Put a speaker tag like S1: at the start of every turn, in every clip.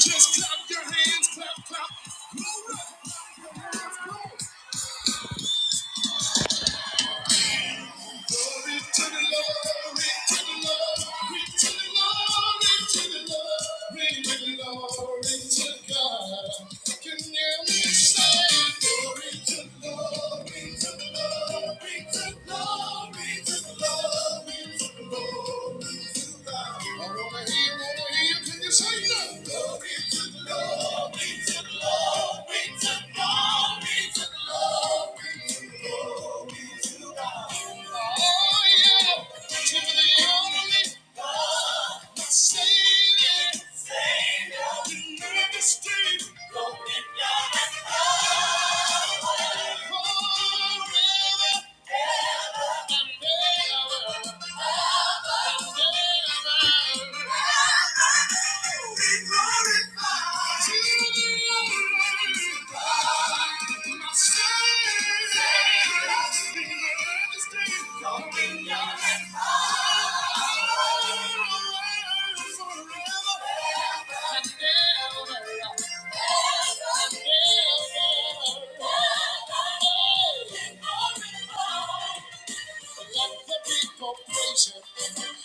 S1: Just clap your hands, clap, clap. Glory to the Lord, glory to the Lord, glory to the Lord, glory to the Lord, glory to the Lord, glory to God. Can you hear me say, glory to the Lord, glory to the Lord, glory to the Lord, glory to the Lord, glory to the Lord, glory to God. All over here. Forever. Forever. Let the people praise him.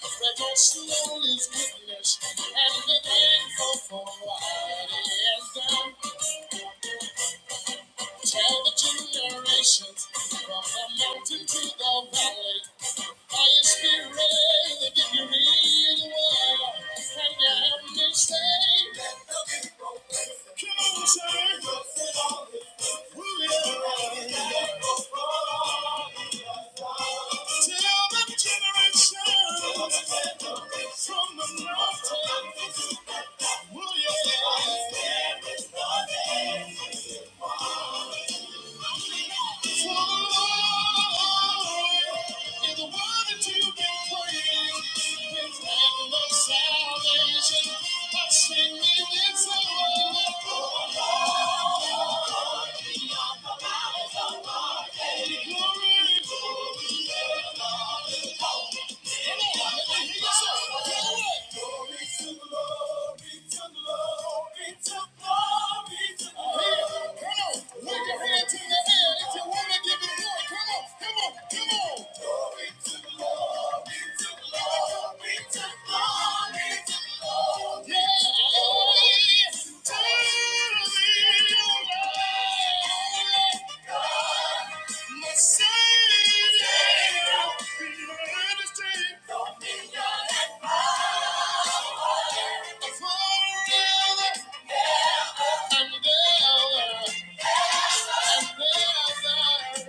S1: Let in all his goodness and be thankful for what he has done. Tell the generations from the mountain to the valley. By his spirit, they give you real well. And you help me say, Let the people come on, say, Rule it all. will it all, Salvation, but sing me this song. Wave your hand to your head if you wanna give it glory. Glory to the Lord, to the Lord, to the Lord, to the Lord. Yes, to the Lord, God, my Savior, majesty, dominion and power, forever, and ever, and ever.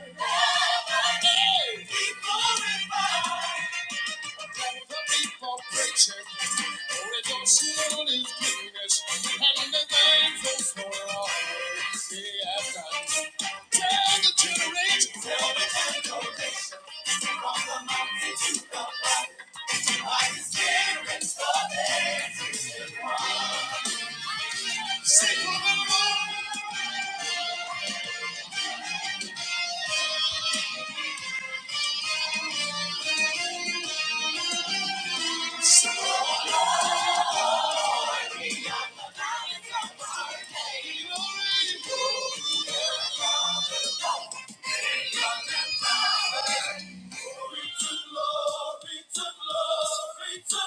S1: Sing for the Lord. My father's gone, glory to God. It ain't nothing but glory, glory to glory, to glory, to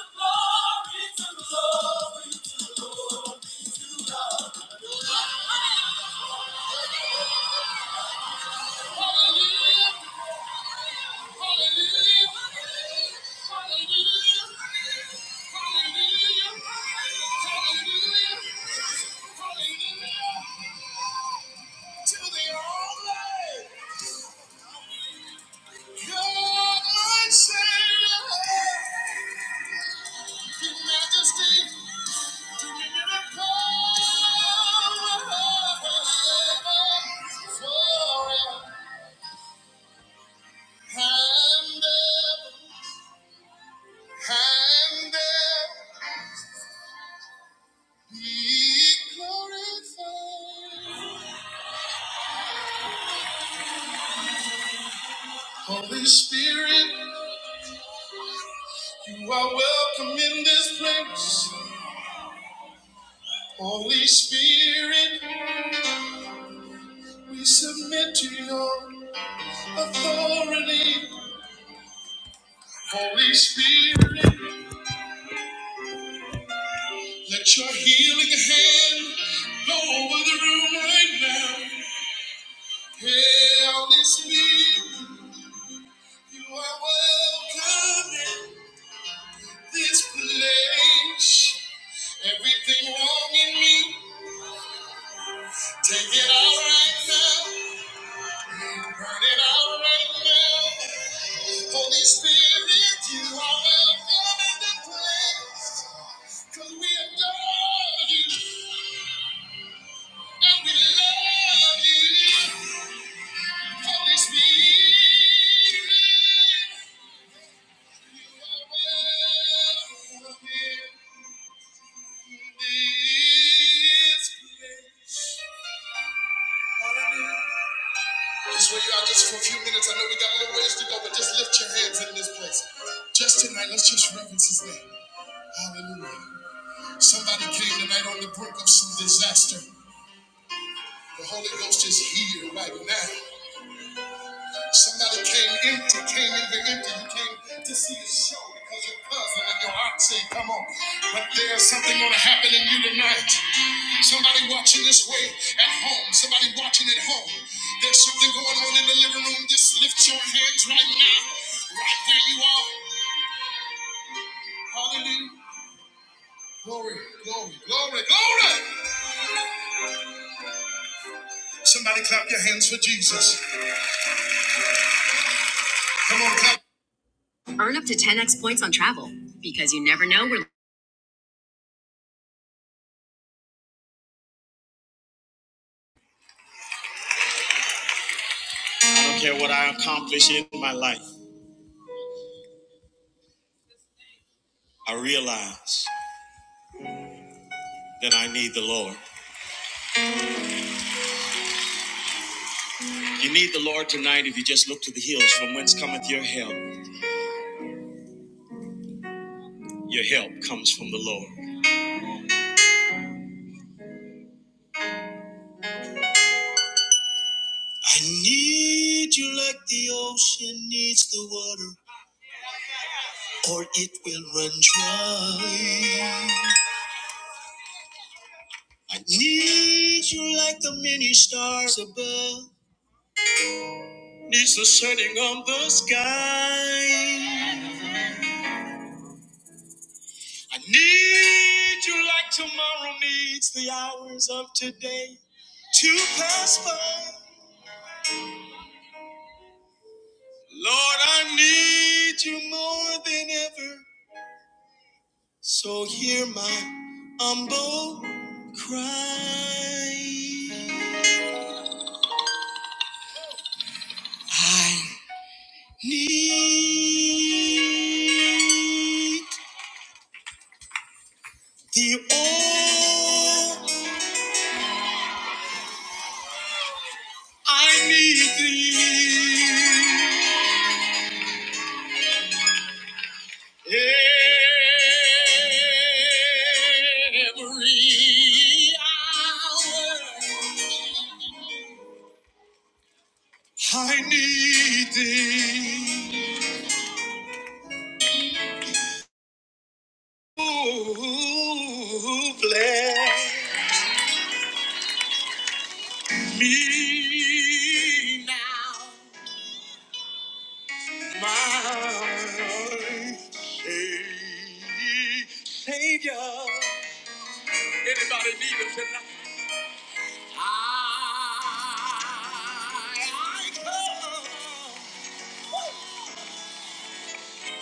S1: glory, to glory, to glory. Hallelujah. Hand up, hand up. Be glorified. Holy Spirit, you are welcome in this place. Holy Spirit, we submit to your authority. Holy Spirit, let your healing hand go over the room right now. Hey, Holy Spirit, you are welcome in this place. Everything wrong in me. Take it out right now. Burn it out right now. Holy Spirit, you are welcome in the place. Cause we adore you and we love you. Holy Spirit, you are welcome in this place. Just where you are, just for a few minutes. I know we got a little ways to go, but just lift your hands in this place. Just tonight, let's just reverence His name. Hallelujah. Somebody came tonight on the brink of some disaster. The Holy Ghost is here right now. Somebody came empty, came in here empty. You came to see the show because your cousin and your aunt say, come on. But there's something going to happen in you tonight. Somebody watching this way at home. Somebody watching at home. There's something going on in the living room. Just lift your hands right now, right where you are. Hallelujah. Glory, glory, glory, glory. Somebody clap your hands for Jesus. Come on, clap. Earn up to 10x points on travel because you never know where. I don't care what I accomplish in my life. I realize that I need the Lord. You need the Lord tonight if you just look to the hills from whence cometh your help. Your help comes from the Lord. I need you like the ocean needs the water, or it will run dry. I need you like the many stars above needs the setting on the sky. I need you like tomorrow needs the hours of today to pass by. Lord, I need you more than ever. So hear my humble cry. I need thee, oh, I need thee, I need thee. Oh, bless me now. my sa- Savior. Anybody need him tonight? I, I come to,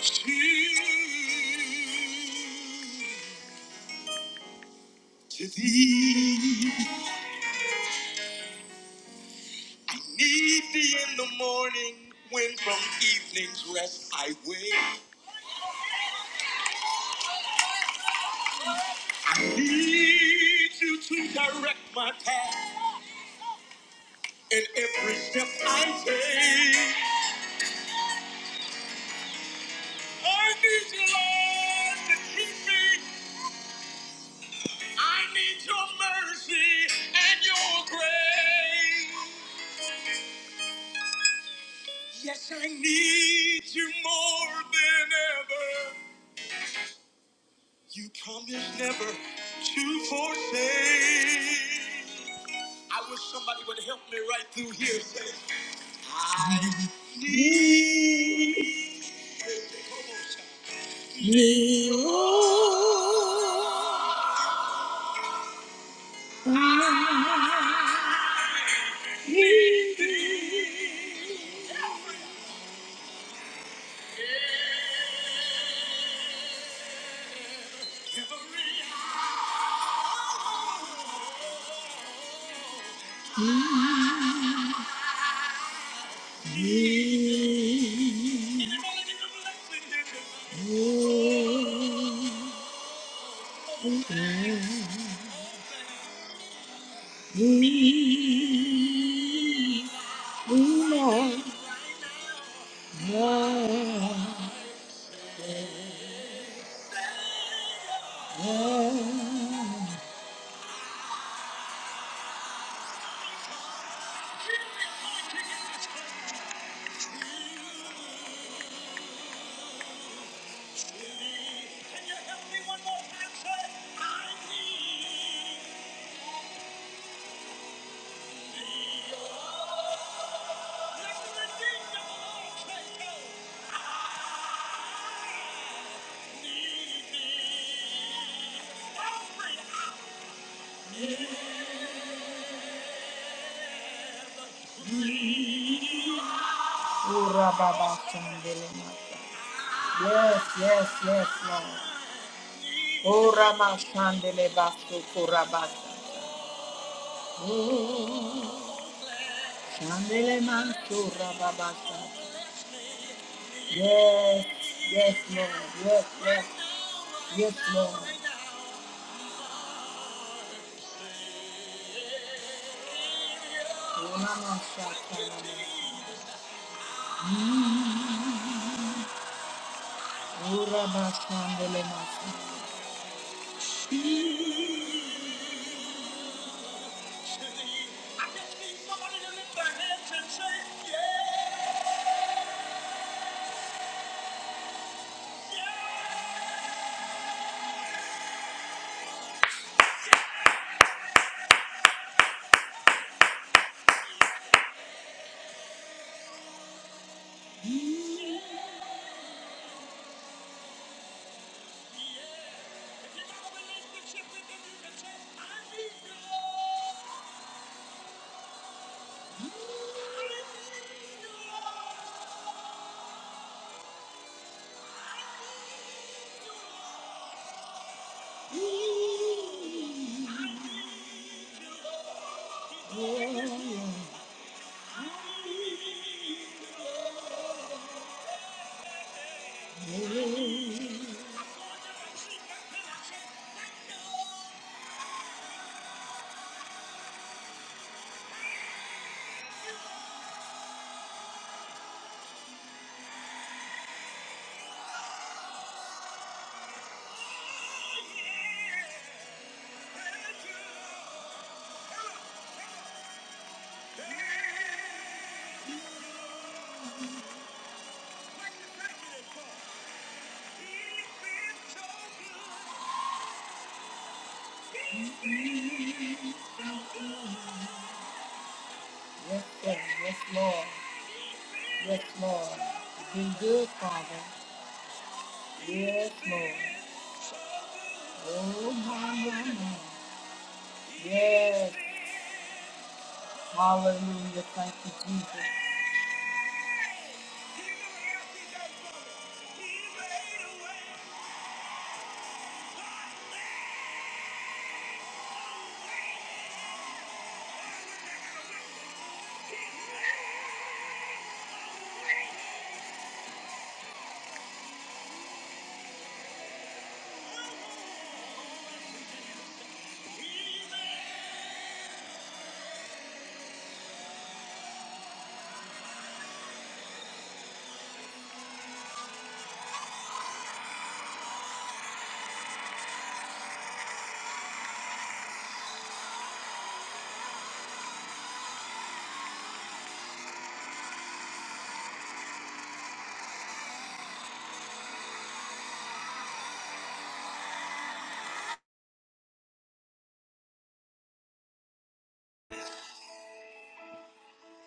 S1: to thee. Need thee in the morning when from evening's rest I wake. I need you to direct my path in every step I take. I need you, Lord, to keep me. I need your mercy and your grace. Yes, I need you more than ever. You promised never to forsake. I wish somebody would help me right through here. Say, "Need." We, we, we, we, Ura baba shandele mata. Yes, yes, yes, Lord. Ura ma shandele basu kurabata. kurabasa. Mm. Shandelemasu rababasa. Yes, yes, Lord. Yes, yes, yes, Lord. Uramashakalamasa. mata. Yes, sir. Yes, Lord. Yes, Lord. Be good, Father. Yes, Lord. Oh, my, my, my. Yes. Hallelujah. Thank you, Jesus.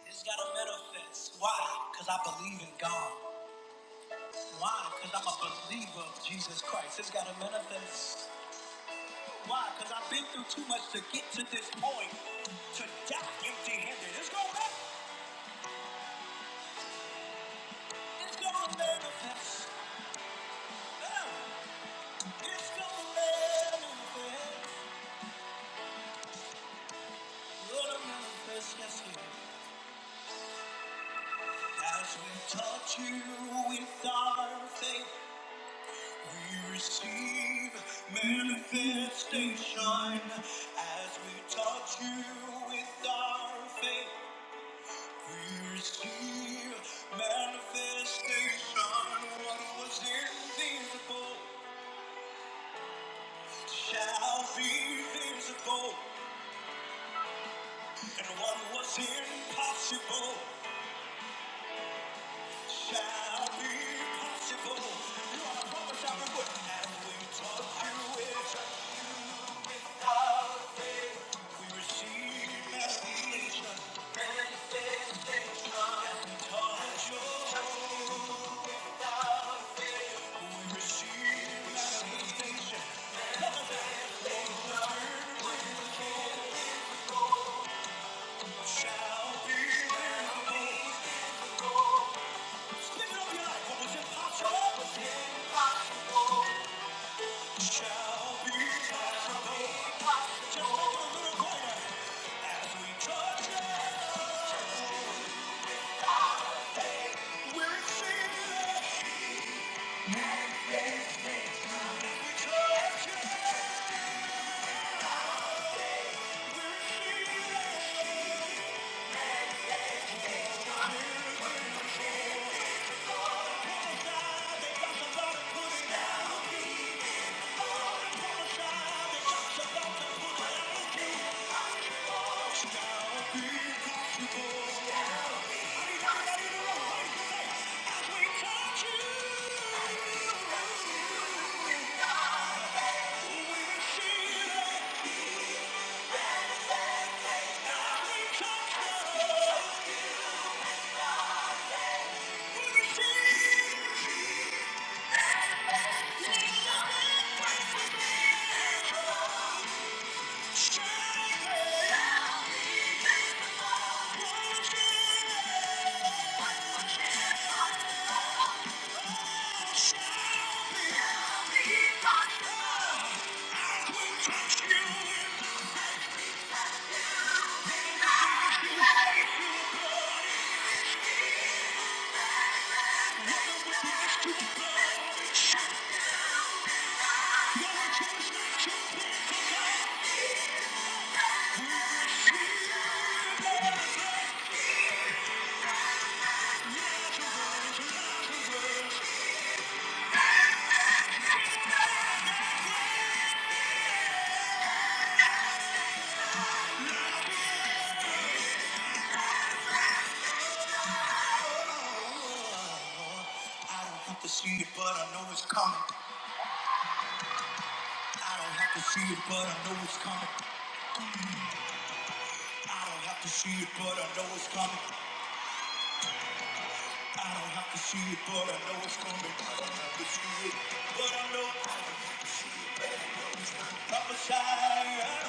S1: It's got to manifest. Why? Because I believe in God. Why? Because I'm a believer of Jesus Christ. It's got to manifest. Why? Because I've been through too much to get to this point. To die empty-handed. It's going to manifest. It's going to manifest. Yeah. It's going to manifest. Lord, i manifest. Yes, Lord. As we touch you with our faith, we receive manifestation. As we touch you with our faith, we receive manifestation. What was invisible shall be visible, and what was impossible shall be possible. As we touch you with I don't have to see it, but I know it's coming. I don't have to see it, but I know it's coming. I don't have to see it, but I know it's coming. I don't have to see it, but I know it's coming. I don't have to see it, but I know I'm beside.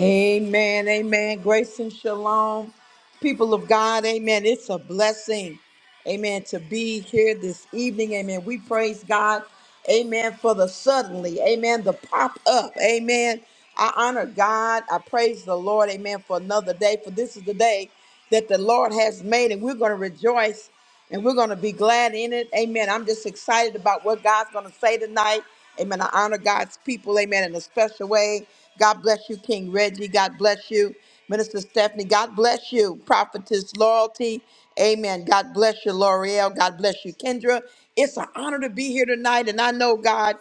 S1: Amen. Amen. Grace and shalom. People of God, amen. It's a blessing, amen, to be here this evening. Amen. We praise God, amen, for the suddenly, amen, the pop up, amen. I honor God. I praise the Lord, amen, for another day. For this is the day that the Lord has made, and we're going to rejoice and we're going to be glad in it. Amen. I'm just excited about what God's going to say tonight. Amen. I honor God's people. Amen. In a special way. God bless you, King Reggie. God bless you, Minister Stephanie. God bless you, Prophetess Loyalty. Amen. God bless you, L'Oreal. God bless you, Kendra. It's an honor to be here tonight. And I know God.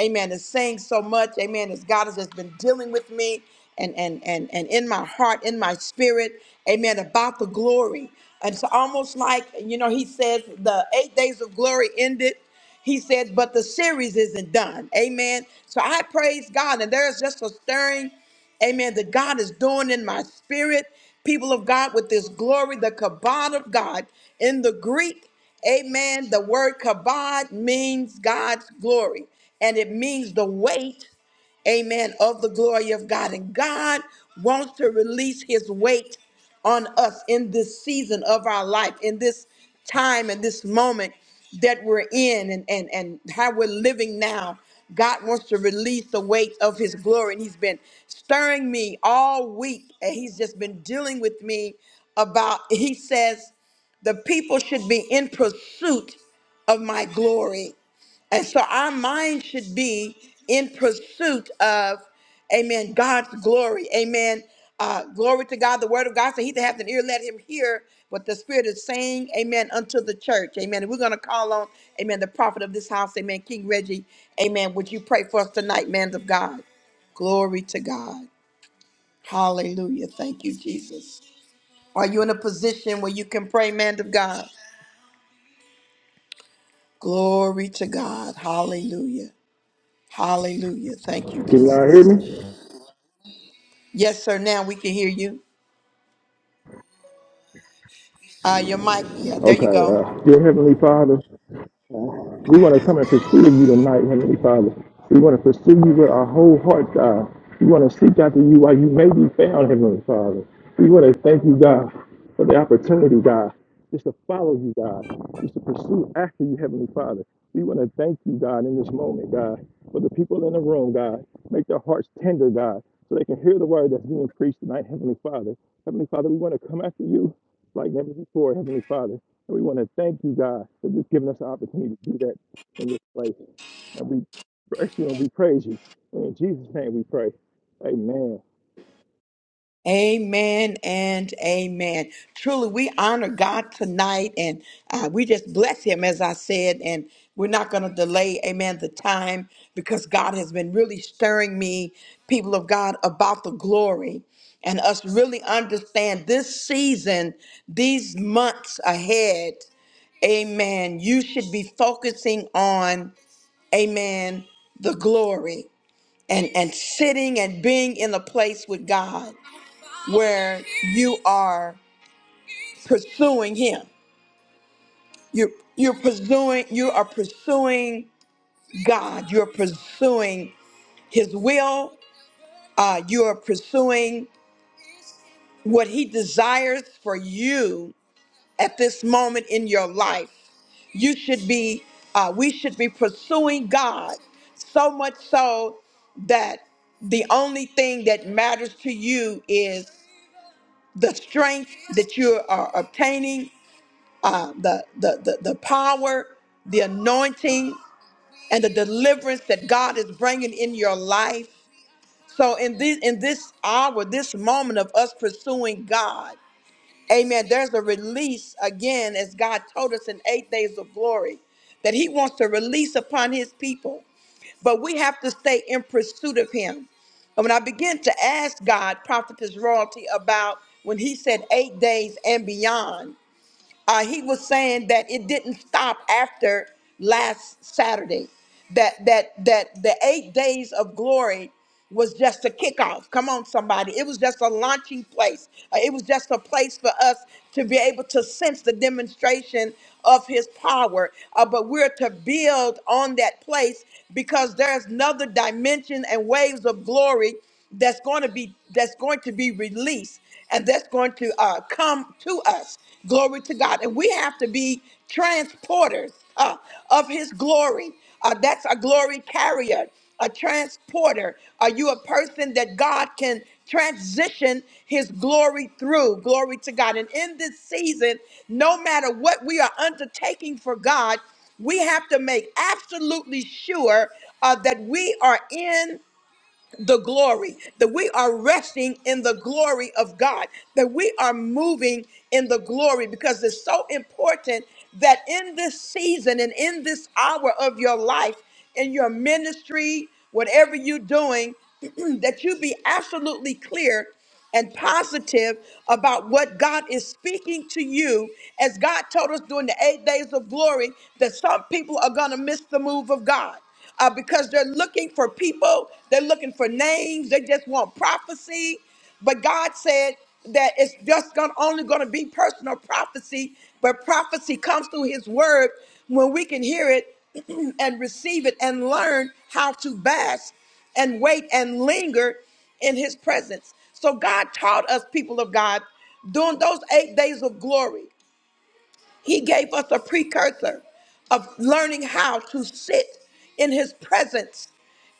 S1: Amen. Is saying so much. Amen. As God has just been dealing with me and and and and in my heart, in my spirit. Amen. About the glory. And it's almost like, you know, he says the eight days of glory ended. He says, but the series isn't done. Amen. So I praise God. And there's just a stirring amen, that God is doing in my spirit, people of God, with this glory, the kabod of God. In the Greek, amen, the word kabod means God's glory and it means the weight, amen, of the glory of God. And God wants to release his weight on us in this season of our life, in this time, in this moment that we're in and, and, and how we're living now. God wants to release the weight of his glory. And he's been stirring me all week. And he's just been dealing with me about, he says, the people should be in pursuit of my glory. And so our mind should be in pursuit of, amen, God's glory. Amen. Uh, glory to God. The word of God said, He that hath an ear, let him hear what the Spirit is saying, amen, unto the church. Amen. And we're going to call on, amen, the prophet of this house, amen, King Reggie. Amen. Would you pray for us tonight, man of God? Glory to God. Hallelujah. Thank you, Jesus. Are you in a position where you can pray, man of God? Glory to God. Hallelujah. Hallelujah. Thank you,
S2: Can y'all hear me?
S1: Jesus. Yes, sir. Now we can hear you. Uh, your mic. Yeah, there
S2: Okay,
S1: you go.
S2: uh, dear Heavenly Father, We want to come and pursue you tonight, Heavenly Father. We want to pursue you with our whole heart, God. We want to seek after you while you may be found, Heavenly Father. We want to thank you, God, for the opportunity, God, just to follow you, God, just to pursue after you, Heavenly Father. We want to thank you, God, in this moment, God, for the people in the room, God. Make their hearts tender, God, so they can hear the word that's being preached tonight, Heavenly Father. Heavenly Father, we want to come after you like never before, Heavenly Father. And we want to thank you, God, for just giving us the opportunity to do that in this place. And we bless you and we praise you. And in Jesus' name we pray. Amen.
S1: Amen and amen. Truly, we honor God tonight and uh, we just bless Him, as I said. And we're not going to delay, amen, the time because God has been really stirring me, people of God, about the glory and us really understand this season, these months ahead. Amen. You should be focusing on. amen, the glory and, and sitting and being in a place with God where you are pursuing Him. You're, you're pursuing, you are pursuing God. You're pursuing His will. Uh, you are pursuing what He desires for you at this moment in your life. You should be, uh, we should be pursuing God so much so that the only thing that matters to you is the strength that you are obtaining, uh, the, the, the, the power, the anointing, and the deliverance that God is bringing in your life. So in this in this hour, this moment of us pursuing God, Amen. There's a release again, as God told us in eight days of glory, that He wants to release upon His people. But we have to stay in pursuit of Him. And when I began to ask God, Prophetess Royalty, about when He said eight days and beyond, uh, he was saying that it didn't stop after last Saturday. That that that the eight days of glory was just a kickoff. Come on, somebody! It was just a launching place. Uh, it was just a place for us to be able to sense the demonstration of His power. Uh, but we're to build on that place because there's another dimension and waves of glory that's going to be that's going to be released and that's going to uh, come to us. Glory to God. And we have to be transporters uh, of His glory. Uh, that's a glory carrier, a transporter. Are you a person that God can transition His glory through? Glory to God. And in this season, no matter what we are undertaking for God, we have to make absolutely sure uh, that we are in the glory, that we are resting in the glory of God, that we are moving in the glory because it's so important that in this season and in this hour of your life, in your ministry, whatever you're doing, that you be absolutely clear and positive about what God is speaking to you. As God told us during the eight days of glory, that some people are going to miss the move of God uh, because they're looking for people, they're looking for names, they just want prophecy. But God said that it's just gonna, only going to be personal prophecy, but prophecy comes through His word when we can hear it and receive it and learn how to bask and wait and linger in his presence. So God taught us, people of God, during those eight days of glory. He gave us a precursor of learning how to sit in his presence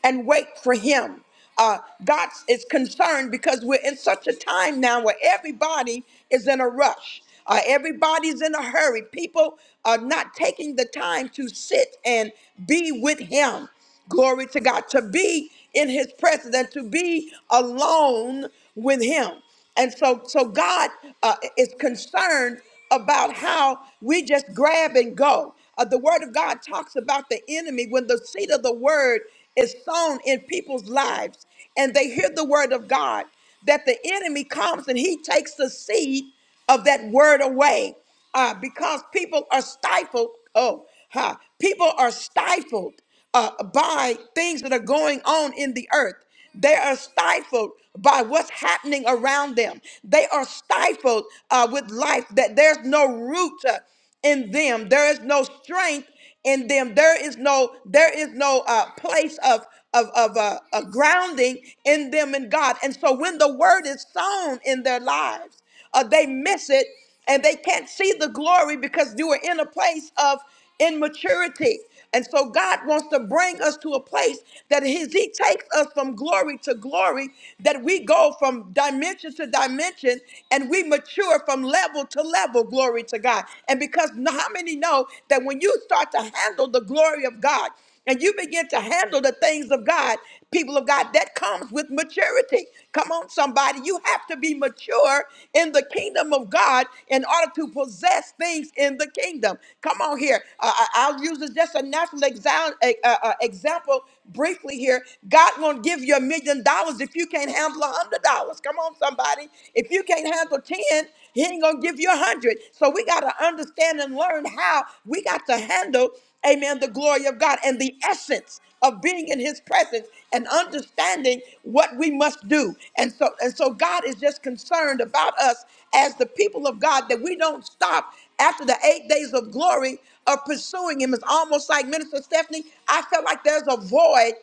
S1: and wait for him. Uh, God is concerned because we're in such a time now where everybody is in a rush. Uh, everybody's in a hurry. People are not taking the time to sit and be with him. Glory to God. To be in his presence and to be alone with him. And so, so God uh, is concerned about how we just grab and go. Uh, the Word of God talks about the enemy when the seed of the Word is sown in people's lives and they hear the Word of God, that the enemy comes and he takes the seed of that Word away uh, because people are stifled. Oh, huh, people are stifled uh, by things that are going on in the earth. They are stifled by what's happening around them. They are stifled uh, with life, that there's no root uh, in them, there is no strength in them there is no there is no uh, place of of, of uh, a grounding in them in god and so when the word is sown in their lives uh, they miss it and they can't see the glory because you are in a place of immaturity. And so God wants to bring us to a place that his, He takes us from glory to glory, that we go from dimension to dimension and we mature from level to level, glory to God. And because n- how many know that when you start to handle the glory of God, and you begin to handle the things of God, people of God, that comes with maturity. Come on, somebody. You have to be mature in the kingdom of God in order to possess things in the kingdom. Come on here. Uh, I- I'll use this just a natural exa- a- a- a example briefly here. God won't give you a million dollars if you can't handle a hundred dollars. Come on, somebody. If you can't handle 10, he ain't gonna give you a hundred. So we gotta understand and learn how we got to handle amen, the glory of God and the essence of being in his presence and understanding what we must do. And so and so God is just concerned about us as the people of God that we don't stop after the 8 days of glory of pursuing him. It's almost like Minister Stephanie, I felt like there's a void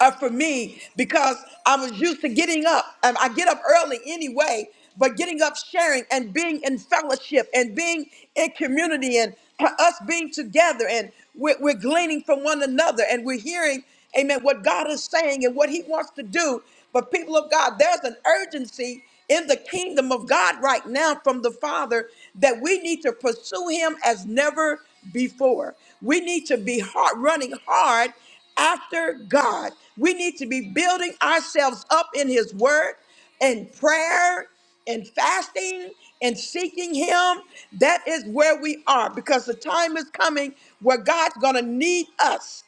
S1: uh, for me because I was used to getting up. Um, I get up early anyway, but getting up, sharing, and being in fellowship and being in community and uh, us being together and we're, we're gleaning from one another and we're hearing, amen, what God is saying and what He wants to do. But people of God, there's an urgency in the kingdom of God right now from the Father that we need to pursue Him as never before. We need to be hard, running hard after God. We need to be building ourselves up in His Word and prayer and fasting and seeking Him. That is where we are because the time is coming where God's going to need us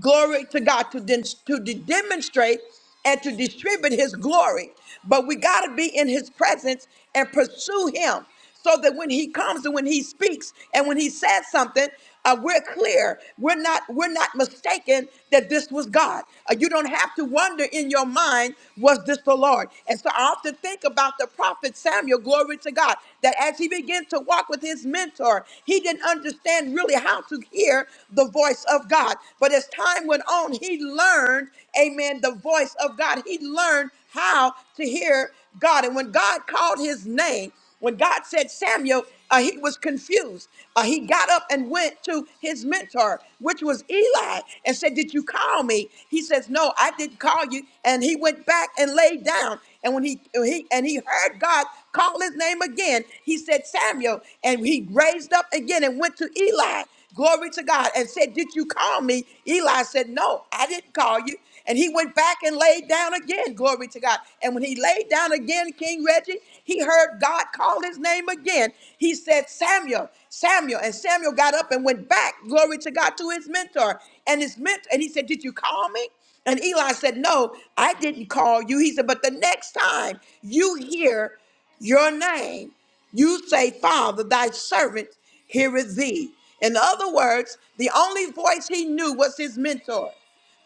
S1: glory to God to, den- to de- demonstrate and to distribute his glory. But we got to be in his presence and pursue him so that when he comes and when he speaks and when he says something, uh, we're clear. We're not. We're not mistaken that this was God. Uh, you don't have to wonder in your mind, was this the Lord? And so I often think about the prophet Samuel. Glory to God that as he began to walk with his mentor, he didn't understand really how to hear the voice of of God. But as time went on, he learned, amen, the voice of God. He learned how to hear God. And when God called his name, when God said Samuel, uh, he was confused. Uh, he got up and went to his mentor, which was Eli, and said, Did you call me? He says, No, I didn't call you. And he went back and laid down. And when he, he and he heard God call his name again, he said, Samuel. And he raised up again and went to Eli. Glory to God. And said, Did you call me? Eli said, No, I didn't call you. And he went back and laid down again. Glory to God. And when he laid down again, King Reggie, he heard God call his name again. He said, Samuel, Samuel. And Samuel got up and went back. Glory to God to his mentor. And his mentor, and he said, Did you call me? And Eli said, No, I didn't call you. He said, But the next time you hear your name, you say, Father, thy servant heareth thee. In other words, the only voice he knew was his mentor,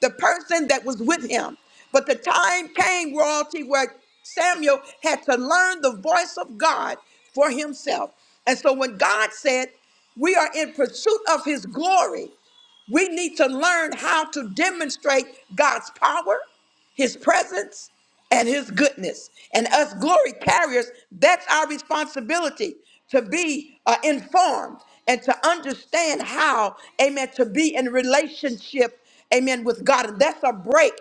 S1: the person that was with him. But the time came, royalty, where Samuel had to learn the voice of God for himself. And so when God said, We are in pursuit of his glory, we need to learn how to demonstrate God's power his presence and his goodness. And us glory carriers, that's our responsibility to be uh, informed and to understand how, amen, to be in relationship, amen, with God. And that's a break,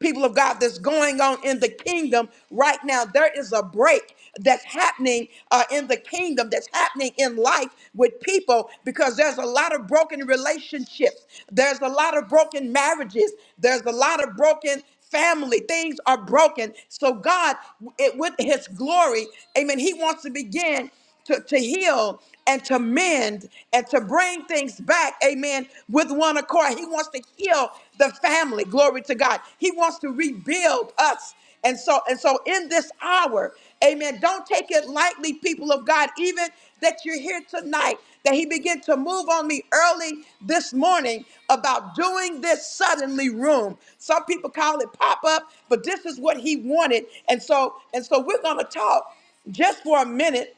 S1: people of God, that's going on in the kingdom right now. There is a break that's happening uh, in the kingdom, that's happening in life with people because there's a lot of broken relationships. There's a lot of broken marriages. There's a lot of broken family. Things are broken. So God, it, with his glory, amen, he wants to begin to, to heal and to mend and to bring things back, amen, with one accord. He wants to heal the family. Glory to God. He wants to rebuild us. And so, and so in this hour, Amen. Don't take it lightly, people of God, even that you're here tonight, that He began to move on me early this morning about doing this suddenly room. Some people call it pop up, but this is what He wanted. And so, and so we're going to talk just for a minute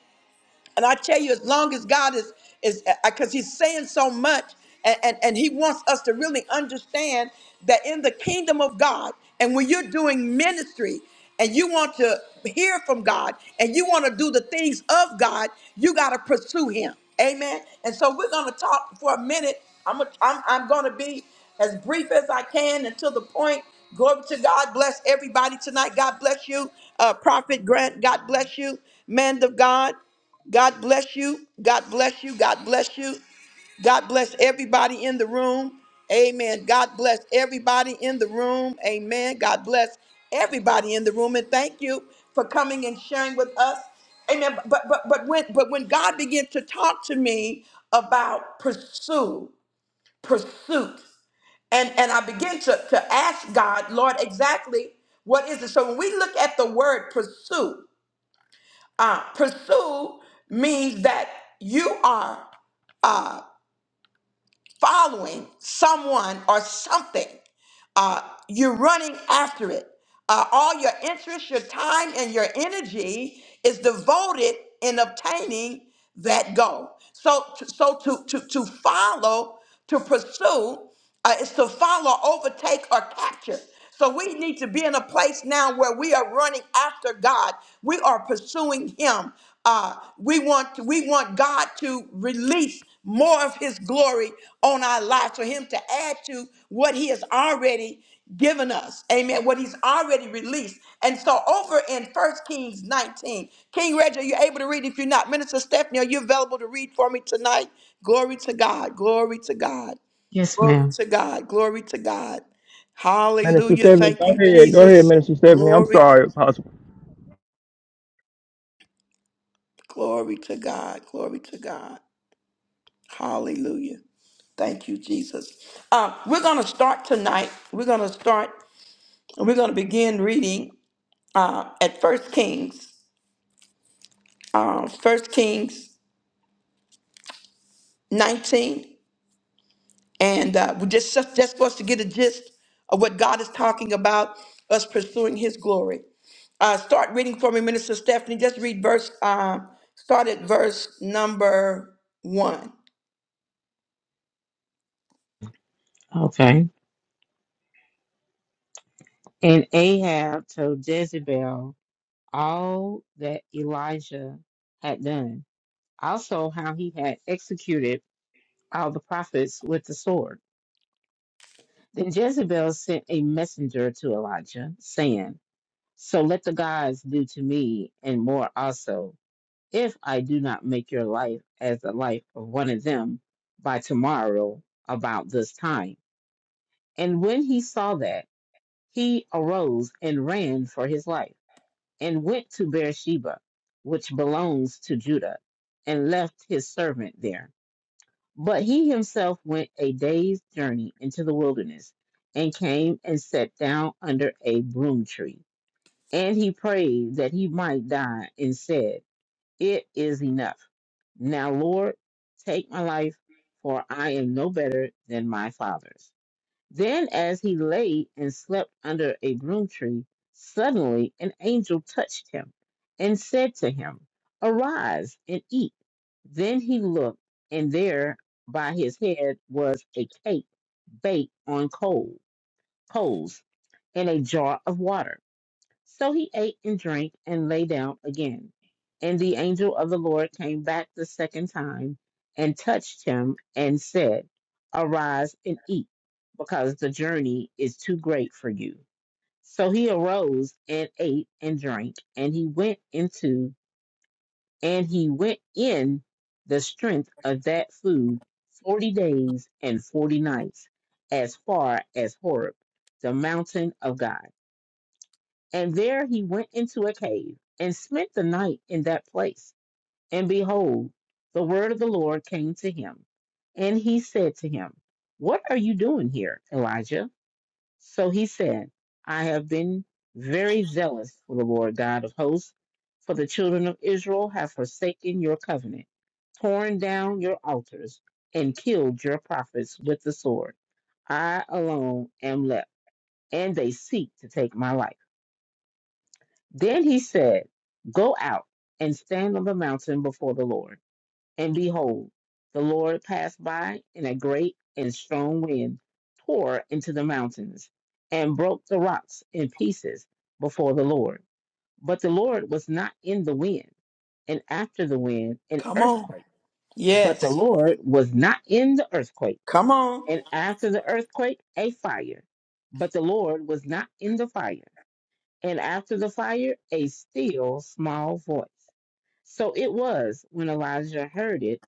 S1: and I tell you, as long as God is is because He's saying so much, and, and and He wants us to really understand that in the kingdom of God, and when you're doing ministry, and you want to hear from God, and you want to do the things of God, you got to pursue Him. Amen. And so we're going to talk for a minute. I'm a, I'm I'm going to be as brief as I can and to the point. Glory to God. Bless everybody tonight. God bless you, uh, Prophet Grant. God bless you, man of God. God bless you. God bless you. God bless you. God bless everybody in the room. Amen. God bless everybody in the room. Amen. God bless everybody in the room. And thank you for coming and sharing with us. Amen. But but but when but when God began to talk to me about pursue, pursuit, and and I begin to to ask God, Lord, exactly what is it? So when we look at the word pursue. Uh, pursue means that you are uh, following someone or something. Uh, you're running after it. Uh, all your interest, your time, and your energy is devoted in obtaining that goal. So, so to to to follow, to pursue, uh, is to follow, overtake, or capture. So we need to be in a place now where we are running after God. We are pursuing Him. Uh, we want we want God to release more of His glory on our lives for Him to add to what He has already given us. Amen. What He's already released. And so over in First Kings 19, King Reggie, are you able to read? If you're not, Minister Stephanie, are you available to read for me tonight? Glory to God. Glory to God.
S3: Yes,
S1: Glory
S3: ma'am.
S1: to God. Glory to God.
S2: Minister
S1: Hallelujah.
S2: Stephanie, go
S1: Thank you,
S2: ahead. Go ahead,
S1: Jesus.
S2: Minister Stephanie. I'm
S1: Glory,
S2: sorry, Apostle.
S1: glory to God. Glory to God. Hallelujah. Thank you, Jesus. Uh, we're going to start tonight. We're going to start and we're going to begin reading uh, at First Kings, uh, 1 Kings 19. and uh, we just just just for us to get a gist of what God is talking about, us pursuing His glory. Uh, start reading for me, Minister Stephanie. Just read verse. Uh, start at verse number one.
S3: Okay. And Ahab told Jezebel all that Elijah had done, also how he had executed all the prophets with the sword. Then Jezebel sent a messenger to Elijah, saying, So let the gods do to me and more also, if I do not make your life as the life of one of them by tomorrow about this time. And when he saw that, he arose and ran for his life and went to Beersheba, which belongs to Judah, and left his servant there. But he himself went a day's journey into the wilderness, and came and sat down under a broom tree. And he prayed that he might die, and said, It is enough. Now, Lord, take my life, for I am no better than my father's. Then, as he lay and slept under a broom tree, suddenly an angel touched him and said to him, Arise and eat. Then he looked, and there by his head was a cake baked on coal, coals and a jar of water. So he ate and drank and lay down again. And the angel of the Lord came back the second time and touched him and said, Arise and eat, because the journey is too great for you. So he arose and ate and drank, and he went into and he went in the strength of that food forty days and forty nights, as far as Horeb, the mountain of God. And there he went into a cave and spent the night in that place. And behold, the word of the Lord came to him. And he said to him, What are you doing here, Elijah? So he said, I have been very zealous for the Lord God of hosts, for the children of Israel have forsaken your covenant, torn down your altars, and killed your prophets with the sword. I alone am left, and they seek to take my life. Then he said, Go out and stand on the mountain before the Lord. And behold, the Lord passed by, and a great and strong wind tore into the mountains and broke the rocks in pieces before the Lord. But the Lord was not in the wind, and after the wind, an
S1: Come on.
S3: earthquake. But the
S1: Yes.
S3: Lord was not in the earthquake,
S1: Come on.
S3: and after the earthquake, a fire. But the Lord was not in the fire and after the fire, a still small voice. So it was when Elijah heard it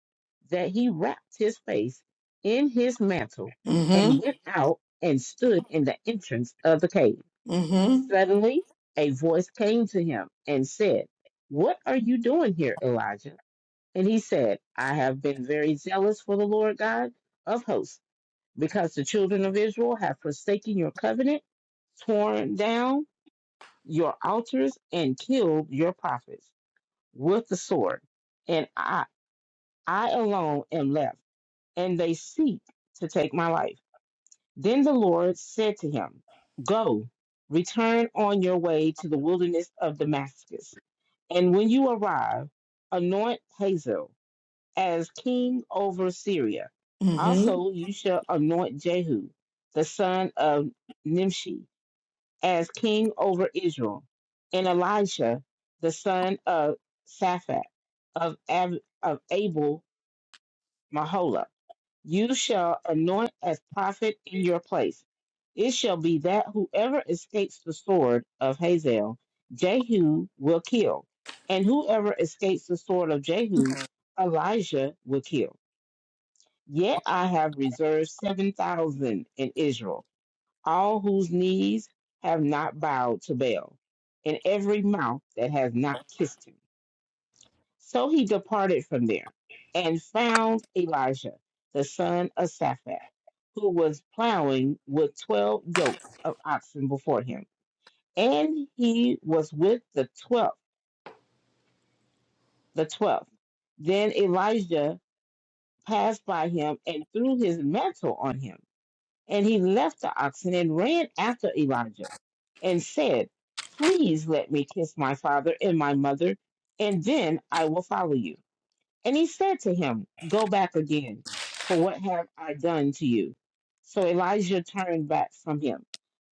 S3: that he wrapped his face in his mantle and
S1: Mm-hmm.
S3: went out and stood in the entrance of the cave.
S1: Mm-hmm.
S3: Suddenly, a voice came to him and said, What are you doing here, Elijah? And he said, I have been very zealous for the Lord God of hosts, because the children of Israel have forsaken your covenant, torn down your altars and killed your prophets with the sword, and I I alone am left, and they seek to take my life. Then the Lord said to him, Go, return on your way to the wilderness of Damascus, and when you arrive, anoint Hazael as king over Syria.
S1: Mm-hmm.
S3: Also you shall anoint Jehu, the son of Nimshi as king over Israel, and Elisha, the son of Saphat of, Ab- of Abel Mahola. You shall anoint as prophet in your place. It shall be that whoever escapes the sword of Hazael, Jehu will kill, and whoever escapes the sword of Jehu, Elijah will kill. Yet I have reserved 7,000 in Israel all whose knees have not bowed to Baal, and every mouth that has not kissed him. So he departed from there and found Elijah, the son of Saphat, who was plowing with twelve yoke of oxen before him. And he was with the twelfth, the twelfth. Then Elijah passed by him and threw his mantle on him And he left the oxen and ran after Elijah and said, Please let me kiss my father and my mother, and then I will follow you. And he said to him, Go back again, for what have I done to you? So Elijah turned back from him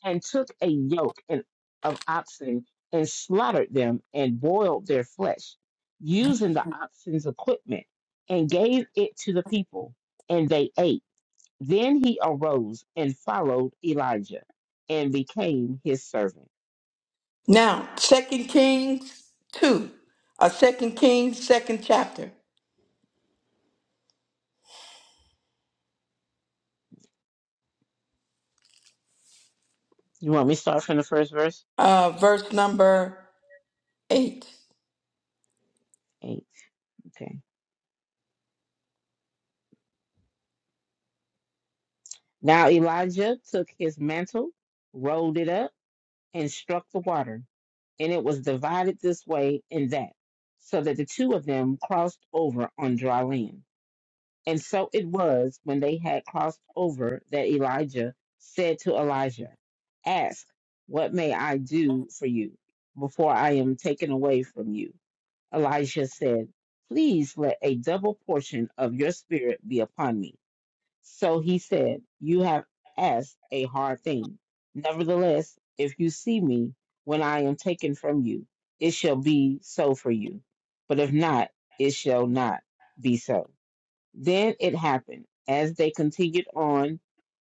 S3: and took a yoke and- of oxen and slaughtered them and boiled their flesh, using the oxen's equipment, and gave it to the people, and they ate. Then he arose and followed Elijah and became his servant.
S1: Now, Second Kings two. Uh, Second Kings, second chapter.
S3: You want me to start from the first verse?
S1: Uh, verse number eight.
S3: Eight. Okay. Now Elijah took his mantle, rolled it up, and struck the water, and it was divided this way and that, so that the two of them crossed over on dry land. And so it was when they had crossed over that Elijah said to Elijah, Ask, what may I do for you before I am taken away from you? Elijah said, Please let a double portion of your spirit be upon me. So he said, You have asked a hard thing. Nevertheless, if you see me when I am taken from you, it shall be so for you. But if not, it shall not be so. Then it happened, as they continued on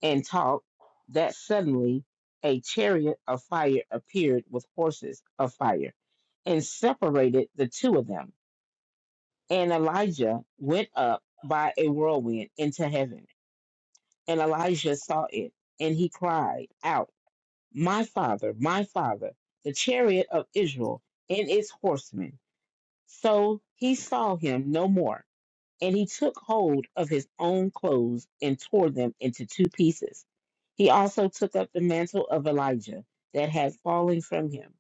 S3: and talked, that suddenly a chariot of fire appeared with horses of fire and separated the two of them and Elijah went up by a whirlwind into heaven. And Elijah saw it, and he cried out, My father, my father, the chariot of Israel and its horsemen. So he saw him no more. And he took hold of his own clothes and tore them into two pieces. He also took up the mantle of Elijah that had fallen from him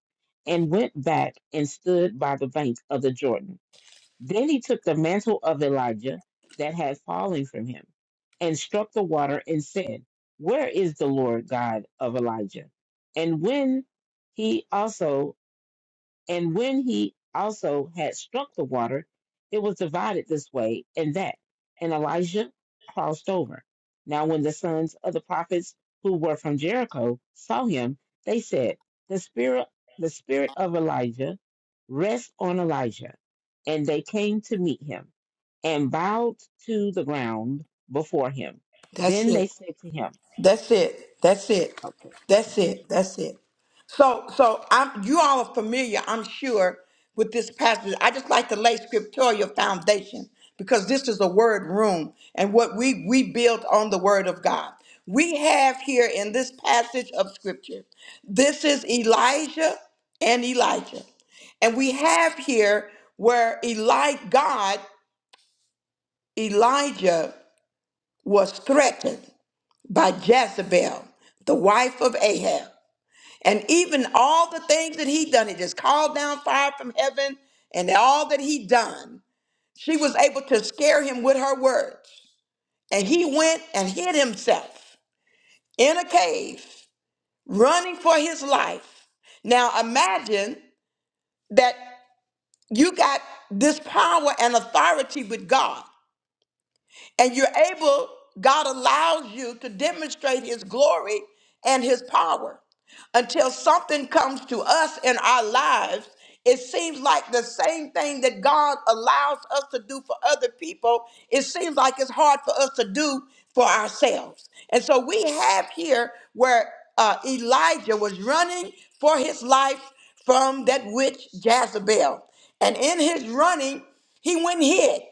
S3: and went back and stood by the bank of the Jordan. Then he took the mantle of Elijah that had fallen from him and struck the water and said, Where is the Lord God of Elijah? And when he also and when he also had struck the water, it was divided this way and that, and Elijah crossed over. Now, when the sons of the prophets who were from Jericho saw him, they said, "The spirit, the spirit of Elijah, rests on Elijah." And they came to meet him and bowed to the ground before him.
S1: That's
S3: Then
S1: it.
S3: they said to him,
S1: That's it. That's it.
S3: "Okay,
S1: That's
S3: okay,
S1: it. That's it. So, so I'm, you all are familiar, I'm sure, with this passage. I just like to lay scriptorial foundation because this is a word room and what we, we build on the word of God. We have here in this passage of scripture, this is Elijah and Elijah. And we have here where Eli, God, Elijah was threatened by Jezebel, the wife of Ahab. And even all the things that he done, he just called down fire from heaven and all that he done, she was able to scare him with her words. And he went and hid himself in a cave, running for his life. Now imagine that you got this power and authority with God. and you're able, God allows you to demonstrate His glory and His power. Until something comes to us in our lives, it seems like the same thing that God allows us to do for other people, it seems like it's hard for us to do for ourselves. And so we have here where uh, Elijah was running for his life from that witch Jezebel. And in his running, he went and hid.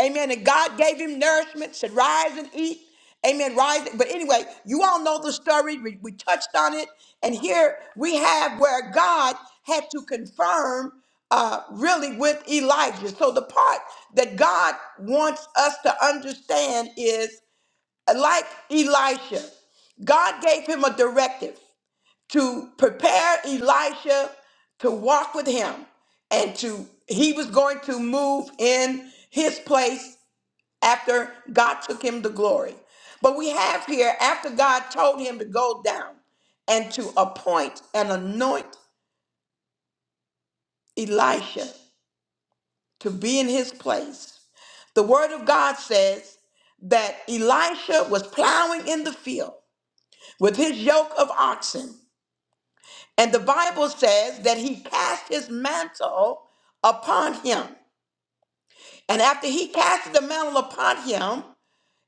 S1: Amen. And God gave him nourishment, said, rise and eat. Amen. Rise. But anyway, you all know the story. We, we touched on it. And here we have where God had to confirm uh, really with Elijah. So the part that God wants us to understand is uh, like Elisha, God gave him a directive to prepare Elisha to walk with him and to he was going to move in his place after God took him to glory. But we have here, after God told him to go down and to appoint and anoint Elisha to be in his place, the word of God says that Elisha was plowing in the field with his yoke of oxen. And the Bible says that he cast his mantle upon him. And after he cast the mantle upon him,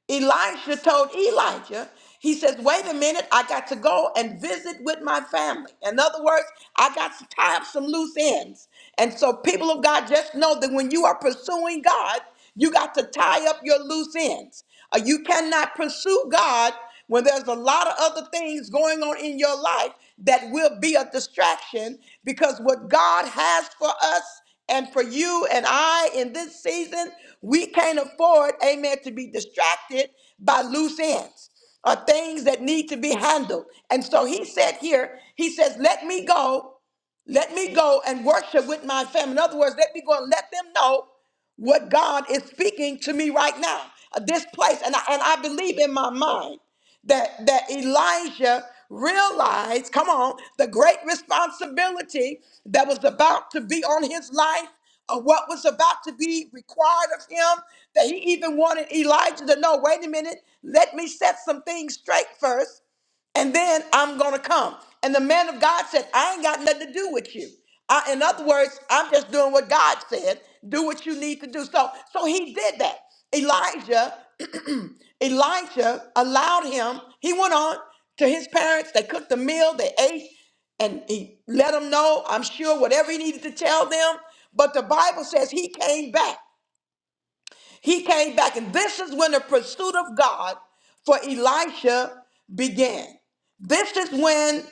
S1: Elisha told Elijah, he says, wait a minute, I got to go and visit with my family. In other words, I got to tie up some loose ends. And so, people of God, just know that when you are pursuing God, you got to tie up your loose ends. Uh, You cannot pursue God when there's a lot of other things going on in your life that will be a distraction because what God has for us and for you and I in this season, we can't afford, amen, to be distracted by loose ends or things that need to be handled. And so he said here, he says, Let me go let me go and worship with my family. In other words, let me go and let them know what God is speaking to me right now. Uh, This place, and I, and I believe in my mind that that Elijah realized, come on, the great responsibility that was about to be on his life, of what was about to be required of him, that he even wanted Elijah to know, wait a minute, let me set some things straight first and then I'm gonna come. And the man of God said, I ain't got nothing to do with you. I, in other words, I'm just doing what God said. Do what you need to do. So, so he did that. Elijah, Elijah allowed him. He went on to his parents. They cooked a meal. They ate, and he let them know. I'm sure whatever he needed to tell them. But the Bible says he came back. He came back, and this is when the pursuit of God for Elisha began. This is when,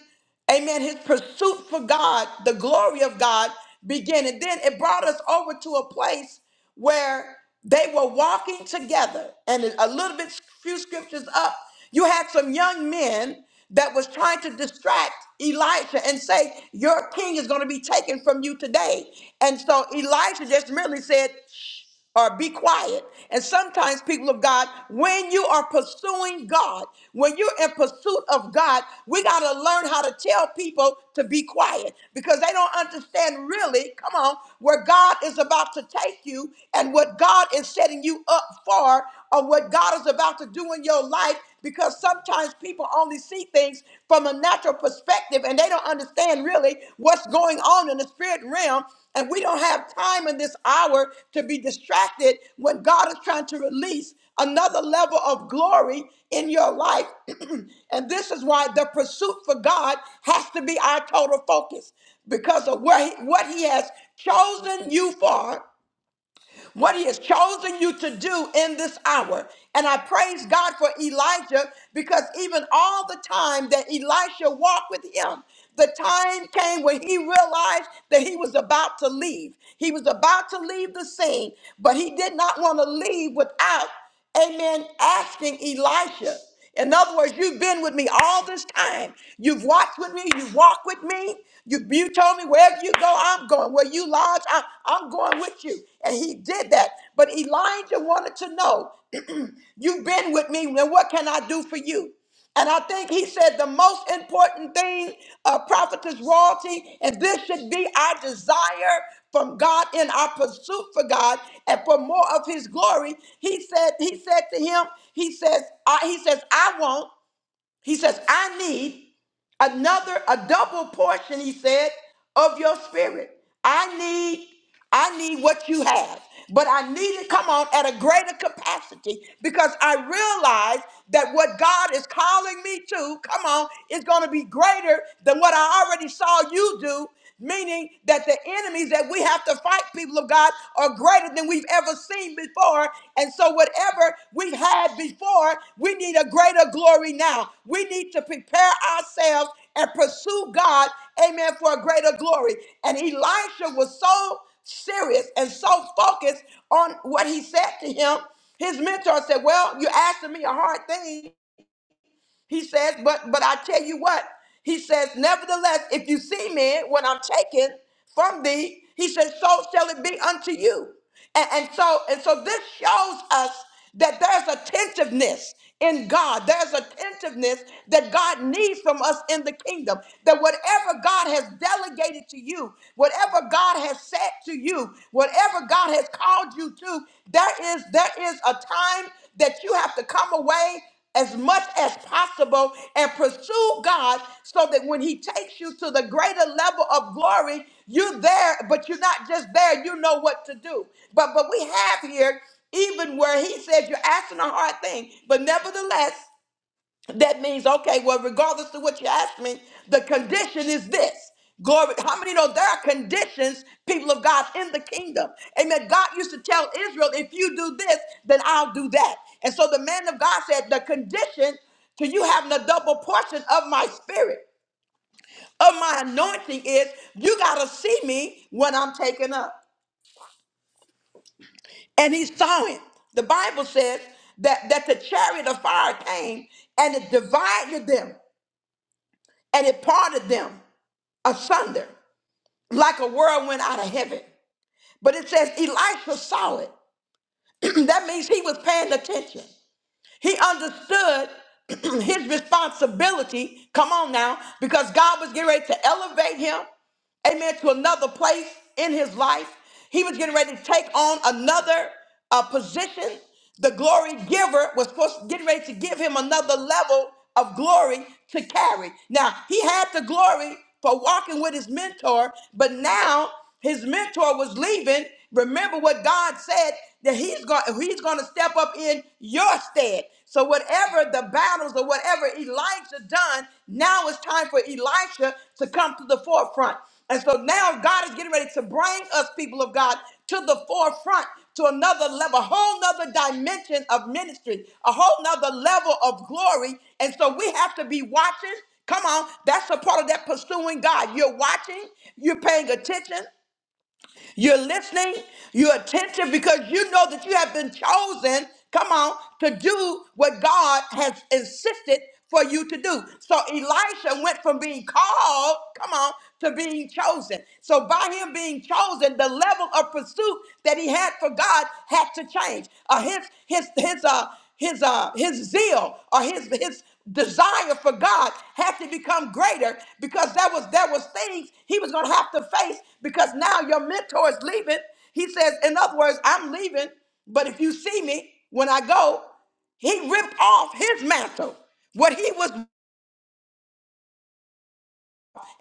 S1: amen, his pursuit for God, the glory of God, began. And then it brought us over to a place where they were walking together. And a little bit, few scriptures up, you had some young men that was trying to distract Elisha and say, Your king is going to be taken from you today. And so Elisha just merely said, shh or be quiet. And sometimes, people of God, when you are pursuing God, when you're in pursuit of God, we got to learn how to tell people to be quiet because they don't understand really, come on, where God is about to take you and what God is setting you up for or what God is about to do in your life because sometimes people only see things from a natural perspective and they don't understand really what's going on in the spirit realm. And we don't have time in this hour to be distracted when God is trying to release another level of glory in your life. and this is why the pursuit for God has to be our total focus because of where he, what He has chosen you for what he has chosen you to do in this hour. And I praise God for Elijah because even all the time that Elisha walked with him, the time came when he realized that he was about to leave. He was about to leave the scene, but he did not want to leave without amen, asking Elisha. In other words, you've been with me all this time. You've watched with me. You walk with me. You, you told me wherever you go, I'm going. Where you lodge, I, I'm going with you. And he did that. But Elijah wanted to know, you've been with me. Now, what can I do for you? And I think he said the most important thing, uh, prophetess royalty, and this should be our desire from God in our pursuit for God and for more of his glory. He said, he said to him, he says, I, he says, I won't. He says, I need another, a double portion, he said, of your spirit. I need, I need what you have. But I need it, come on, at a greater capacity because I realize that what God is calling me to, come on, is going to be greater than what I already saw you do meaning that the enemies that we have to fight, people of God, are greater than we've ever seen before. And so, whatever we've had before, we need a greater glory now. We need to prepare ourselves and pursue God, amen, for a greater glory. And Elisha was so serious and so focused on what he said to him. His mentor said, Well, you're asking me a hard thing, he says, but but I tell you what, he says, nevertheless, if you see me when I'm taken from thee, he says, so shall it be unto you. And, and so and so this shows us that there's attentiveness in God. There's attentiveness that God needs from us in the kingdom. That whatever God has delegated to you, whatever God has said to you, whatever God has called you to, there is there is a time that you have to come away as much as possible and pursue God so that when He takes you to the greater level of glory, you're there, but you're not just there, you know what to do. But but we have here even where he says you're asking a hard thing, but nevertheless. That means, okay, well, regardless of what you ask me, the condition is this. Glory. How many know there are conditions, people of God, in the kingdom? Amen. God used to tell Israel, if you do this, then I'll do that. And so the man of God said, the condition to you having a double portion of my spirit, of my anointing is you got to see me when I'm taken up. And he saw it. The Bible says that, that the chariot of fire came and it divided them and it parted them. asunder like a whirlwind out of heaven. But it says Elisha saw it. that means he was paying attention. He understood his responsibility. Come on now, because God was getting ready to elevate him, amen, to another place in his life. He was getting ready to take on another uh, position. The glory giver was supposed to get ready to give him another level of glory to carry. Now, he had the glory for walking with his mentor, but now his mentor was leaving, remember what God said that he's going he's going to step up in your stead. So whatever the battles or whatever Elijah done, now it's time for Elisha to come to the forefront. And so now God is getting ready to bring us people of God to the forefront to another level, a whole nother dimension of ministry, a whole nother level of glory. And so we have to be watching Come on, that's a part of that pursuing God. You're watching, you're paying attention, you're listening, you're attentive because you know that you have been chosen, come on, to do what God has insisted for you to do. So Elisha went from being called, come on, to being chosen. So by him being chosen, the level of pursuit that he had for God had to change. Uh, his his his uh his uh his zeal or his his desire for God had to become greater because there was there was things he was going to have to face because now your mentor is leaving. He says, in other words, I'm leaving, but if you see me when I go, he ripped off his mantle. What he was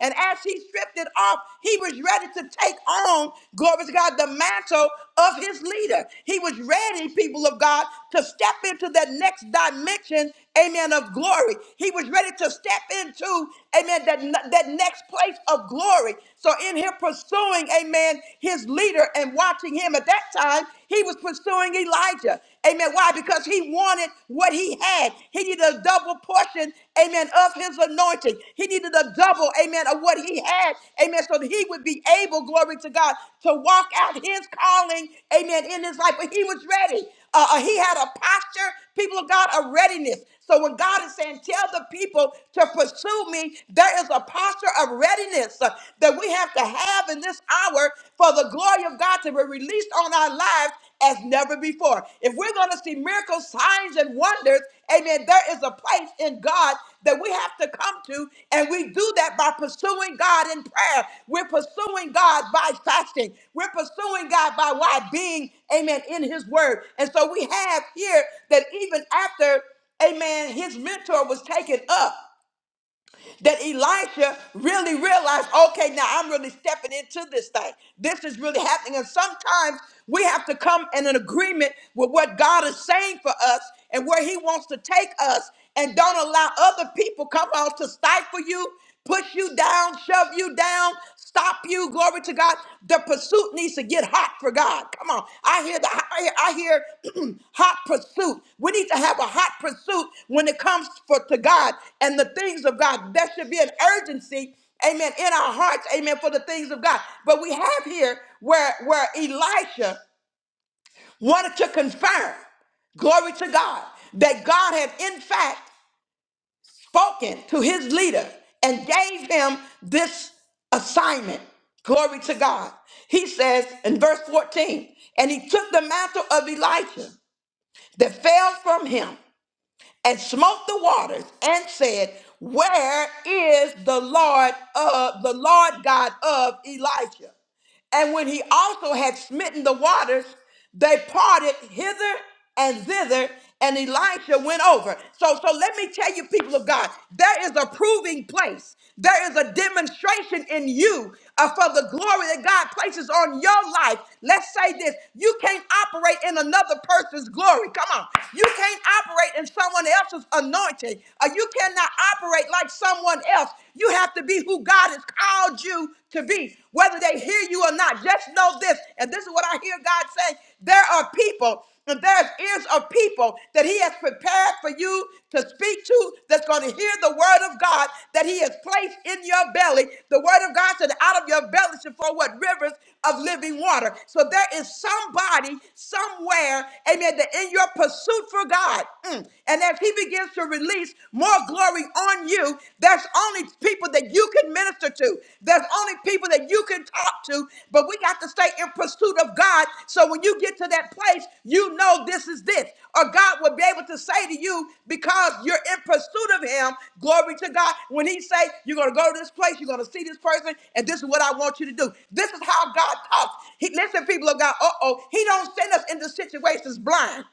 S1: and as he stripped it off, he was ready to take on, glory to God, the mantle of his leader. He was ready, people of God, to step into that next dimension, amen, of glory. He was ready to step into, amen, that, that next place of glory. So in him pursuing, amen, his leader and watching him at that time, he was pursuing Elijah. Amen. Why? Because he wanted wanted what he had. He needed a double portion, amen, of his anointing. He needed a double, amen, of what he had, amen, so that he would be able, glory to God, to walk out his calling, amen, in his life. But he was ready. Uh, uh, he had a posture, people of God, a readiness. So when God is saying, tell the people to pursue me, there is a posture of readiness uh, that we have to have in this hour for the glory of God to be released on our lives as never before. If we're going to see miracles, signs, and wonders, amen, there is a place in God that we have to come to, and we do that by pursuing God in prayer. We're pursuing God by fasting. We're pursuing God by why being, amen, in His Word. And so we have here that even after, amen, his mentor was taken up that Elisha really realized, okay, now I'm really stepping into this thing. This is really happening. And sometimes we have to come in an agreement with what God is saying for us and where He wants to take us and don't allow other people come on to stifle you push you down, shove you down, stop you. Glory to God. The pursuit needs to get hot for God. Come on. I hear the I hear, I hear hot pursuit. We need to have a hot pursuit when it comes for to God and the things of God. There should be an urgency. Amen. In our hearts, amen, for the things of God. But we have here where where Elisha wanted to confirm glory to God, that God had in fact spoken to his leader and gave him this assignment. Glory to God. He says in verse 14, and he took the mantle of Elijah that fell from him and smote the waters and said, Where is the Lord of the Lord God of Elijah? And when he also had smitten the waters, they parted hither and thither, and Elisha went over. So, so let me tell you, people of God, there is a proving place. There is a demonstration in you uh, for the glory that God places on your life. Let's say this you can't operate in another person's glory. Come on. You can't operate in someone else's anointing, or you cannot operate like someone else. You have to be who God has called you to be, whether they hear you or not. Just know this, and this is what I hear God saying. There are people, and there's ears of people that He has prepared for you to speak to that's going to hear the word of God that He has placed in your belly. The word of God said, out of your belly should flow what rivers of living water. So there is somebody somewhere, amen, that in your pursuit for God, mm, and as He begins to release more glory on you, there's only people people that you can minister to. There's only people that you can talk to, but we got to stay in pursuit of God. So when you get to that place, you know this is this. Or God will be able to say to you, because you're in pursuit of him, glory to God. When he say, you're going to go to this place, you're going to see this person, and this is what I want you to do. This is how God talks. He, listen, people of God, uh-oh, he don't send us into situations blind.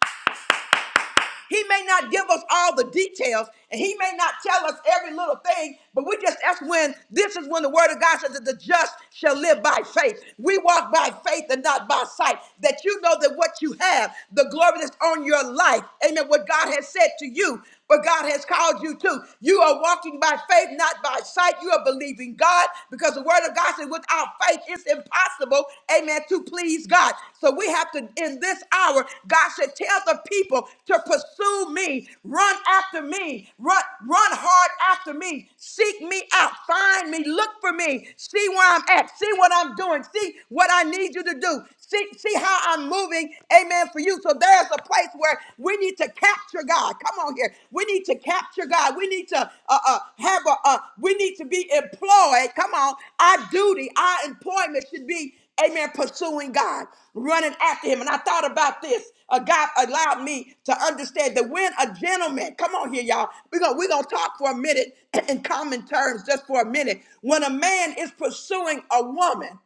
S1: He may not give us all the details and he may not tell us every little thing, but we just, that's when, this is when the word of God says that the just shall live by faith. We walk by faith and not by sight. That you know that what you have, the glory that's on your life, amen, what God has said to you but God has called you to. You are walking by faith, not by sight. You are believing God because the word of God says, without faith, it's impossible, amen, to please God. So we have to, in this hour, God said, tell the people to pursue me, run after me, run, run hard after me, seek me out, find me, look for me, see where I'm at, see what I'm doing, see what I need you to do. See, see how I'm moving, amen, for you. So there's a place where we need to capture God. Come on here. We need to capture God. We need to uh, uh, have a, uh, we need to be employed. Come on. Our duty, our employment should be amen, pursuing God, running after him. And I thought about this. Uh, God allowed me to understand that when a gentleman, come on here, y'all, we're going we're gonna talk for a minute in common terms, just for a minute. When a man is pursuing a woman,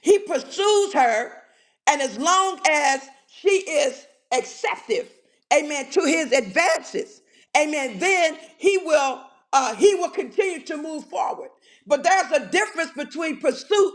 S1: he pursues her, and as long as she is acceptive, amen, to his advances, amen, then he will uh, he will continue to move forward. But there's a difference between pursuit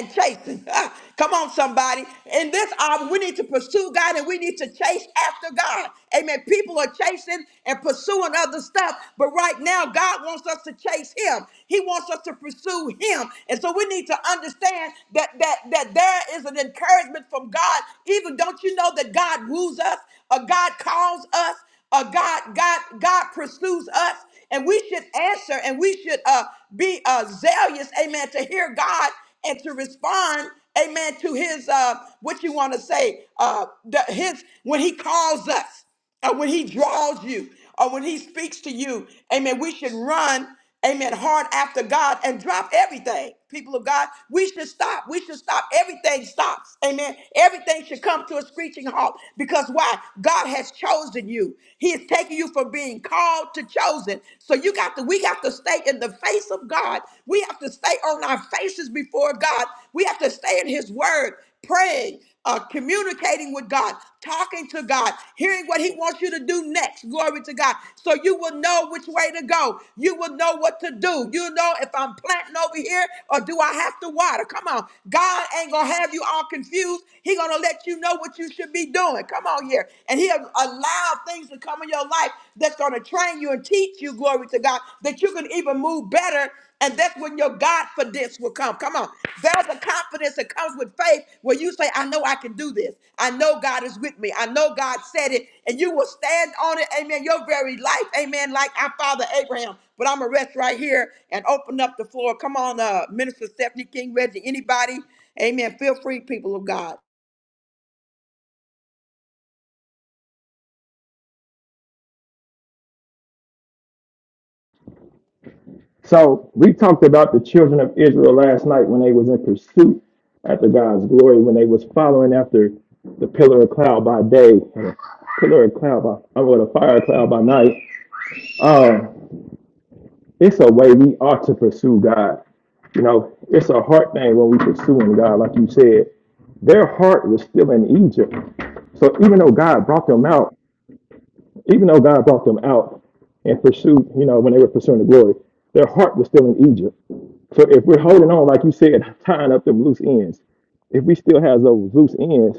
S1: and chasing. Come on, somebody. In this hour, we need to pursue God and we need to chase after God. Amen. People are chasing and pursuing other stuff, but right now now God wants us to chase him. He wants us to pursue him. And so we need to understand that that that there is an encouragement from God. Even don't you know that God woos us or God calls us or God, God, God pursues us, and we should answer, and we should uh, be uh, zealous, amen, to hear God and to respond, amen, to His uh, what you want to say, uh, the, His when He calls us. And when he draws you or when he speaks to you, amen, we should run, amen, hard after God and drop everything. People of God, we should stop. We should stop. Everything stops. Amen. Everything should come to a screeching halt because why? God has chosen you. He is taking you from being called to chosen. So you got to, we got to stay in the face of God. We have to stay on our faces before God. We have to stay in his word, praying, uh, communicating with God, talking to God, hearing what He wants you to do next. Glory to God. So you will know which way to go. You will know what to do. You know if I'm planting over here or do I have to water. Come on. God ain't going to have you all confused. He going to let you know what you should be doing. Come on here. And He'll allow things to come in your life that's going to train you and teach you, glory to God, that you can even move better and that's when your Godfidence will come. Come on. There's a confidence that comes with faith where you say, I know I can do this. I know God is with me. I know God said it. And you will stand on it. Amen. Your very life. Amen. Like our father Abraham. But I'm going to rest right here and open up the floor. Come on, uh, Minister Stephanie King, Reggie, anybody. Amen. Feel free, people of God.
S2: So we talked about the children of Israel last night when they was in pursuit after God's glory, when they was following after the pillar of cloud by day and a pillar of cloud by or the fire cloud by night. Um, it's a way we ought to pursue God. You know, it's a heart thing when we pursuing God, like you said. Their heart was still in Egypt. So even though God brought them out, even though God brought them out and pursued, you know, when they were pursuing the glory, their heart was still in Egypt. So if we're holding on, like you said, tying up them loose ends, if we still have those loose ends,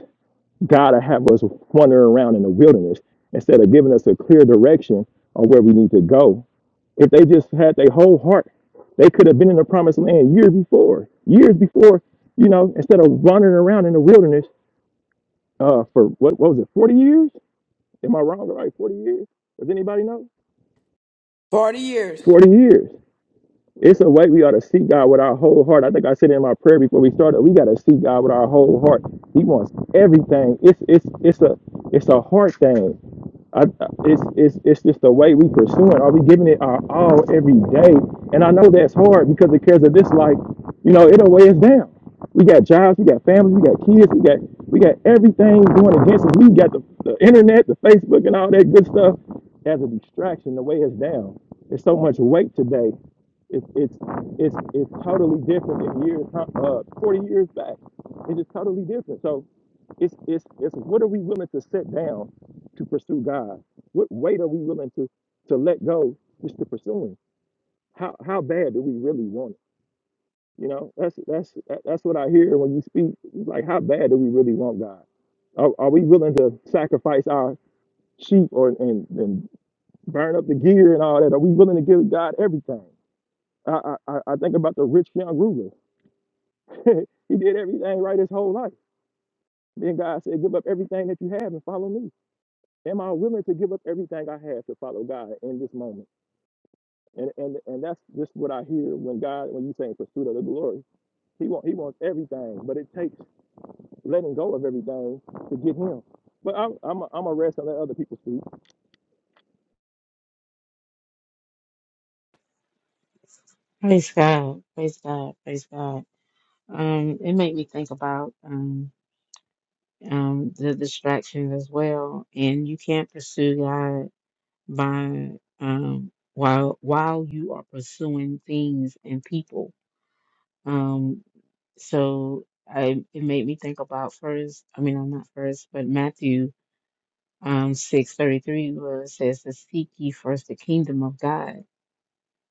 S2: God will have us wandering around in the wilderness instead of giving us a clear direction on where we need to go if they just had their whole heart, they could have been in the promised land years before, years before, you know, instead of wandering around in the wilderness uh, for what, what was it, 40 years? Am I wrong? Right, 40 years? Does anybody know?
S1: 40 years.
S2: 40 years. It's a way we ought to seek God with our whole heart. I think I said in my prayer before we started, we got to seek God with our whole heart. He wants everything. It's it's it's a it's a heart thing. I, it's it's it's just the way we pursue it. Are we giving it our all every day? And I know that's hard because the cares of this life, you know, it'll weigh us down. We got jobs, we got families, we got kids, we got we got everything going against us. We got the, the internet, the Facebook, and all that good stuff as a distraction to weigh us down. There's so much weight today it's it's it's it's totally different than years huh, uh, 40 years back. It's just totally different. So it's it's it's what are we willing to set down to pursue God? What weight are we willing to to let go just to pursue Him? How how bad do we really want it? You know, that's that's that's what I hear when you speak. It's like how bad do we really want God? Are, are we willing to sacrifice our sheep or and and burn up the gear and all that? Are we willing to give God everything? I I, I I think about the rich young ruler he did everything right his whole life. Then God said, Give up everything that you have and follow me. Am I willing to give up everything I have to follow God in this moment? And and and that's just what I hear when God, when you say in pursuit of the glory, He wants He wants everything, but it takes letting go of everything to get Him. But I'm I'm a, I'm a rest and let other people speak.
S3: praise God, praise God, praise God." Um, it made me think about um, um, the distractions as well. And you can't pursue God by um, while while you are pursuing things and people. Um, so I, it made me think about first. I mean, I'm not first, but Matthew um, six thirty three where it says to seek ye first the kingdom of God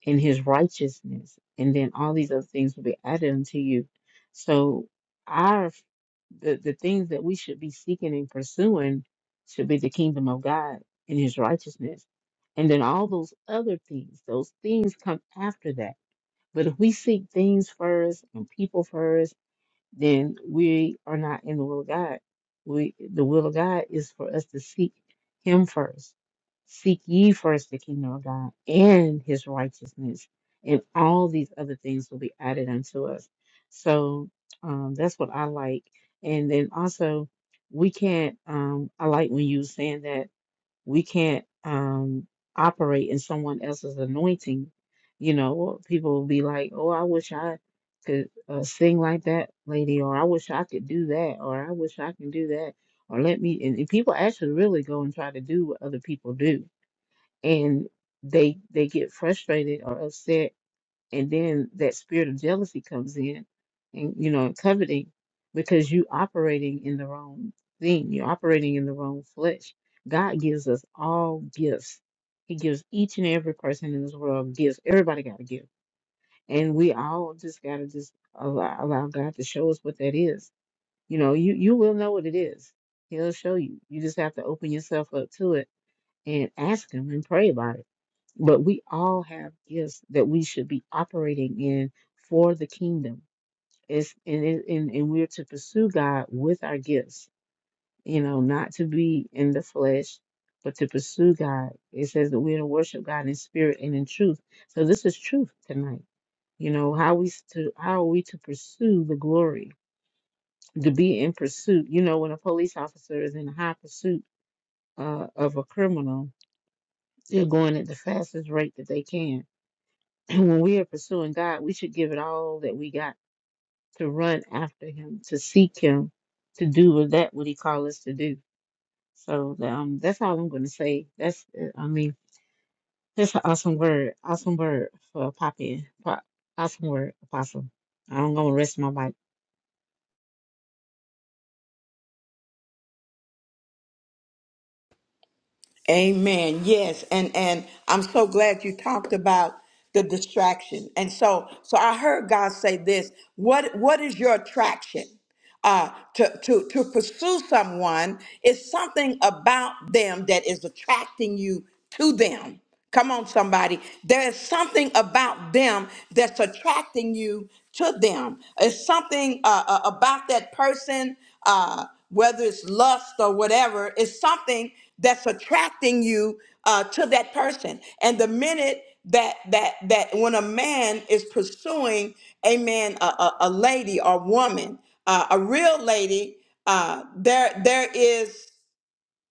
S3: in his righteousness, and then all these other things will be added unto you. So our the, the things that we should be seeking and pursuing should be the kingdom of God and his righteousness. And then all those other things, those things come after that. But if we seek things first and people first then we are not in the will of God. We the will of God is for us to seek him first. Seek ye first the kingdom of God and his righteousness, and all these other things will be added unto us. So um, that's what I like. And then also we can't um, I like when you were saying that we can't um operate in someone else's anointing you know people will be like oh i wish i could uh, sing like that lady or i wish i could do that or i wish i can do that or let me and, and people actually really go and try to do what other people do and they they get frustrated or upset and then that spirit of jealousy comes in and you know and coveting because you operating in the wrong thing you're operating in the wrong flesh god gives us all gifts he gives each and every person in this world gifts everybody got a gift and we all just got to just allow, allow god to show us what that is you know you you will know what it is he'll show you you just have to open yourself up to it and ask him and pray about it but we all have gifts that we should be operating in for the kingdom. It's and it, and, and we're to pursue God with our gifts, you know, not to be in the flesh, but to pursue God. It says that we're to worship God in spirit and in truth. So this is truth tonight. You know, how we s- to how are we to pursue the glory, to be in pursuit. You know, when a police officer is in high pursuit uh, of a criminal, they're going at the fastest rate that they can when we are pursuing God, we should give it all that we got to run after Him, to seek Him, to do with that what He called us to do. So um, that's all I'm going to say. That's uh, I mean, that's an awesome word, awesome word for Poppy, pop, awesome word, Apostle. I'm going to rest my mic.
S1: Amen. Yes, and and I'm so glad you talked about the distraction. And so so I heard God say this. What what is your attraction? Uh, to, to, to pursue someone is something about them that is attracting you to them. Come on, somebody. There is something about them that's attracting you to them. It's something uh, uh, about that person, uh, whether it's lust or whatever, it's something that's attracting you uh, to that person. And the minute that that that when a man is pursuing a man, a, a, a lady or woman, uh, a real lady, uh, there there is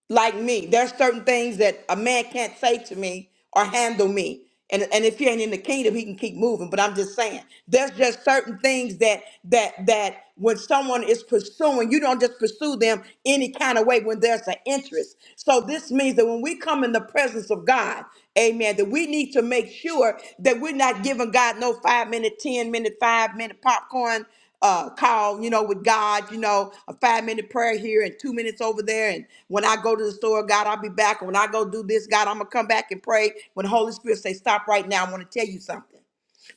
S1: like me. There's certain things that a man can't say to me or handle me. And, and if he ain't in the kingdom, he can keep moving. But I'm just saying, there's just certain things that that that when someone is pursuing, you don't just pursue them any kind of way when there's an interest. So this means that when we come in the presence of God, amen, that we need to make sure that we're not giving God no five minute, ten minute, five minute popcorn uh, call, you know, with God, you know, a five minute prayer here and two minutes over there. And when I go to the store, God, I'll be back. And when I go do this, God, I'm going to come back and pray. When the Holy Spirit say, stop right now, I want to tell you something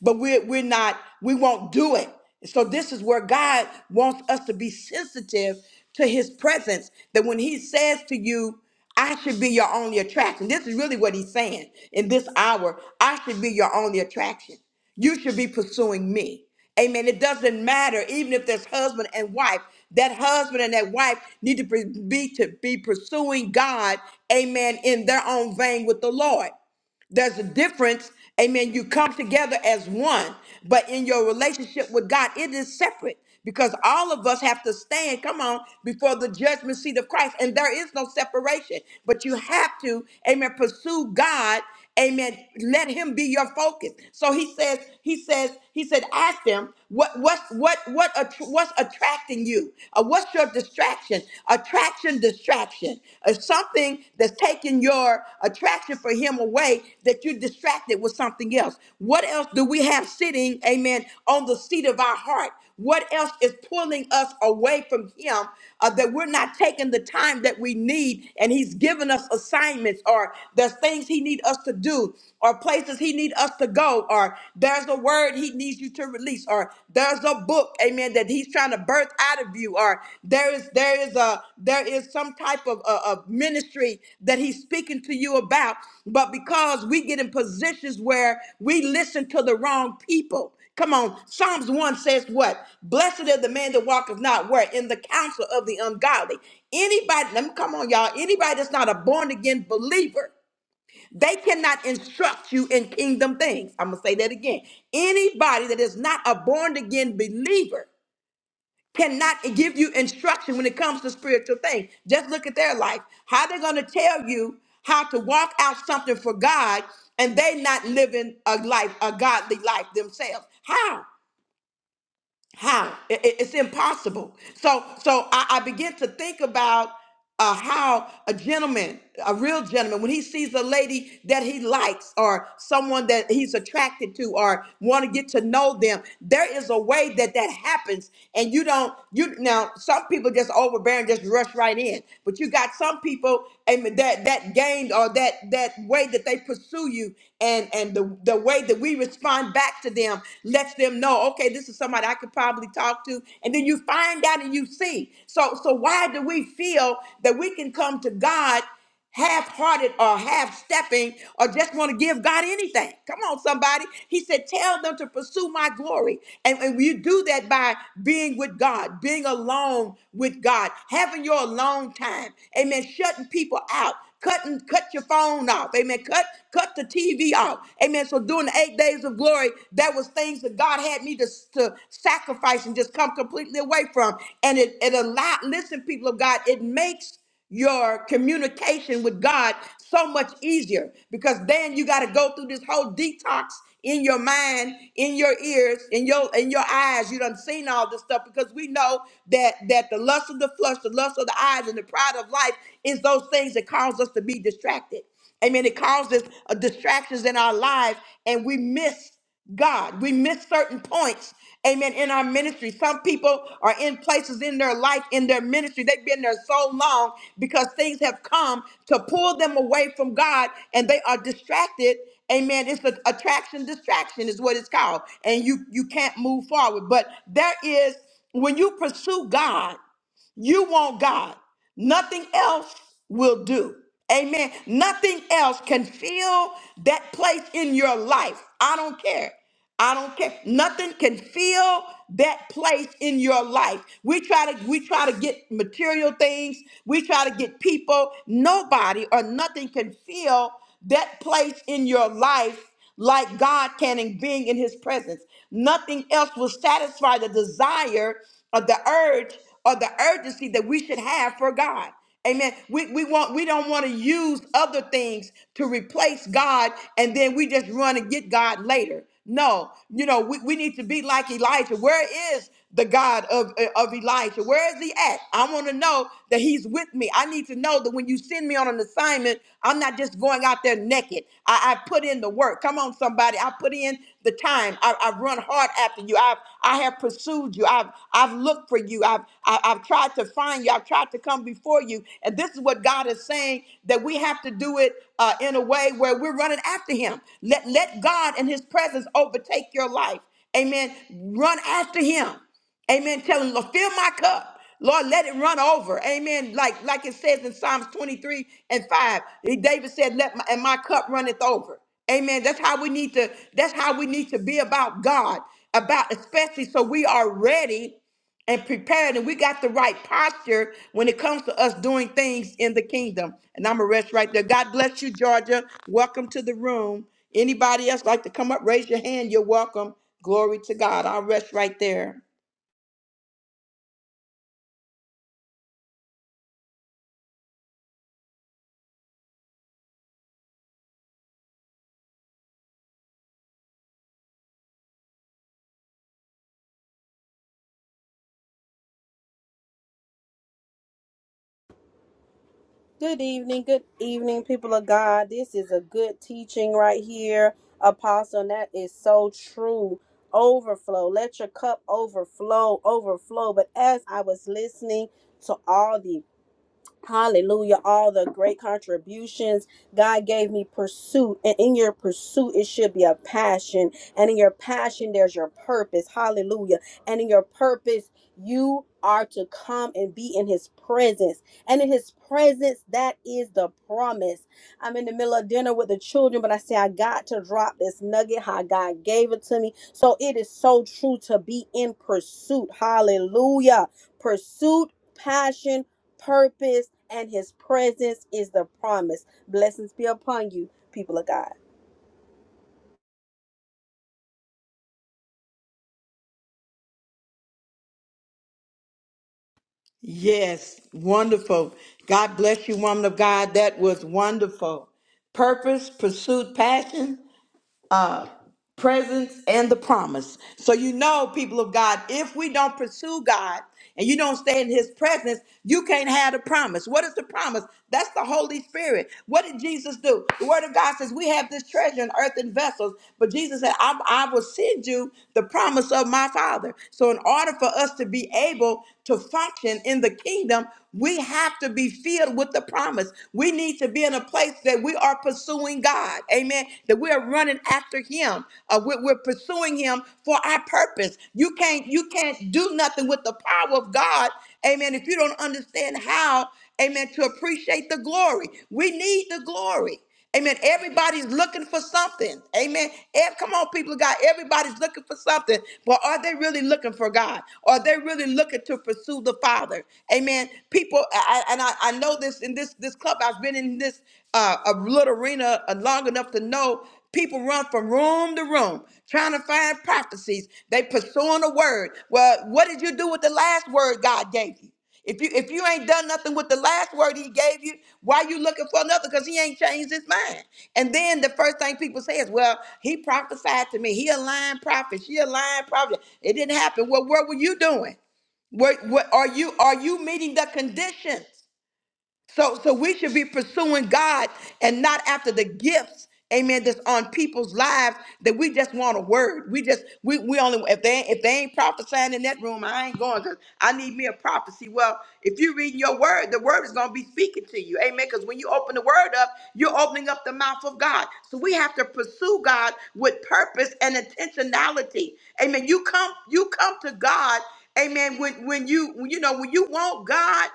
S1: but we're we're not we won't do it so this is where god wants us to be sensitive to his presence that when he says to you i should be your only attraction this is really what he's saying in this hour i should be your only attraction you should be pursuing me amen it doesn't matter even if there's husband and wife that husband and that wife need to be to be pursuing god amen in their own vein with the lord there's a difference. Amen. You come together as one, but in your relationship with God, it is separate because all of us have to stand, come on, before the judgment seat of Christ. And there is no separation, but you have to, amen, pursue God. Amen. Let him be your focus. So he says, he says, he said, ask them. What what what what att- what's attracting you? Uh, what's your distraction? Attraction, distraction. Uh, something that's taking your attraction for him away that you distracted with something else. What else do we have sitting, amen, on the seat of our heart? What else is pulling us away from Him uh, that we're not taking the time that we need? And He's given us assignments, or there's things He needs us to do, or places He needs us to go, or there's a word He needs you to release, or there's a book, Amen, that He's trying to birth out of you, or there is there is a there is some type of, of, of ministry that He's speaking to you about. But because we get in positions where we listen to the wrong people. Come on. Psalms 1 says what? Blessed is the man that walketh not where? In the counsel of the ungodly. Anybody, let me come on, y'all. Anybody that's not a born again believer, they cannot instruct you in kingdom things. I'm going to say that again. Anybody that is not a born again believer, cannot give you instruction when it comes to spiritual things. Just look at their life. How they're going to tell you how to walk out something for God and they not living a life, a godly life themselves. How? How? It- it- it's impossible. So, so I, I begin to think about uh, how a gentleman, a real gentleman, when he sees a lady that he likes or someone that he's attracted to or want to get to know them, there is a way that that happens. And you don't, you now, some people just overbearing, just rush right in. But you got some people amen, that, that gained or that, that way that they pursue you and and the, the way that we respond back to them lets them know okay this is somebody i could probably talk to and then you find out and you see so so why do we feel that we can come to god half-hearted or half-stepping or just want to give god anything come on somebody he said tell them to pursue my glory and, and you do that by being with god being alone with god having your alone time amen shutting people out Cut and cut your phone off. Amen. Cut cut the TV off. Amen. So during the eight days of glory, that was things that God had me to, to sacrifice and just come completely away from. And it, it allowed, listen, people of God, it makes your communication with God so much easier because then you got to go through this whole detox in your mind, in your ears, in your in your eyes. You done seen all this stuff because we know that that the lust of the flesh, the lust of the eyes, and the pride of life is those things that cause us to be distracted. Amen. It causes uh, distractions in our lives, and we miss. God. We miss certain points, amen, in our ministry. Some people are in places in their life, in their ministry. They've been there so long because things have come to pull them away from God and they are distracted. Amen. It's an attraction, distraction is what it's called. And you you can't move forward. But there is when you pursue God. You want God. Nothing else will do. Amen. Nothing else can fill that place in your life. I don't care. I don't care. Nothing can fill that place in your life. We try to we try to get material things. We try to get people. Nobody or nothing can fill that place in your life like God can and being in his presence. Nothing else will satisfy the desire or the urge or the urgency that we should have for God. Amen. We, we want we don't want to use other things to replace God and then we just run and get God later. No, you know, we, we need to be like Elijah. Where is the God of, eh, of Elijah? Where is he at? I want to know that he's with me. I need to know that when you send me on an assignment, I'm not just going out there naked. I, I put in the work. Come on, somebody. I put in the time. I, I've run hard after you. I've I have pursued you. I've I've looked for you. I've I, I've tried to find you. I've tried to come before you. And this is what God is saying saying that we have to do it uh, in a way where we're running after him. Let, let God and his presence overtake your life. Amen. Run after him. Amen. Tell him, "Lord, fill my cup. Lord, let it run over. Amen. Like like it says in Psalms 23 and 5. David said, Let my and my cup runneth over. Amen. That's how we need to, that's how we need to be about God. About especially so we are ready and prepared and we got the right posture when it comes to us doing things in the kingdom. And I'm gonna rest right there. God bless you, Georgia. Welcome to the room. Anybody else like to come up? Raise your hand. You're welcome. Glory to God. I'll rest right there.
S4: Good evening, good evening, people of God. This is a good teaching right here, Apostle, and that is so true. Overflow, let your cup overflow, overflow. But as I was listening to all the Hallelujah. All the great contributions God gave me pursuit. And in your pursuit, it should be a passion. And in your passion, there's your purpose. Hallelujah. And in your purpose, you are to come and be in his presence. And in his presence, that is the promise. I'm in the middle of dinner with the children, but I say, I got to drop this nugget how God gave it to me. So it is so true to be in pursuit. Hallelujah. Pursuit, passion, purpose, and his presence is the promise. Blessings be upon you, people of God.
S1: Yes, wonderful. God bless you, woman of God. That was wonderful. Purpose, pursuit, passion. uh, presence and the promise. So you know, people of God, if we don't pursue God and you don't stay in His presence, you can't have the promise. What is the promise? That's the Holy Spirit. What did Jesus do? The Word of God says we have this treasure in earthen vessels, but Jesus said, I, "I will send you the promise of my Father." So in order for us to be able to function in the kingdom, we have to be filled with the promise. We need to be in a place that we are pursuing God. Amen. That we are running after Him. Uh, we're, we're pursuing Him for our purpose. You can't you can't do nothing with the power of God. Amen. If you don't understand how, Amen, to appreciate the glory. We need the glory. Amen. Everybody's looking for something. Amen. Ev- Come on, people of God. Everybody's looking for something. But are they really looking for God? Are they really looking to pursue the Father? Amen. People, I, I- and I, I know this in this this club. I've been in this uh, a little arena uh, long enough to know people run from room to room trying to find prophecies. They pursuing a word. Well, what did you do with the last word God gave you? If you if you ain't done nothing with the last word he gave you, why you looking for another? Because he ain't changed his mind. And then the first thing people say is, "Well, he prophesied to me. He a lying prophet. She a lying prophet. It didn't happen." Well, what were you doing? What what are you are you meeting the conditions? So, so we should be pursuing God and not after the gifts, amen, that's on people's lives that we just want a word. We just, we, we only, if they, if they ain't prophesying in that room, I ain't going because I need me a prophecy. Well, if you read your word, the word is going to be speaking to you. Amen. Because when you open the word up, you're opening up the mouth of God. So we have to pursue God with purpose and intentionality. Amen. You come, you come to God. Amen. When, when you, you know, when you want God,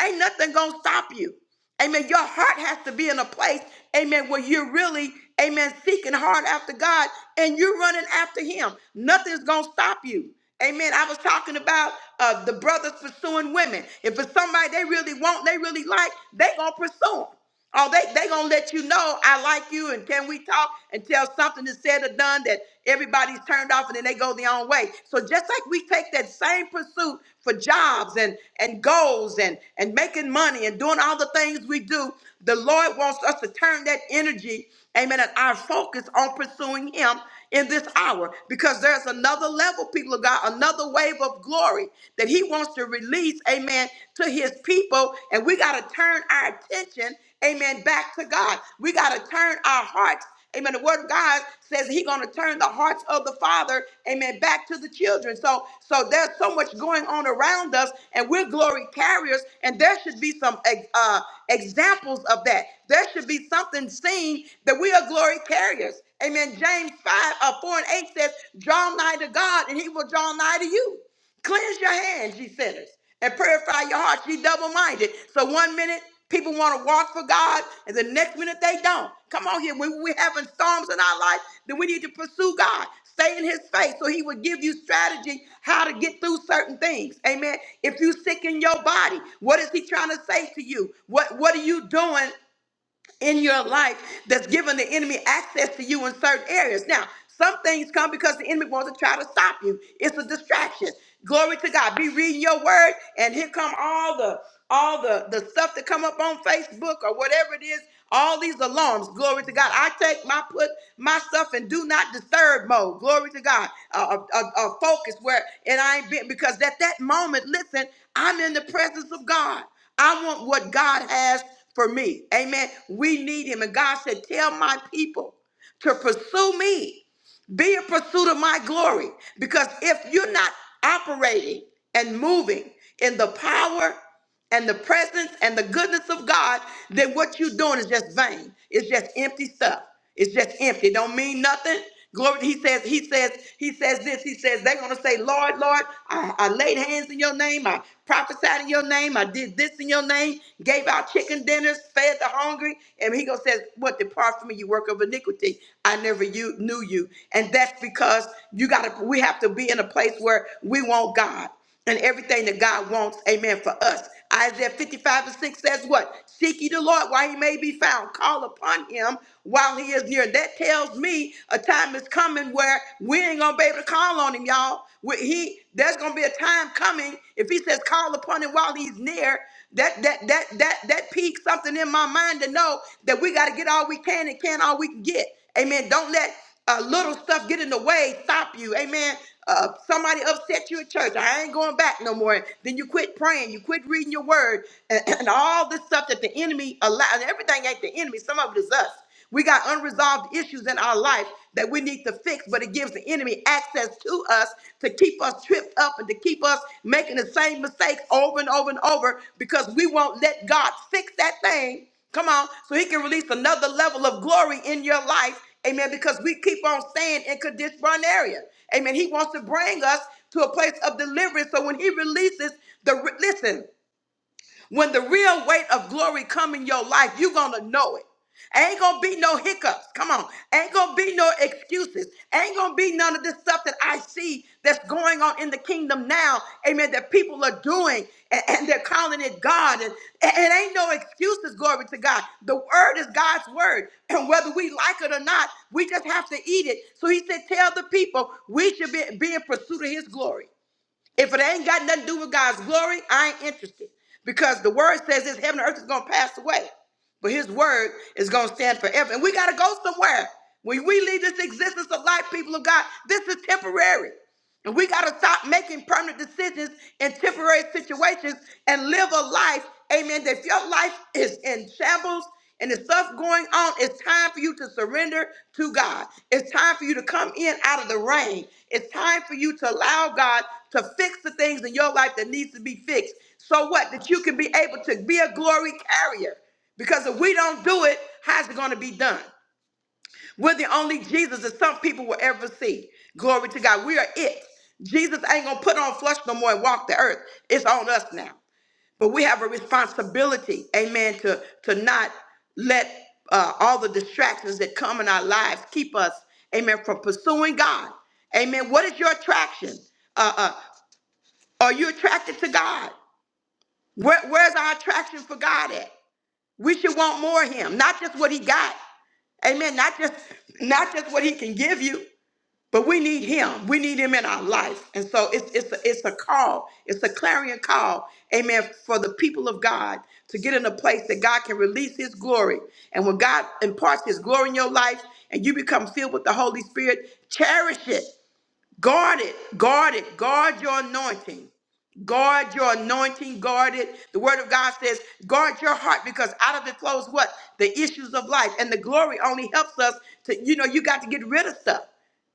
S1: Ain't nothing gonna stop you. Amen. Your heart has to be in a place, amen, where you're really, amen, seeking hard after God and you're running after Him. Nothing's gonna stop you. Amen. I was talking about uh, the brothers pursuing women. If it's somebody they really want, they really like, they gonna pursue them. Oh, they they gonna let you know I like you and can we talk until something is said or done that everybody's turned off and then they go their own way. So just like we take that same pursuit for jobs and and goals and and making money and doing all the things we do, the Lord wants us to turn that energy, amen, and our focus on pursuing Him in this hour because there's another level, people of God, another wave of glory that He wants to release, amen, to His people, and we gotta turn our attention amen, back to God. We got to turn our hearts. Amen. The word of God says He's going to turn the hearts of the father, amen, back to the children. So, so there's so much going on around us, and we're glory carriers, and there should be some uh, examples of that. There should be something seen that we are glory carriers. Amen. James 5, uh, 4 and 8 says, Draw nigh to God, and he will draw nigh to you. Cleanse your hands, ye sinners, and purify your hearts, ye double minded. So one minute people want to walk for God, and the next minute they don't. Come on here. When we're having storms in our life, then we need to pursue God. Stay in his face so he will give you strategy how to get through certain things. Amen. If you sick in your body, what is he trying to say to you? What what are you doing in your life that's given the enemy access to you in certain areas. Now, some things come because the enemy wants to try to stop you. It's a distraction. Glory to God. Be reading your word, and here come all the all the the stuff that come up on Facebook or whatever it is. All these alarms. Glory to God. I take my put my stuff in do not disturb mode. Glory to God. A, a, a focus where and I ain't been because at that moment, listen, I'm in the presence of God. I want what God has for me. Amen. We need him. And God said, Tell my people to pursue me. Be in pursuit of my glory. Because if you're not operating and moving in the power and the presence and the goodness of God, then what you're doing is just vain. It's just empty stuff. It's just empty. It don't mean nothing. Glory, he says, he says, he says this. He says, they're gonna say, Lord, Lord, I, I laid hands in your name, I prophesied in your name, I did this in your name, gave out chicken sinners, fed the hungry. And he gonna say, What depart from me, you work of iniquity. I never you, knew you. And that's because you gotta we have to be in a place where we want God and everything that God wants, amen, for us. Isaiah 55 and 6 says what? Seek ye the Lord while he may be found. Call upon him while he is near. That tells me a time is coming where we ain't gonna be able to call on him, y'all. We- He there's gonna be a time coming if he says call upon him while he's near. That that that that that piqued something in my mind to know that we got to get all we can and can all we can get. Amen. Don't let uh, little stuff get in the way stop you. Amen. Uh, somebody upset you at church. I ain't going back no more. Then you quit praying. You quit reading your word, and, and all this stuff that the enemy allowed. Everything ain't the enemy. Some of it is us. We got unresolved issues in our life that we need to fix, but it gives the enemy access to us to keep us tripped up and to keep us making the same mistakes over and over and over because we won't let God fix that thing. Come on, so he can release another level of glory in your life. Amen. Because we keep on staying in Kadesh Barn area. Amen. He wants to bring us to a place of deliverance. So when he releases the listen, when the real weight of glory come in your life, you're going to know it. Ain't gonna be no hiccups. Come on. Ain't gonna be no excuses. Ain't gonna be none of this stuff that I see that's going on in the kingdom now. Amen. That people are doing and, and they're calling it God. And, and it ain't no excuses, glory to God. The word is God's word. And whether we like it or not, we just have to eat it. So he said, Tell the people we should be, be in pursuit of his glory. If it ain't got nothing to do with God's glory, I ain't interested. Because the word says this heaven and earth is going to pass away but his word is going to stand forever. And we got to go somewhere. When we leave this existence of life, people of God, this is temporary. And we got to stop making permanent decisions in temporary situations and live a life, amen. That if your life is in shambles and there's stuff going on, it's time for you to surrender to God. It's time for you to come in out of the rain. It's time for you to allow God to fix the things in your life that needs to be fixed. So what? That you can be able to be a glory carrier. Because if we don't do it, how's it going to be done? We're the only Jesus that some people will ever see. Glory to God. We are it. Jesus ain't going to put on flesh no more and walk the earth. It's on us now. But we have a responsibility, amen, to, to not let uh, all the distractions that come in our lives keep us, amen, from pursuing God. Amen. What is your attraction? Uh, uh, are you attracted to God? Where, where's our attraction for God at? We should want more of him, not just what he got. Amen. Not just not just what he can give you, but we need him. We need him in our life. And so it's it's a, it's a call. It's a clarion call. Amen. For the people of God to get in a place that God can release his glory. And when God imparts his glory in your life and you become filled with the Holy Spirit, cherish it. Guard it, guard it, guard your anointing. Guard your anointing, guard it. The word of God says, guard your heart because out of it flows what? The issues of life. And the glory only helps us to, you know, you got to get rid of stuff.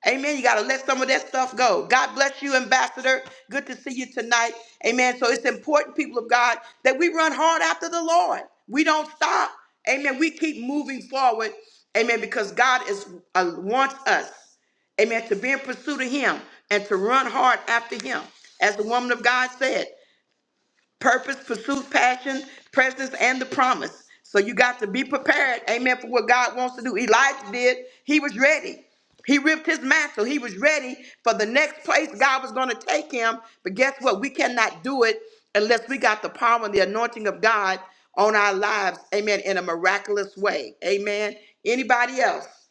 S1: Amen. You got to let some of that stuff go. God bless you, Ambassador. Good to see you tonight. Amen. So it's important, people of God, that we run hard after the Lord. We don't stop. Amen. We keep moving forward. Amen. Because God is uh, wants us. Amen. To be in pursuit of Him and to run hard after Him. As the woman of God said, purpose, pursuit, passion, presence, and the promise. So you got to be prepared. Amen. For what God wants to do. Elijah did. He was ready. He ripped his mantle. He was ready for the next place God was going to take him. But guess what? We cannot do it unless we got the power and the anointing of God on our lives. Amen. In a miraculous way. Amen. Anybody else?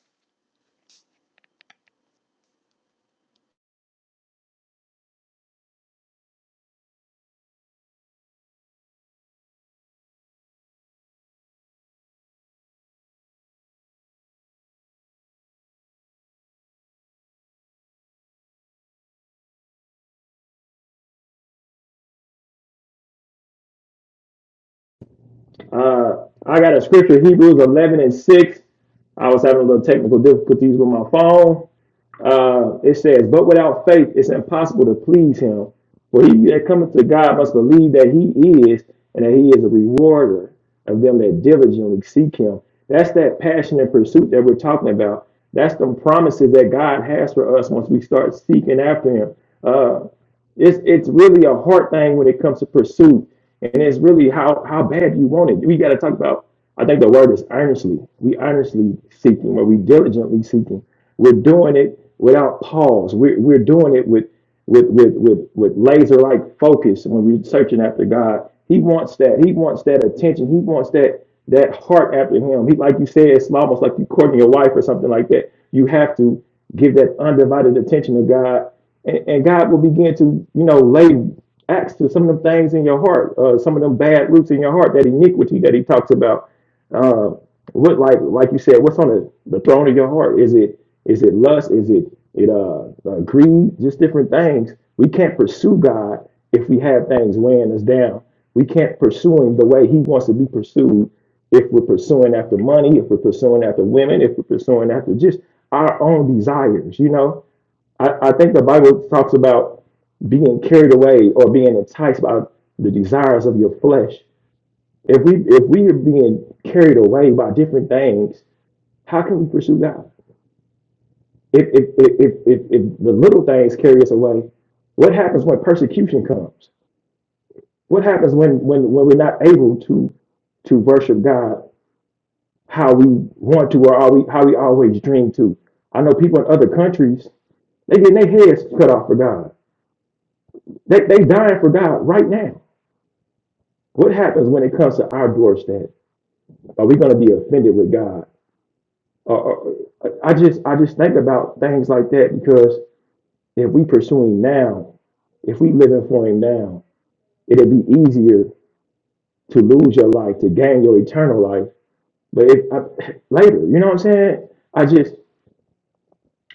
S2: Uh, I got a scripture, Hebrews 11 and 6. I was having a little technical difficulties with my phone, uh, it says, But without faith, it's impossible to please him. For he that cometh to God must believe that he is, and that he is a rewarder of them that diligently seek him. That's that passion and pursuit that we're talking about. That's the promises that God has for us once we start seeking after him. Uh, it's it's really a hard thing when it comes to pursuit, and it's really how how bad you want it. We got to talk about. I think the word is earnestly. We earnestly seeking, or we diligently seeking. We're doing it without pause. We're we're doing it with with with with, with laser like focus when we're searching after God. He wants that. He wants that attention. He wants that that heart after Him. He like you said, it's almost like you courting your wife or something like that. You have to give that undivided attention to God and, and God will begin to, you know, lay axe to some of them things in your heart, uh, some of them bad roots in your heart, that iniquity that He talks about. Uh, what, like, like you said, what's on the, the throne of your heart? Is it, is it lust? Is it, it uh, uh, greed? Just different things. We can't pursue God if we have things weighing us down. We can't pursue Him the way He wants to be pursued. If we're pursuing after money, if we're pursuing after women, if we're pursuing after just our own desires, you know I, I think the Bible talks about being carried away or being enticed by the desires of your flesh. If we if we are being carried away by different things, how can we pursue God? If if if if, if the little things carry us away, what happens when persecution comes? What happens when when when we're not able to to worship God how we want to or how we how we always dream to? I know people in other countries they getting their heads cut off for God. They they dying for God right now What happens when it comes to our doorstep? Are we going to be offended with God? Or, or- I just I just think about things like that because if we pursue Him now, if we living for Him now, it will be easier to lose your life to gain your eternal life. But if I, later, you know what I'm saying? I just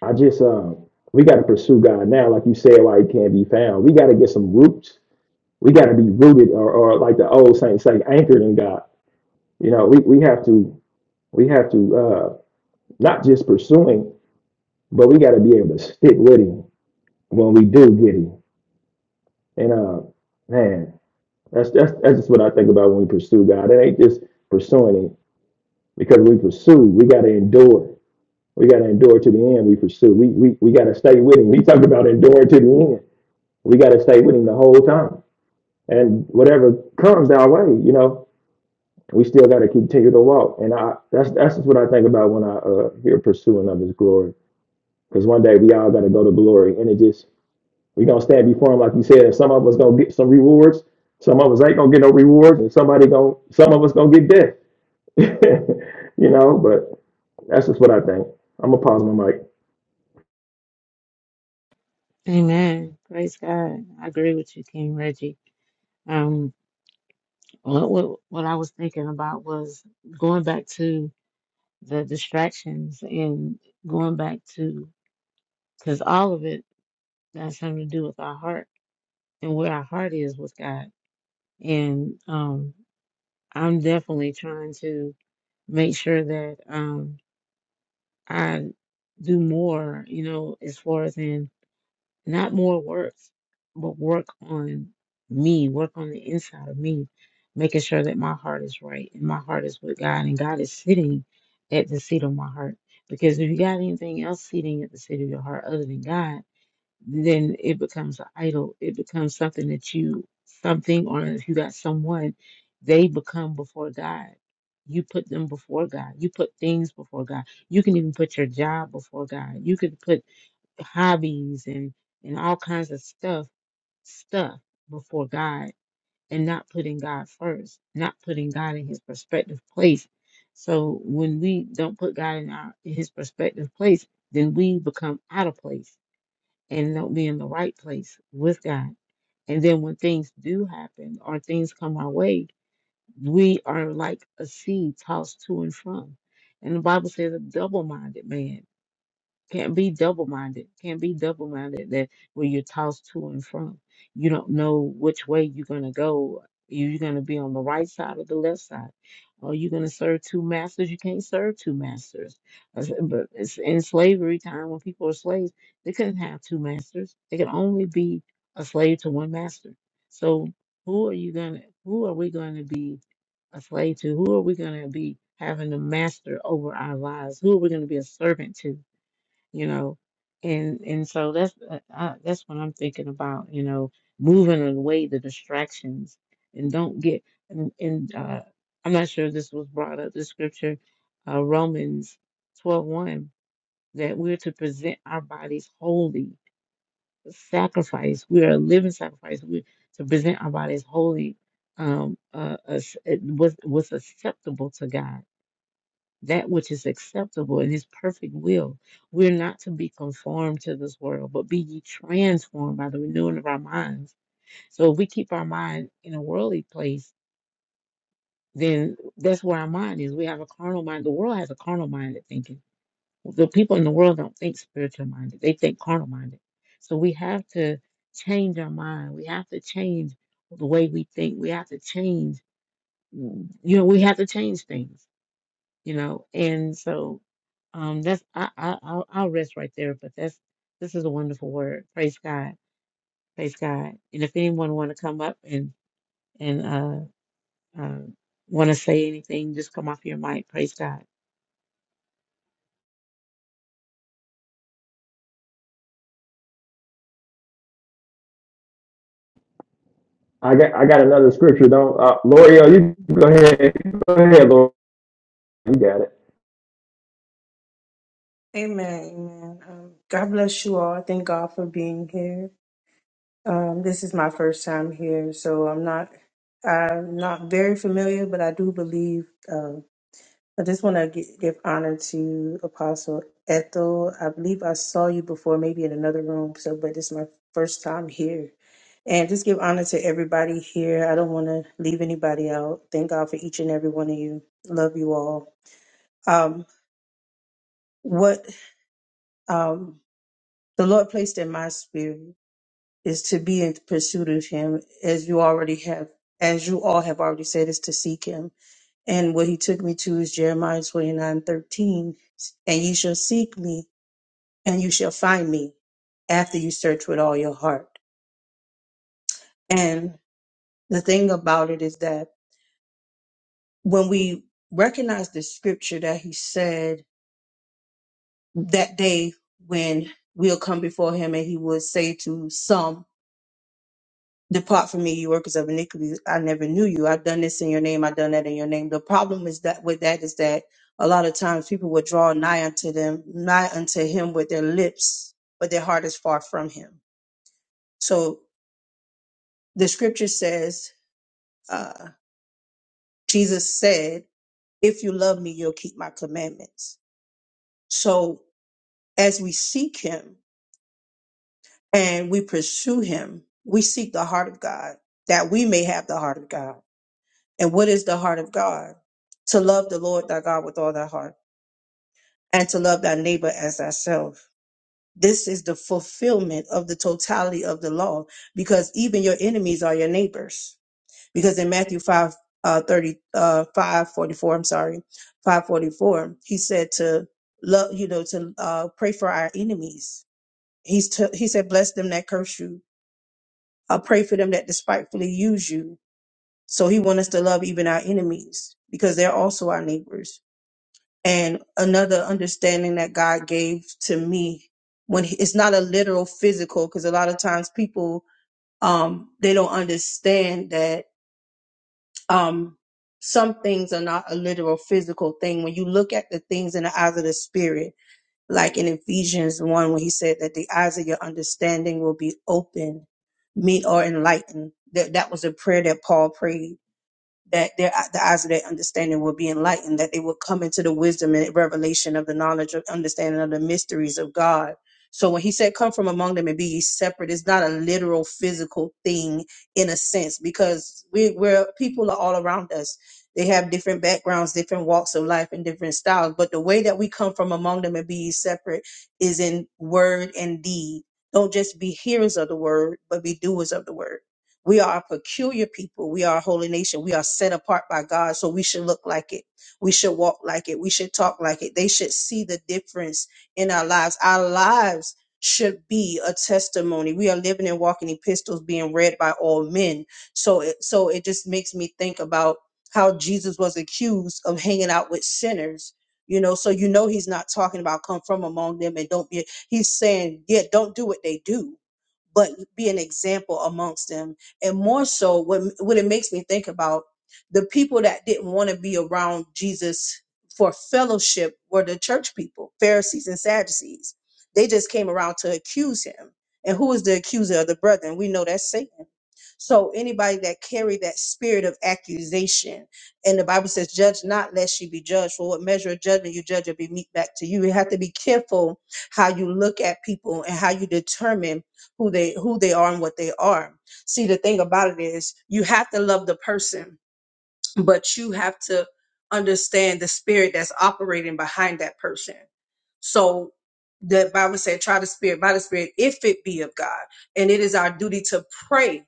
S2: I just um we got to pursue God now, like you said, why He can't be found. We got to get some roots. We got to be rooted, or, or like the old saints say, anchored in God. You know, we, we have to we have to. uh, not just pursuing, but we got to be able to stick with him when we do get him. And uh, man, that's that's that's just what I think about when we pursue God. It ain't just pursuing him because we pursue, we got to endure. We got to endure to the end. We pursue. We we we got to stay with him. He talked about enduring to the end. We got to stay with him the whole time. And whatever comes our way, you know, we still got to continue to walk. And I that's that's just what I think about when I uh, hear pursuing of his glory. Because one day we all got to go to glory, and it just we gonna stand before him, like you said. Some of us gonna get some rewards. Some of us ain't gonna get no rewards, and somebody gonna some of us gonna get death. you know, but that's just what I think. I'm gonna pause my mic.
S3: Amen. Praise God. I agree with you, King Reggie. Um, what, what what I was thinking about was going back to the distractions and going back to because all of it got something to do with our heart and where our heart is with God. And um, I'm definitely trying to make sure that um, I do more, you know, as far as in not more work, but work on me, work on the inside of me, making sure that my heart is right and my heart is with God and God is sitting at the seat of my heart. Because if you got anything else sitting at the seat of your heart other than God, then it becomes an idol. It becomes something that you, something, or if you got someone, they become before God. You put them before God. You put things before God. You can even put your job before God. You could put hobbies and and all kinds of stuff stuff before God and not putting God first, not putting God in His perspective place. So when we don't put God in our in His perspective place, then we become out of place and not be in the right place with God. And then when things do happen or things come our way, we are like a seed tossed to and from. And the Bible says a double minded man. Can't be double minded. Can't be double minded that where you're tossed to and from. You don't know which way you're gonna go. You're gonna be on the right side or the left side. Are you gonna serve two masters? You can't serve two masters. I said, But it's in slavery time when people are slaves, they couldn't have two masters. They could only be a slave to one master. So who are you gonna who are we gonna be a slave to? Who are we gonna be having a master over our lives? Who are we gonna be a servant to? you know and and so that's uh, uh, that's what i'm thinking about you know moving away the distractions and don't get and, and uh i'm not sure if this was brought up the scripture uh romans twelve one that we're to present our bodies holy a sacrifice we are a living sacrifice we're to present our bodies holy um uh, as- it was was acceptable to god that which is acceptable in his perfect will. We're not to be conformed to this world, but be ye transformed by the renewing of our minds. So if we keep our mind in a worldly place, then that's where our mind is. We have a carnal mind. The world has a carnal minded thinking. The people in the world don't think spiritual minded, they think carnal minded. So we have to change our mind. We have to change the way we think. We have to change, you know, we have to change things you know. And so um, that's I, I I'll, I'll rest right there. But that's this is a wonderful word. Praise God, praise God. And if anyone want to come up and and uh, uh, want to say anything, just come off your mic. Praise God.
S2: I got I got another scripture. Don't uh, L'Oreal,
S5: Amen.
S2: you go ahead. Go ahead, Lord. You got it.
S5: Amen. Um, God bless you all. Thank God for being here. Um, this is my first time here, so I'm not I'm not very familiar, but I do believe. Um, I just want to gi- give honor to Apostle Ethel. I believe I saw you before, maybe in another room. So, but this is my first time here, and just give honor to everybody here. I don't want to leave anybody out. Thank God for each and every one of you. Love you all. Um, what? um, the Lord placed in my spirit is to be in pursuit of Him, as you already have, as you all have already said, is to seek Him. And what He took me to is Jeremiah twenty nine thirteen, and ye shall seek me, and you shall find me, after you search with all your heart. And the thing about it is that when we recognize the scripture that He said that day when we'll come before Him, and He would say to some. Depart from me, you workers of iniquity. I never knew you. I've done this in your name. I've done that in your name. The problem is that with that is that a lot of times people will draw nigh unto them, nigh unto him with their lips, but their heart is far from him. So the scripture says, uh, Jesus said, if you love me, you'll keep my commandments. So as we seek him and we pursue him, we seek the heart of God that we may have the heart of God. And what is the heart of God? To love the Lord thy God with all thy heart and to love thy neighbor as thyself. This is the fulfillment of the totality of the law because even your enemies are your neighbors. Because in Matthew 5, uh, 30, uh, 5, forty-four, I'm sorry, 544, he said to love, you know, to, uh, pray for our enemies. He's, t- he said, bless them that curse you. Uh, pray for them that despitefully use you. So he wants us to love even our enemies because they're also our neighbors And another understanding that God gave to me when he- it's not a literal physical, because a lot of times people, um, they don't understand that, um, some things are not a literal physical thing. When you look at the things in the eyes of the spirit, like in Ephesians 1, when he said that the eyes of your understanding will be open, meet or enlightened. That, that was a prayer that Paul prayed that their uh, the eyes of their understanding will be enlightened, that they will come into the wisdom and revelation of the knowledge of understanding of the mysteries of God. So when he said, "Come from among them and be ye separate," it's not a literal physical thing in a sense because we, we're people are all around us. They have different backgrounds, different walks of life, and different styles. But the way that we come from among them and be ye separate is in word and deed. Don't just be hearers of the word, but be doers of the word. We are a peculiar people. We are a holy nation. We are set apart by God. So we should look like it. We should walk like it. We should talk like it. They should see the difference in our lives. Our lives should be a testimony. We are living and walking epistles being read by all men. So it, so it just makes me think about how Jesus was accused of hanging out with sinners. You know, so you know he's not talking about come from among them and don't be he's saying, yeah, don't do what they do but be an example amongst them. And more so, what what it makes me think about the people that didn't want to be around Jesus for fellowship were the church people, Pharisees and Sadducees. They just came around to accuse him. And who is the accuser of the brethren? We know that's Satan. So anybody that carried that spirit of accusation, and the Bible says, "Judge not, lest you be judged." For what measure of judgment you judge will be meet back to you. You have to be careful how you look at people and how you determine who they who they are and what they are. See, the thing about it is you have to love the person, but you have to understand the spirit that's operating behind that person. So the Bible said, try the spirit by the spirit, if it be of God. And it is our duty to pray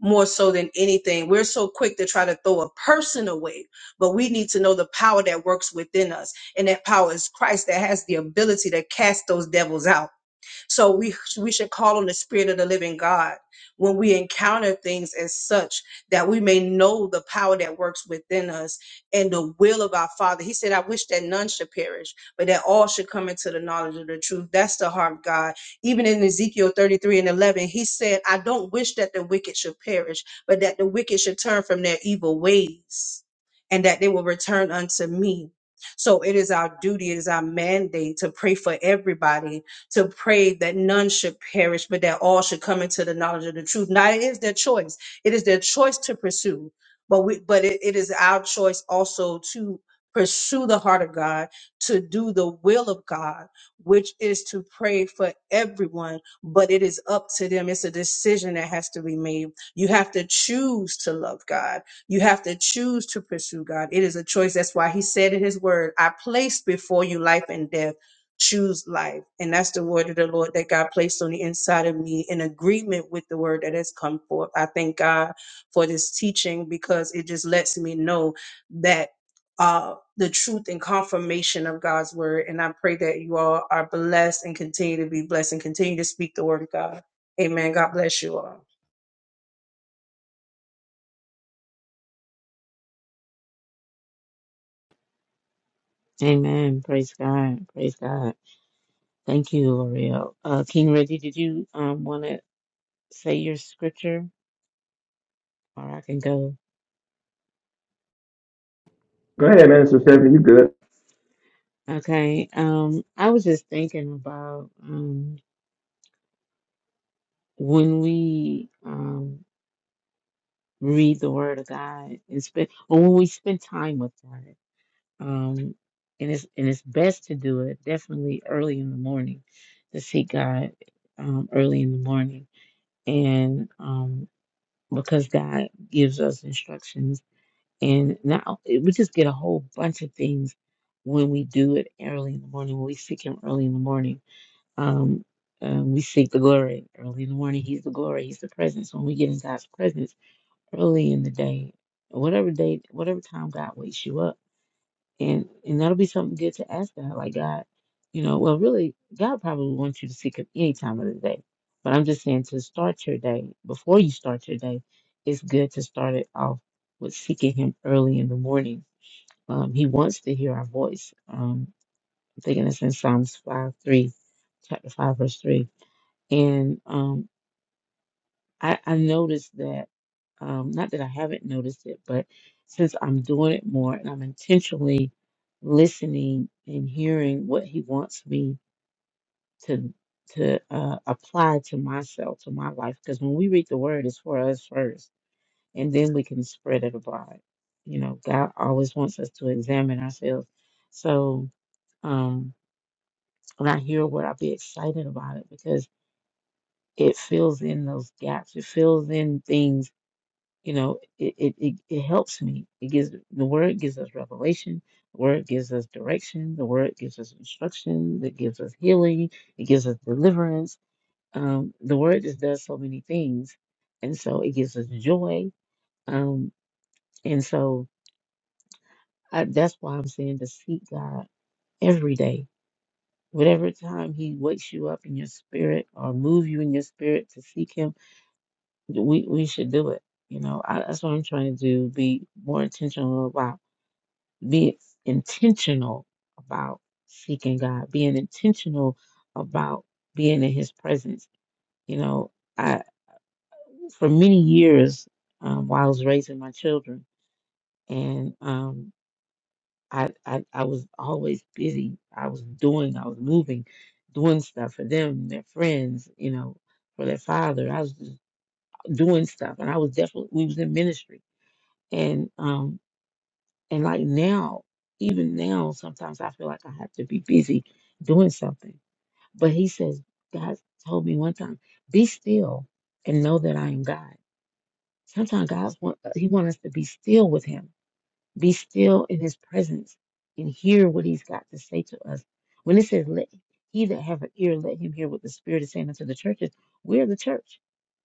S5: more so than anything. We're so quick to try to throw a person away, but we need to know the power that works within us. And that power is Christ that has the ability to cast those devils out. So we we should call on the Spirit of the Living God when we encounter things as such that we may know the power that works within us and the will of our Father. He said, "I wish that none should perish, but that all should come into the knowledge of the truth." That's the heart of God. Even in Ezekiel thirty-three and eleven, He said, "I don't wish that the wicked should perish, but that the wicked should turn from their evil ways, and that they will return unto me." So it is our duty, it is our mandate to pray for everybody to pray that none should perish, but that all should come into the knowledge of the truth. Now it is their choice. It is their choice to pursue, but we, but it, it is our choice also to pursue the heart of God, to do the will of God, which is to pray for everyone, but it is up to them. It's a decision that has to be made. You have to choose to love God. You have to choose to pursue God. It is a choice. That's why he said in his word, I place before you life and death choose life. And that's the word of the Lord that God placed on the inside of me in agreement with the word that has come forth. I thank God for this teaching because it just lets me know that uh the truth and confirmation of God's word. And I pray that you all are blessed and continue to be blessed and continue to speak the word of God. Amen. God bless you all.
S3: Amen. Praise God. Praise God. Thank you, L'Oreal. Uh, King Reggie, did you um want to say your scripture, or I can go?
S2: Go ahead, Minister Stephanie. You good?
S3: Okay. Um, I was just thinking about um when we um. read the Word of God and spend or when we spend time with God. Um, and it's and it's best to do it definitely early in the morning to seek God um, early in the morning and um, because God gives us instructions and now we just get a whole bunch of things when we do it early in the morning when we seek Him early in the morning. Um, um, we seek the glory early in the morning. He's the glory. He's the presence. When we get in God's presence early in the day, whatever day, whatever time God wakes you up, and and that'll be something good to ask God. Like God, you know, well, really, God probably wants you to seek Him any time of the day. But I'm just saying to start your day before you start your day, it's good to start it off with seeking Him early in the morning. Um, he wants to hear our voice. Um, I'm thinking it's in Psalms five three, chapter five verse three, and um, I, I noticed that, um, not that I haven't noticed it, but since I'm doing it more and I'm intentionally listening and hearing what he wants me to to uh, apply to myself, to my life, because when we read the word, it's for us first, and then we can spread it abroad. You know, God always wants us to examine ourselves. So um, when I hear what I'll be excited about it because it fills in those gaps. It fills in things You know, it, it, it, it helps me. It gives the word gives us revelation, the word gives us direction, the word gives us instruction, it gives us healing, it gives us deliverance. Um, the word just does so many things. And so it gives us joy. Um, and so I, that's why I'm saying to seek God every day. Whatever time He wakes you up in your spirit or move you in your spirit to seek Him, we, we should do it. You know, I, that's what I'm trying to do, be more intentional about. be intentional about seeking God, being intentional about being in His presence. You know, I for many years um, while I was raising my children, and um, I, I I was always busy. I was doing, I was moving, doing stuff for them, their friends, you know, for their father. I was just doing stuff, and I was definitely we was in ministry, and um, And like now, even now, sometimes I feel like I have to be busy doing something. But he says, God told me one time, be still and know that I am God. Sometimes God want He wants us to be still with Him, be still in His presence, and hear what He's got to say to us. When it says, "Let he that have an ear, let him hear what the Spirit is saying unto the churches," we're the church.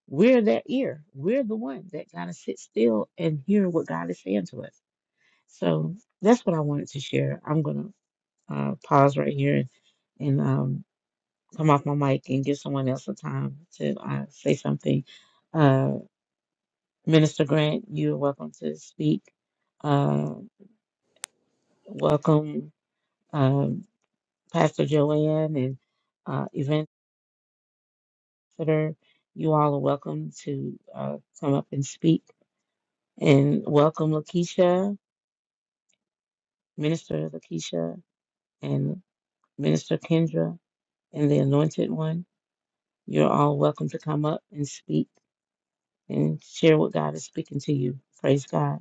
S3: We're that ear. We're the one that gotta sit still and hear what God is saying to us so that's what I wanted to share. I'm gonna uh, pause right here and, and um, come off my mic and give someone else a time to uh, say something. Uh, Minister Grant, you're welcome to speak. Uh, welcome, um, Pastor Joanne and uh, Eventer. You all are welcome to uh, come up and speak. And welcome, Lakeisha, Minister Lakeisha, and Minister Kendra, and the Anointed One. You're all welcome to come up and speak and share what God is speaking to you. Praise God.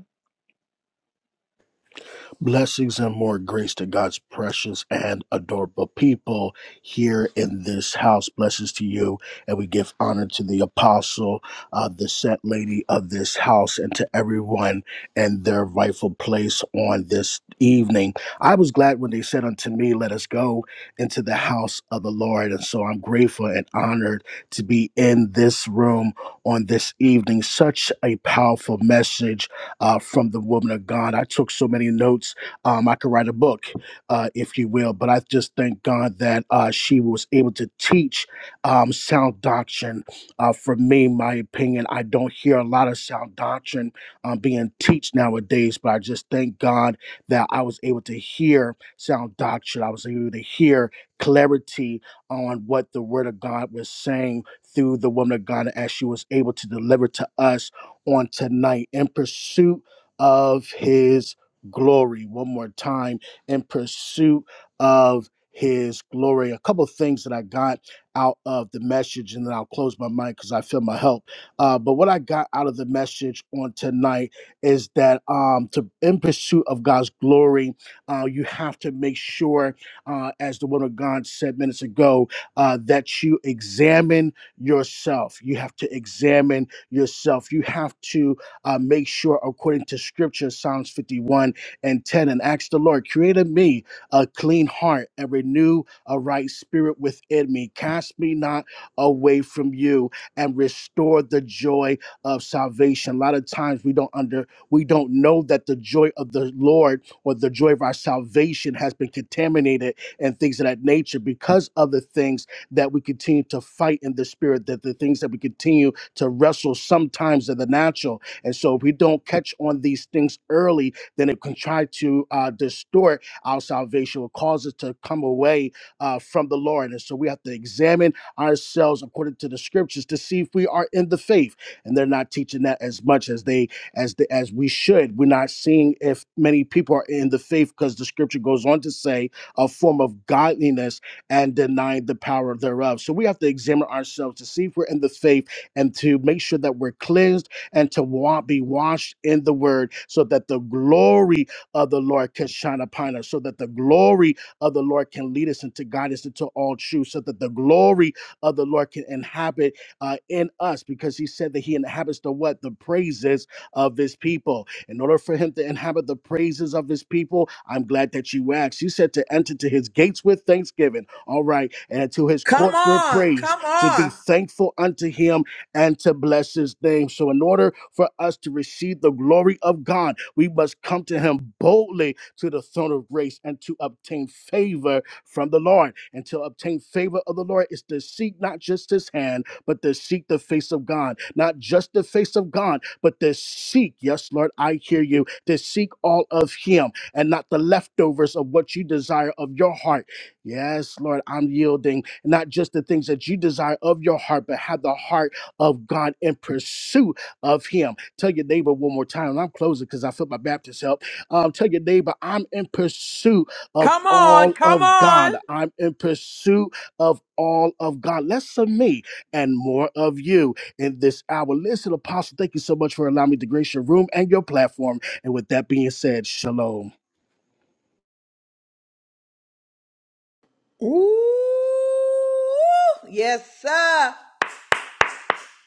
S6: Blessings and more grace to God's precious and adorable people here in this house. Blessings to you. And we give honor to the apostle, uh, the set lady of this house, and to everyone in their rightful place on this evening. I was glad when they said unto me, Let us go into the house of the Lord. And so I'm grateful and honored to be in this room on this evening. Such a powerful message uh, from the woman of God. I took so many notes um, I could write a book, uh, if you will. But I just thank God that uh, she was able to teach um, sound doctrine. Uh, for me, my opinion, I don't hear a lot of sound doctrine um, being taught nowadays. But I just thank God that I was able to hear sound doctrine. I was able to hear clarity on what the Word of God was saying through the woman of God as she was able to deliver to us on tonight in pursuit of His glory one more time in pursuit of his glory. A couple of things that I got out of the message, and then I'll close my mic because I feel my help. Uh, but what I got out of the message on tonight is that um, to in pursuit of God's glory, uh, you have to make sure, uh, as the one of God said minutes ago, uh, that you examine yourself. You have to examine yourself. You have to uh, make sure, according to Scripture, Psalms 51 and 10 and ask the Lord, created me a clean heart and renew a right spirit within me. Cast me not away from you and restore the joy of salvation. A lot of times we don't under we don't know that the joy of the Lord or the joy of our salvation has been contaminated and things of that nature because of the things that we continue to fight in the spirit, that the things that we continue to wrestle sometimes in the natural. And so if we don't catch on these things early, then it can try to uh, distort our salvation or cause us to come away uh, from the Lord. And so we have to examine ourselves according to the scriptures to see if we are in the faith. And they're not teaching that as much as they as the, as we should. We're not seeing if many people are in the faith because the scripture goes on to say a form of godliness and denying the power thereof. So we have to examine ourselves to see if we're in the faith and to make sure that we're cleansed and to wa- be washed in the word so that the glory of the Lord can shine upon us, so that the glory of the Lord can lead us into guidance into all truth, so that the glory of the Lord can inhabit uh, in us because he said that he inhabits the what? The praises of his people. In order for him to inhabit the praises of his people, I'm glad that you asked. He said to enter to his gates with thanksgiving. All right. And to his courts with praise, to be thankful unto him and to bless his name. So, in order for us to receive the glory of God, we must come to him boldly to the throne of grace and to obtain favor from the Lord. And to obtain favor of the Lord is to seek not just his hand, but to seek the face of God. Not just the face of God, but to seek, yes, Lord, I hear you, to seek all of him and not the leftovers of what you desire of your heart. Yes, Lord, I'm yielding not just the things that you desire of your heart, but have the heart of God in pursuit of Him. Tell your neighbor one more time, and I'm closing because I feel my Baptist help. Um, tell your neighbor, I'm in pursuit of all of God. I'm in pursuit of all of God. Less of me and more of you in this hour. Listen, Apostle, thank you so much for allowing me to grace your room and your platform. And with that being said, shalom.
S1: Ooh, yes, sir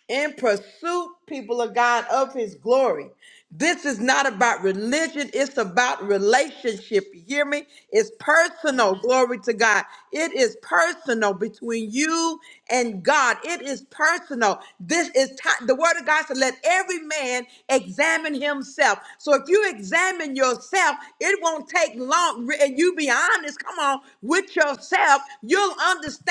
S1: in pursuit, people of God, of his glory. This is not about religion, it's about relationship. You hear me? It's personal. Glory to God. It is personal between you and God. It is personal. This is ti- the word of God said, let every man examine himself. So if you examine yourself, it won't take long. Re- And you be honest, come on, with yourself, you'll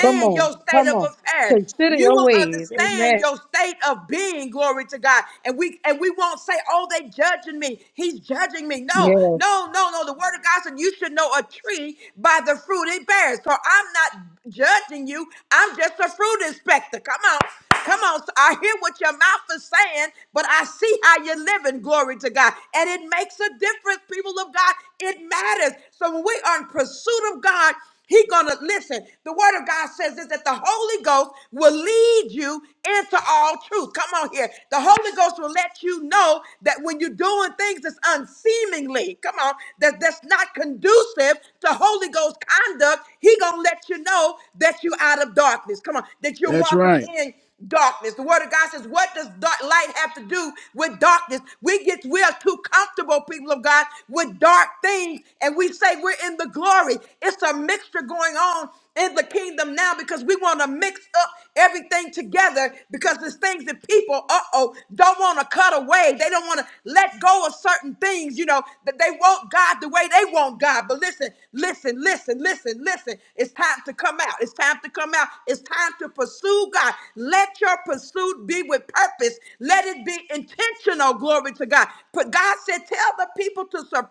S5: Come on,
S1: your state
S5: come
S1: of
S5: on.
S1: affairs.
S5: Consider
S1: You
S5: your
S1: will
S5: ways.
S1: understand
S5: Amen.
S1: your state of being, glory to God. And we and we won't say, oh, they judging me. He's judging me. No, no, no, no. The word of God said you should know a tree by the fruit it bears. So I'm not judging you. I'm just a fruit inspector. Come on. Come on. So I hear what your mouth is saying, but I see how you're living, glory to God. And it makes a difference, people of God. It matters. So when we are in pursuit of God, he gonna listen. The word of God says is that the Holy Ghost will lead you into all truth. Come on here. The Holy Ghost will let you know that when you're doing things that's unseemingly, come on, that that's not conducive to Holy Ghost conduct, he gonna let you know that you're out of darkness. Come on, that you're
S6: That's
S1: walking
S6: right.
S1: in darkness. The word of God says, what does dark light have to do with darkness? We get we are too comfortable, people of God, with dark things, and we say we're in the glory. It's a mixture going on in the kingdom now because we want to mix up everything together because there's things that people, uh-oh, don't want to cut away. They don't want to let go of certain things, you know, that they want God the way they want God. But listen, listen, listen, listen, listen. It's time to come out. It's time time to come out. It's time to pursue God. Let your pursuit be with purpose. Let it be intentional. Glory to God. But God said, tell the people to sur-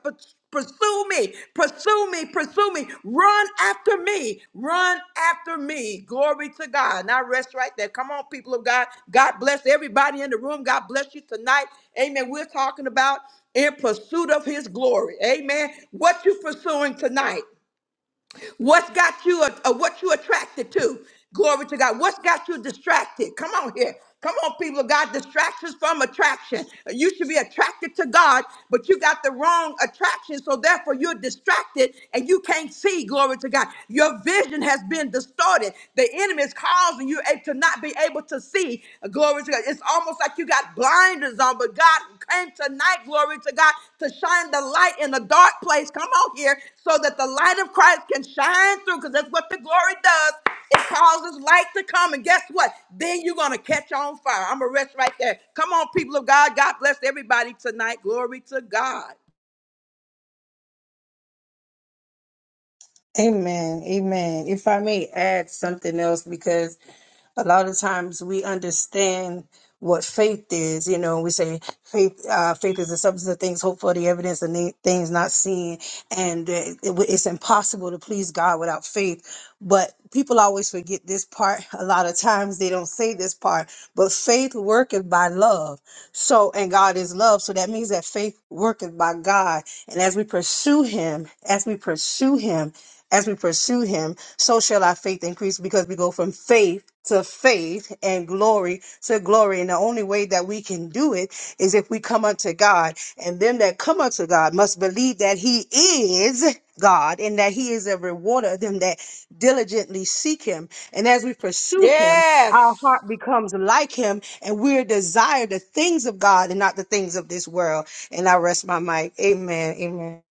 S1: pursue me, pursue me, pursue me. Run after me. Run after me. Glory to God. And I rest right there. Come on, people of God. God bless everybody in the room. God bless you tonight. Amen. We're talking about in pursuit of his glory. Amen. What you pursuing tonight? What's got you, uh, uh, what you attracted to? Glory to God. What's got you distracted? Come on here. Come on, people of God. Distractions from attraction. You should be attracted to God, but you got the wrong attraction. So therefore, you're distracted and you can't see. Glory to God. Your vision has been distorted. The enemy is causing you a- to not be able to see Glory to God. It's almost like you got blinders on, but God came tonight, glory to God, to shine the light in the dark place. Come on here, so that the light of Christ can shine through, because that's what the glory does. It causes light to come, and guess what? Then you're going to catch on fire. I'm going to rest right there. Come on, people of God. God bless everybody tonight. Glory to God.
S5: Amen. Amen. If I may add something else, because a lot of times we understand what faith is. You know, we say faith. Uh, faith is the substance of things hoped for, the evidence of ne- things not seen, and uh, it, it's impossible to please God without faith. But people always forget this part. A lot of times they don't say this part. But faith worketh by love. So, and God is love. So that means that faith worketh by God. And as we pursue Him, as we pursue Him, as we pursue Him so shall our faith increase because we go from faith to faith and glory to glory. And the only way that we can do it is if we come unto God. And them that come unto God must believe that He is God and that He is a rewarder of them that diligently seek Him. And as we pursue Him, our
S1: Yes.
S5: heart becomes like Him and we desire the things of God and not the things of this world. And I rest my mic. Amen. Amen.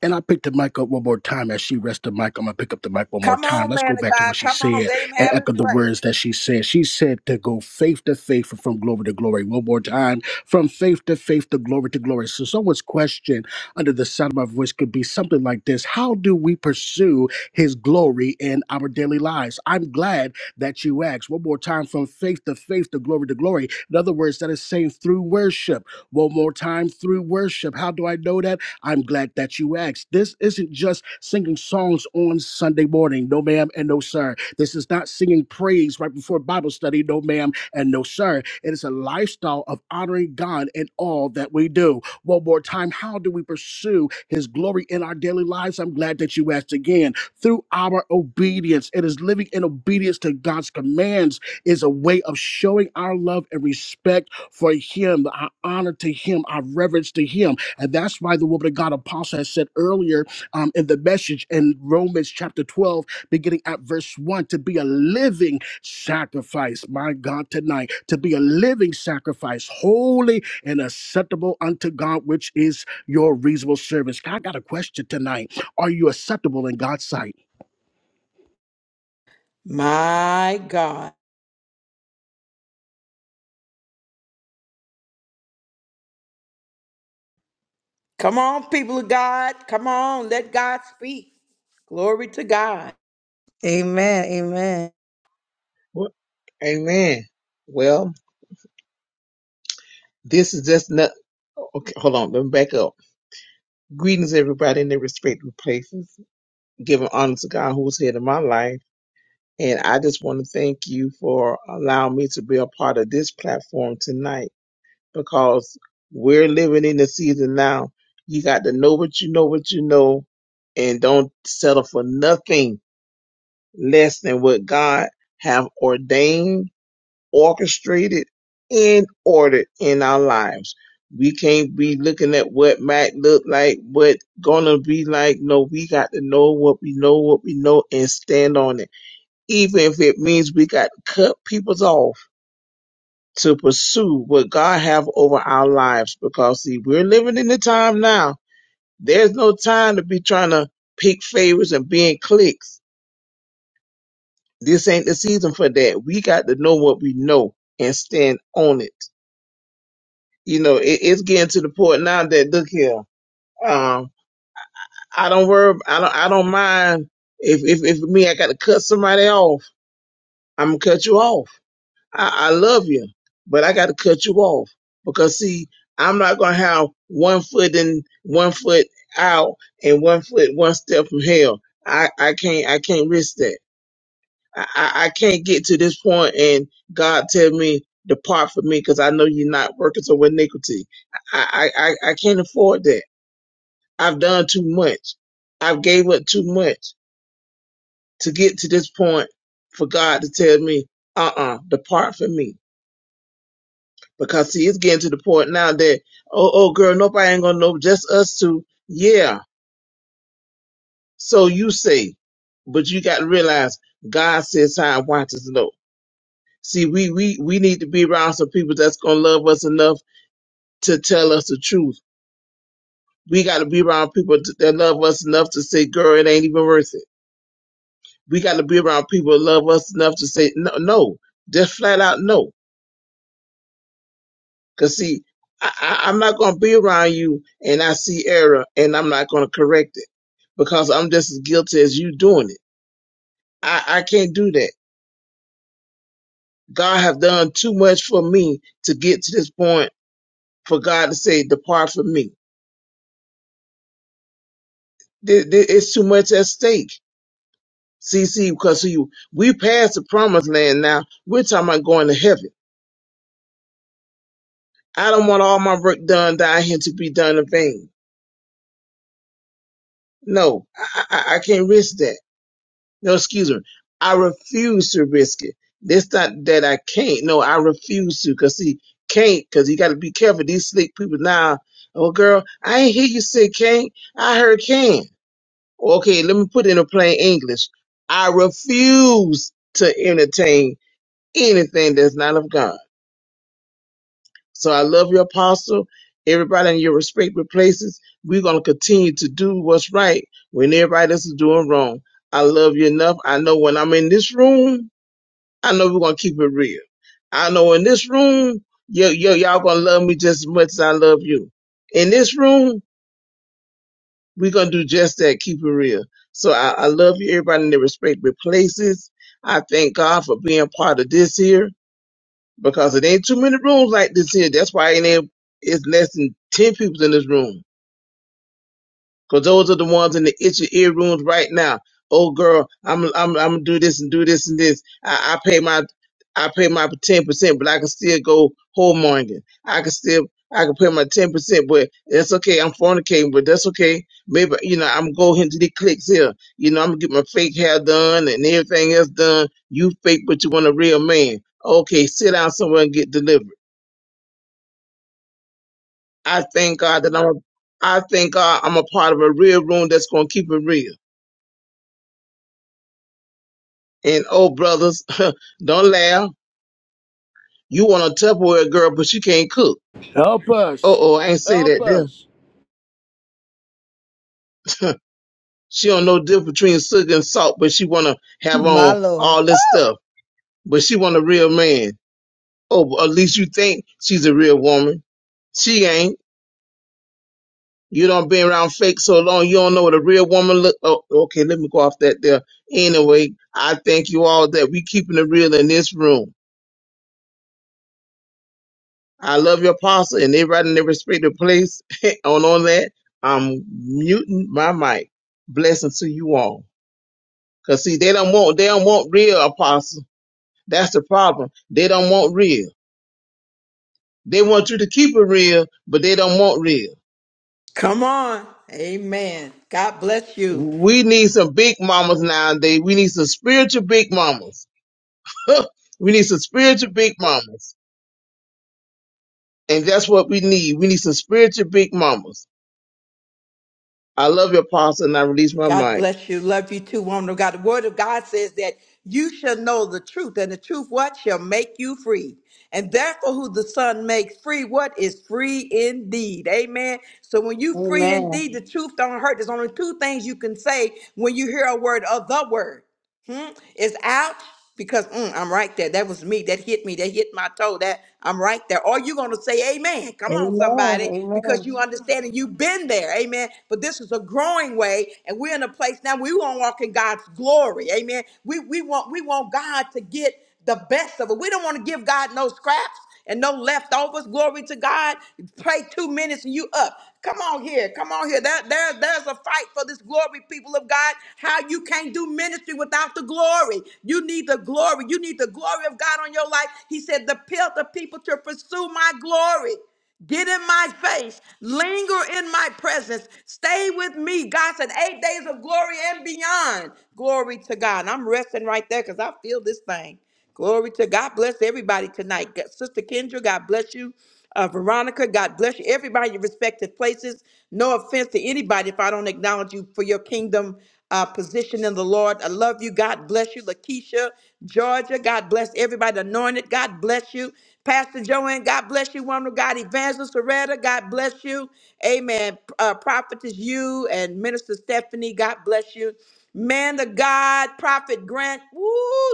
S6: And I picked the mic up one more time as she rests the mic. I'm gonna pick up the mic one more
S1: Come
S6: time.
S1: on,
S6: Let's go
S1: man of
S6: back to
S1: God.
S6: what she
S1: Come on.
S6: said
S1: Let him
S6: and
S1: have his
S6: echo the
S1: way.
S6: words that she said. She said to go faith to faith and from glory to glory. One more time, from faith to faith to glory to glory. So someone's question under the sound of my voice could be something like this: How do we pursue His glory in our daily lives? I'm glad that you asked. One more time, from faith to faith to glory to glory. In other words, that is saying through worship. One more time, through worship. How do I know that? I'm glad that you asked. This isn't just singing songs on Sunday morning, no ma'am and no sir. This is not singing praise right before Bible study, no ma'am and no sir. It is a lifestyle of honoring God in all that we do. One more time, how do we pursue His glory in our daily lives? I'm glad that you asked again. Through our obedience, it is living in obedience to God's commands, is a way of showing our love and respect for Him, our honor to Him, our reverence to Him. And that's why the woman of God apostle has said earlier um, in the message in Romans chapter 12, beginning at verse 1, to be a living sacrifice, my God, tonight, to be a living sacrifice, holy and acceptable unto God, which is your reasonable service. I got a question tonight. Are you acceptable in God's sight?
S1: My God. Come on, people of God. Come on. Let God speak. Glory to God.
S5: Amen. Amen.
S7: Well, amen. Well, this is just not. Okay, hold on. Let me back up. Greetings, everybody, in their respective places. Giving honor to God who's head of my life. And I just want to thank you for allowing me to be a part of this platform tonight because we're living in the season now. You got to know what you know, what you know, and don't settle for nothing less than what God have ordained orchestrated and ordered in our lives. We can't be looking at what might look like, what gonna be like. No, we got to know what we know, what we know, and stand on it. Even if it means we got to cut people's off to pursue what God have over our lives. Because see, we're living in the time now. There's no time to be trying to pick favors and being cliques. This ain't the season for that. We got to know what we know and stand on it. you know, it, it's getting to the point now that look here, um, I don't worry, I don't, I don't mind if if if me, I got to cut somebody off. I'm gonna cut you off. I, I love you, but I got to cut you off because see, I'm not gonna have one foot in, one foot out, and one foot one step from hell. I I can't I can't risk that. I I I can't get to this point and God tell me depart from me because I know you're not working so with iniquity. I, I, I I can't afford that. I've done too much. I've gave up too much to get to this point for God to tell me, uh-uh, depart from me. Because see, it's getting to the point now that, oh, oh, girl, nobody ain't gonna know, just us two. Yeah, so you say, but you got to realize God says how and wants us to know. See, we we we need to be around some people that's gonna love us enough to tell us the truth. We got to be around people that love us enough to say, girl, it ain't even worth it we got to be around people who love us enough to say no, no, just flat out no. Cause see, I, I, I'm not gonna be around you and I see error and I'm not gonna correct it because I'm just as guilty as you doing it. I, I can't do that. God have done too much for me to get to this point for God to say, depart from me. There, there, it's too much at stake. See, see, because see, we passed the promised land now. We're talking about going to heaven. I don't want all my work done down here to be done in vain. No, I, I, I can't risk that. No, excuse me. I refuse to risk it. It's not that I can't. No, I refuse to. Cause see, can't. Cause you got to be careful. These slick people now. Oh, girl, I ain't hear you say can't. I heard can. Okay, let me put it in a plain English. I refuse to entertain anything that's not of God. So I love you, Apostle. Everybody in your respective places, we're going to continue to do what's right when everybody else is doing wrong. I love you enough. I know when I'm in this room, I know we're going to keep it real. I know in this room, yo, yo, y'all going to love me just as much as I love you. In this room, we're going to do just that, keep it real. So I, I love you, everybody in their respective places. I thank God for being part of this here because it ain't too many rooms like this here. That's why it ain't it's less than ten people in this room. Cause those are the ones in the itchy ear rooms right now. Oh girl, I'm I'm I'm gonna do this and do this and this. I, I pay my I pay my ten percent, but I can still go whoremongering. I can still I can pay my ten percent, but that's okay. I'm fornicating, but that's okay. Maybe you know I'm going into the clicks here. You know I'm gonna get my fake hair done and everything else done. You fake, but you want a real man. Okay, sit down somewhere and get delivered. I thank God that I'm a, I thank God I'm a part of a real room that's gonna keep it real. And oh brothers, don't laugh. You want a Tupperware girl, but she can't cook.
S6: Help
S7: Uh
S6: us.
S7: oh, I ain't say
S6: Help
S7: that there.
S6: us.
S7: She don't know difference between sugar and salt, but she wanna have
S5: My
S7: on
S5: Lord.
S7: all this stuff. But she want a real man. Oh, but at least you think she's a real woman. She ain't. You don't been around fake so long, you don't know what a real woman look. Oh, okay, let me go off that there. Anyway, I thank you all that we keeping it real in this room. I love your apostle, and everybody in their respective place. on on that, I'm muting my mic. Blessings to you all, cause see they don't want they don't want real apostle. That's the problem. They don't want real. They want you to keep it real, but they don't want real.
S1: Come on. Amen. God bless you.
S7: We need some big mamas nowadays. We need some spiritual big mamas. we need some spiritual big mamas, and that's what we need. We need some spiritual big mamas. I love your apostle, and I release my
S1: God
S7: mic.
S1: bless you. Love you too, woman of God. The word of God says that you shall know the truth, and the truth what shall make you free. And therefore, who the Son makes free, what is free indeed. Amen. So when you free
S5: Amen.
S1: indeed, the truth don't hurt. There's only two things you can say when you hear a word of the word. Hmm? It's out because mm, I'm right there. That was me. That hit me. That hit my toe. That I'm right there. Or you're gonna say amen. Come on,
S5: Amen.
S1: somebody, because
S5: Amen.
S1: you understand and you've been there. Amen. But this is a growing way, and we're in a place now we want to walk in God's glory. Amen. We we want we want God to get the best of it. We don't want to give God no scraps and no leftovers. Glory to God. Pray two minutes and you up. Come on here. Come on here. That there, there's a fight for this glory, people of God. How you can't do ministry without the glory. You need the glory. You need the glory of God on your life. He said, the pill the people to pursue my glory. Get in my face. Linger in my presence. Stay with me. God said, eight days of glory and beyond. Glory to God. And I'm resting right there because I feel this thing. Glory to God. Bless everybody tonight. God- Sister Kendra, God bless you. Uh, Veronica, God bless you. Everybody in your respective places. No offense to anybody if I don't acknowledge you for your kingdom uh, position in the Lord. I love you. God bless you. Lakeisha, Georgia, God bless everybody anointed. God bless you. Pastor Joanne, God bless you, woman of God. Evangelist Soretta, God bless you. Amen. Uh, Prophetess you and Minister Stephanie, God bless you. Man of God, Prophet Grant. Woo,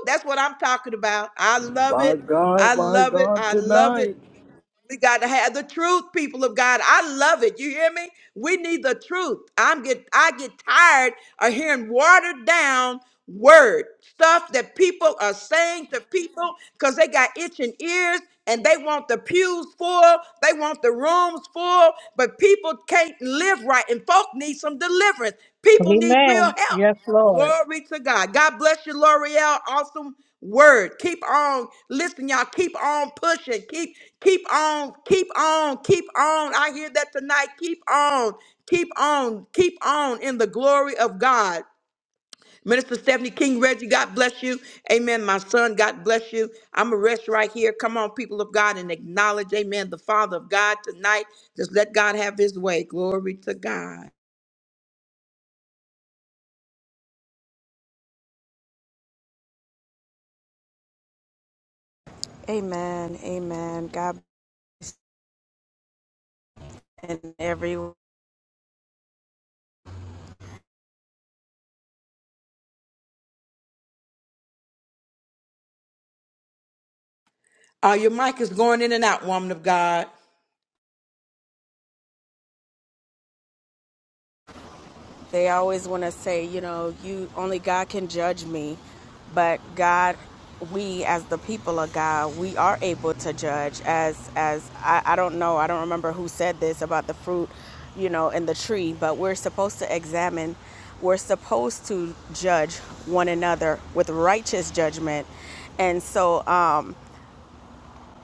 S1: that's what I'm talking about. I love
S6: My
S1: it. I
S6: God, my
S1: love it.
S6: God,
S1: I love it.
S6: tonight.
S1: We got to have the truth, people of God. I love it. You hear me? We need the truth. I'm get I get tired of hearing watered down word stuff that people are saying to people because they got itching ears and they want the pews full, they want the rooms full, but people can't live right and folk need some deliverance. People need real
S5: Amen.
S1: help.
S5: Yes, Lord.
S1: Glory to God. God bless you, L'Oreal. Awesome word. Keep on. Listen, y'all. Keep on pushing. Keep, keep on, keep on, keep on. I hear that tonight. Keep on, keep on, keep on in the glory of God. Minister Stephanie King Reggie, God bless you. Amen. My son, God bless you. I'm a rest right here. Come on, people of God, and acknowledge, amen, the Father of God tonight. Just let God have his way. Glory to God.
S8: Amen. Amen. God bless and everyone.
S1: Uh, your mic is going in and out, woman of God.
S8: They always want to say, you know, you only God can judge me, but God, we as the people of God, we are able to judge. As as I, I don't know, I don't remember who said this about the fruit, you know, in the tree, but we're supposed to examine. We're supposed to judge one another with righteous judgment, and so. Um,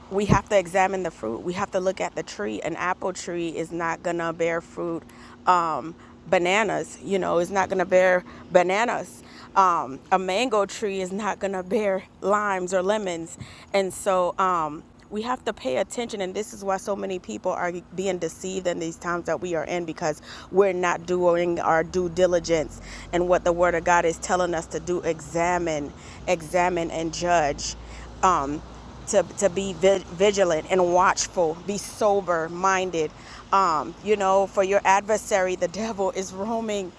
S8: we have to examine the fruit. We have to look at the tree. An apple tree is not gonna bear fruit. Um, bananas, you know, is not gonna bear bananas. Um, a mango tree is not gonna bear limes or lemons. And so um, we have to pay attention. And this is why so many people are being deceived in these times that we are in because we're not doing our due diligence and what the Word of God is telling us to do. Examine, examine, and judge um, to, to be vi- vigilant and watchful, be sober minded. Um, you know, for your adversary, the devil is roaming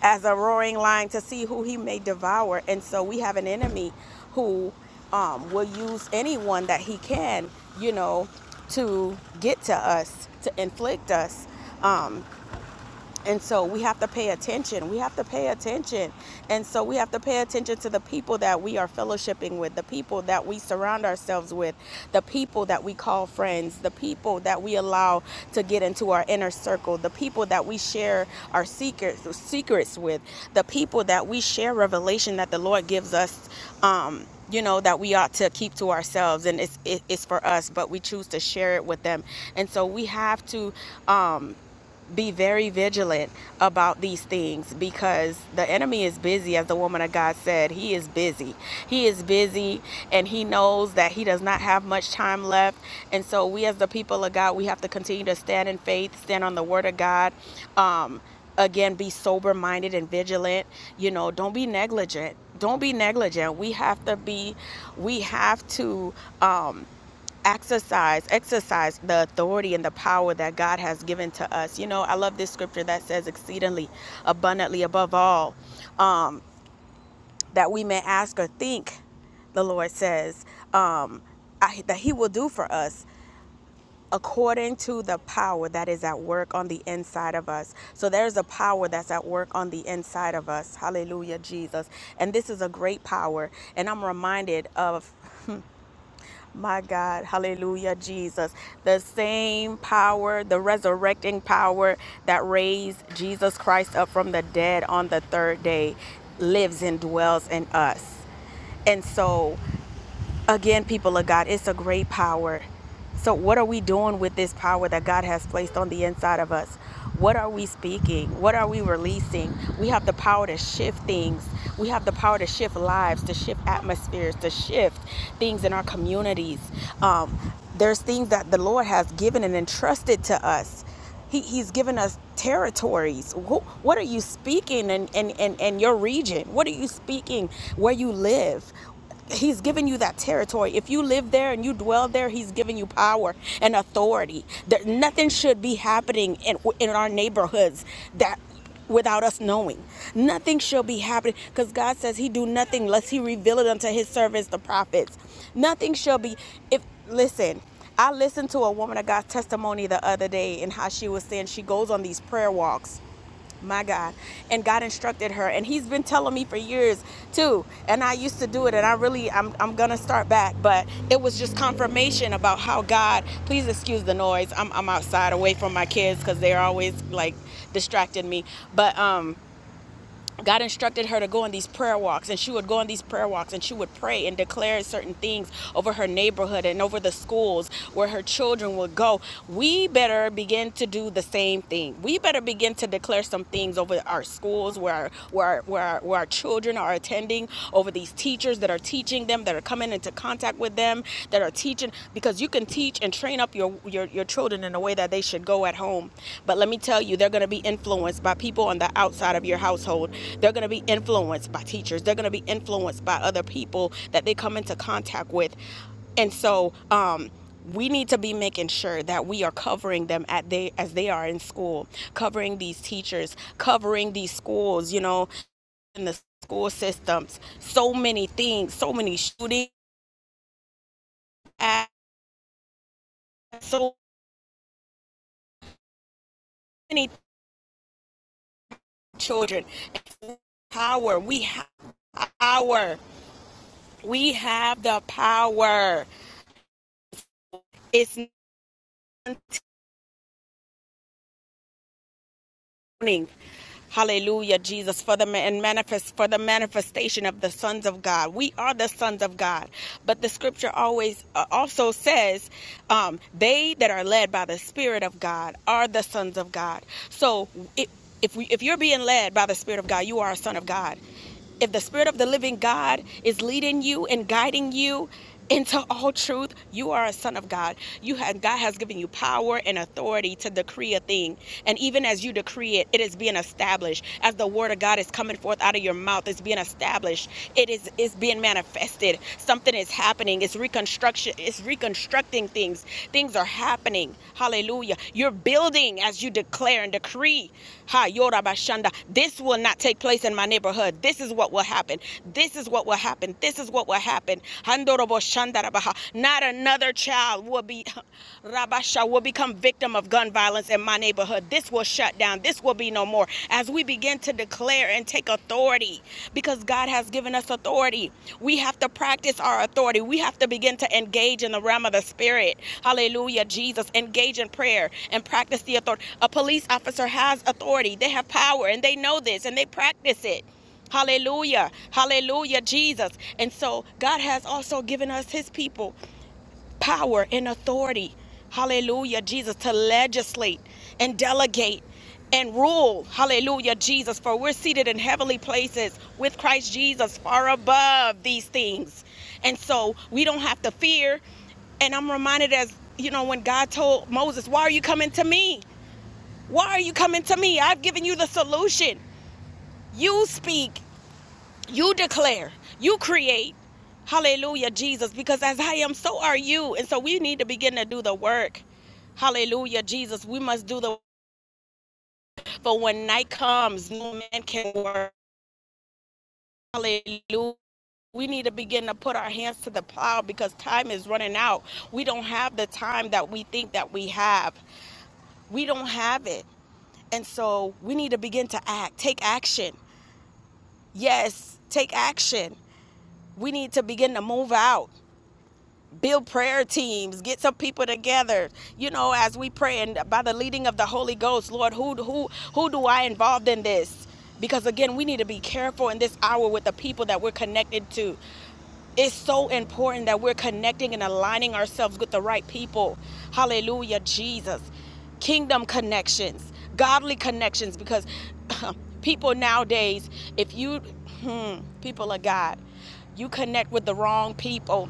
S8: as a roaring lion to see who he may devour. And so we have an enemy who um, will use anyone that he can, you know, to get to us, to inflict us. And so we have to pay attention. We have to pay attention. And so we have to pay attention to the people that we are fellowshipping with, the people that we surround ourselves with, the people that we call friends, the people that we allow to get into our inner circle, the people that we share our secrets secrets with, the people that we share revelation that the Lord gives us um you know that we ought to keep to ourselves and it's it, it's for us but we choose to share it with them and so we have to um be very vigilant about these things because the enemy is busy, as the woman of God said. He is busy. He is busy and he knows that he does not have much time left. And so, we as the people of God, we have to continue to stand in faith, stand on the word of God. Um, again, be sober minded and vigilant. You know, don't be negligent. Don't be negligent. We have to be, we have to. Um, exercise exercise the authority and the power that God has given to us. You know, I love this scripture that says exceedingly abundantly above all that we may ask or think, the Lord says, um, I, that He will do for us according to the power that is at work on the inside of us. So there's a power that's at work on the inside of us. Hallelujah, Jesus. And this is a great power. And I'm reminded of My God, hallelujah, Jesus. The same power, the resurrecting power that raised Jesus Christ up from the dead on the third day lives and dwells in us. And so Again, people of God, it's a great power. So, what are we doing with this power that God has placed on the inside of us? What are we speaking? What are we releasing? We have the power to shift things. We have the power to shift lives, to shift atmospheres, to shift things in our communities. Um, there's things that the Lord has given and entrusted to us. He, he's given us territories. Wh- what are you speaking in, in, in, in your region? What are you speaking where you live? He's given you that territory. If you live there and you dwell there, He's given you power and authority. There, nothing should be happening in, in our neighborhoods that without us knowing. Nothing shall be happening because God says He do nothing lest He reveal it unto His servants, the prophets. Nothing shall be. If listen, I listened to a woman of God's testimony the other day and how she was saying she goes on these prayer walks my God. And God instructed her. And he's been telling me for years too. And I used to do it and I really I'm I'm gonna start back. But it was just confirmation about how God please excuse the noise. I'm I'm outside away from my kids because they're always like distracting me. But um God instructed her to go on these prayer walks, and she would go on these prayer walks and she would pray and declare certain things over her neighborhood and over the schools where her children would go. We better begin to do the same thing. We better begin to declare some things over our schools where, where, where, where our children are attending, over these teachers that are teaching them, that are coming into contact with them, that are teaching, because you can teach teach and train up your, your your children in a way that they should go at home but let me tell you they're going to be influenced by people on the outside of your household they're going to be influenced by teachers they're going to be influenced by other people that they come into contact with and so um we need to be making sure that we are covering them at they as they are in school covering these teachers covering these schools you know in the school systems so many things so many shootings so many children. power. We have power. We have the power. It's morning. Hallelujah, Jesus, for the and manifest for the manifestation of the sons of God. We are the sons of God, but the Scripture always uh, also says, um, "They that are led by the Spirit of God are the sons of God." So, it, if we if you're being led by the Spirit of God, you are a son of God If the Spirit of the living God is leading you and guiding you into all truth, you are a son of God. You have God has given you power and authority to decree a thing. And even as you decree it, it is being established. As the word of God is coming forth out of your mouth, it's being established. It is it's being manifested. Something is happening. It's reconstruction, it's reconstructing things. Things are happening. Hallelujah. You're building as you declare and decree. Ha Yorabashanda. This will not take place in my neighborhood. This is what will happen. This is what will happen. This is what will happen. Handoroboshandarabaha. Not another child will be Rabasha will become victim of gun violence in my neighborhood. This will shut down. This will be no more. As we begin to declare and take authority because God has given us authority. We have to practice our authority. We have to begin to engage in the realm of the spirit. Hallelujah, Jesus. Engage in prayer and practice the authority. A police officer has authority, they have power, and they know this and they practice it. Hallelujah. Hallelujah, Jesus. And so God has also given us his people power and authority. Hallelujah, Jesus, to legislate and delegate and rule. Hallelujah, Jesus, for we're seated in heavenly places with Christ Jesus far above these things. And so we don't have to fear. And I'm reminded as, you know, when God told Moses, Why are you coming to me? Why are you coming to me? I've given you the solution. You speak. You declare, you create. Hallelujah, Jesus, because as I am, so are you. And so we need to begin to do the work. Hallelujah, Jesus. We must do the work. for when night comes, no man can work. Hallelujah. We need to begin to put our hands to the plow because time is running out. We don't have the time that we think that we have. We don't have it. And so we need to begin to act, take action. Yes, take action. We need to begin to move out. build prayer teams get some people together you know as we pray and by the leading of the holy ghost lord who who who do i involve in this because again we need to be careful in this hour with the people that we're connected to it's so important that we're connecting and aligning ourselves with the right people. Hallelujah, Jesus. Kingdom connections, godly connections, because people nowadays, if you, hmm, people of God, you connect with the wrong people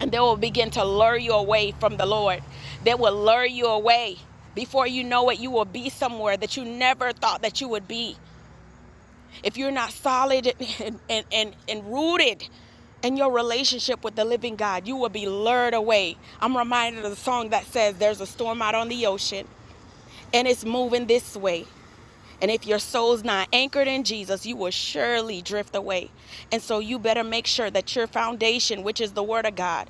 S8: and they will begin to lure you away from the Lord. They will lure you away. Before you know it, you will be somewhere that you never thought that you would be. If you're not solid and, and, and, and rooted in your relationship with the living God, you will be lured away. I'm reminded of the song that says, There's a storm out on the ocean, and it's moving this way. And if your soul's not anchored in Jesus, you will surely drift away. And so you better make sure that your foundation, which is the Word of God,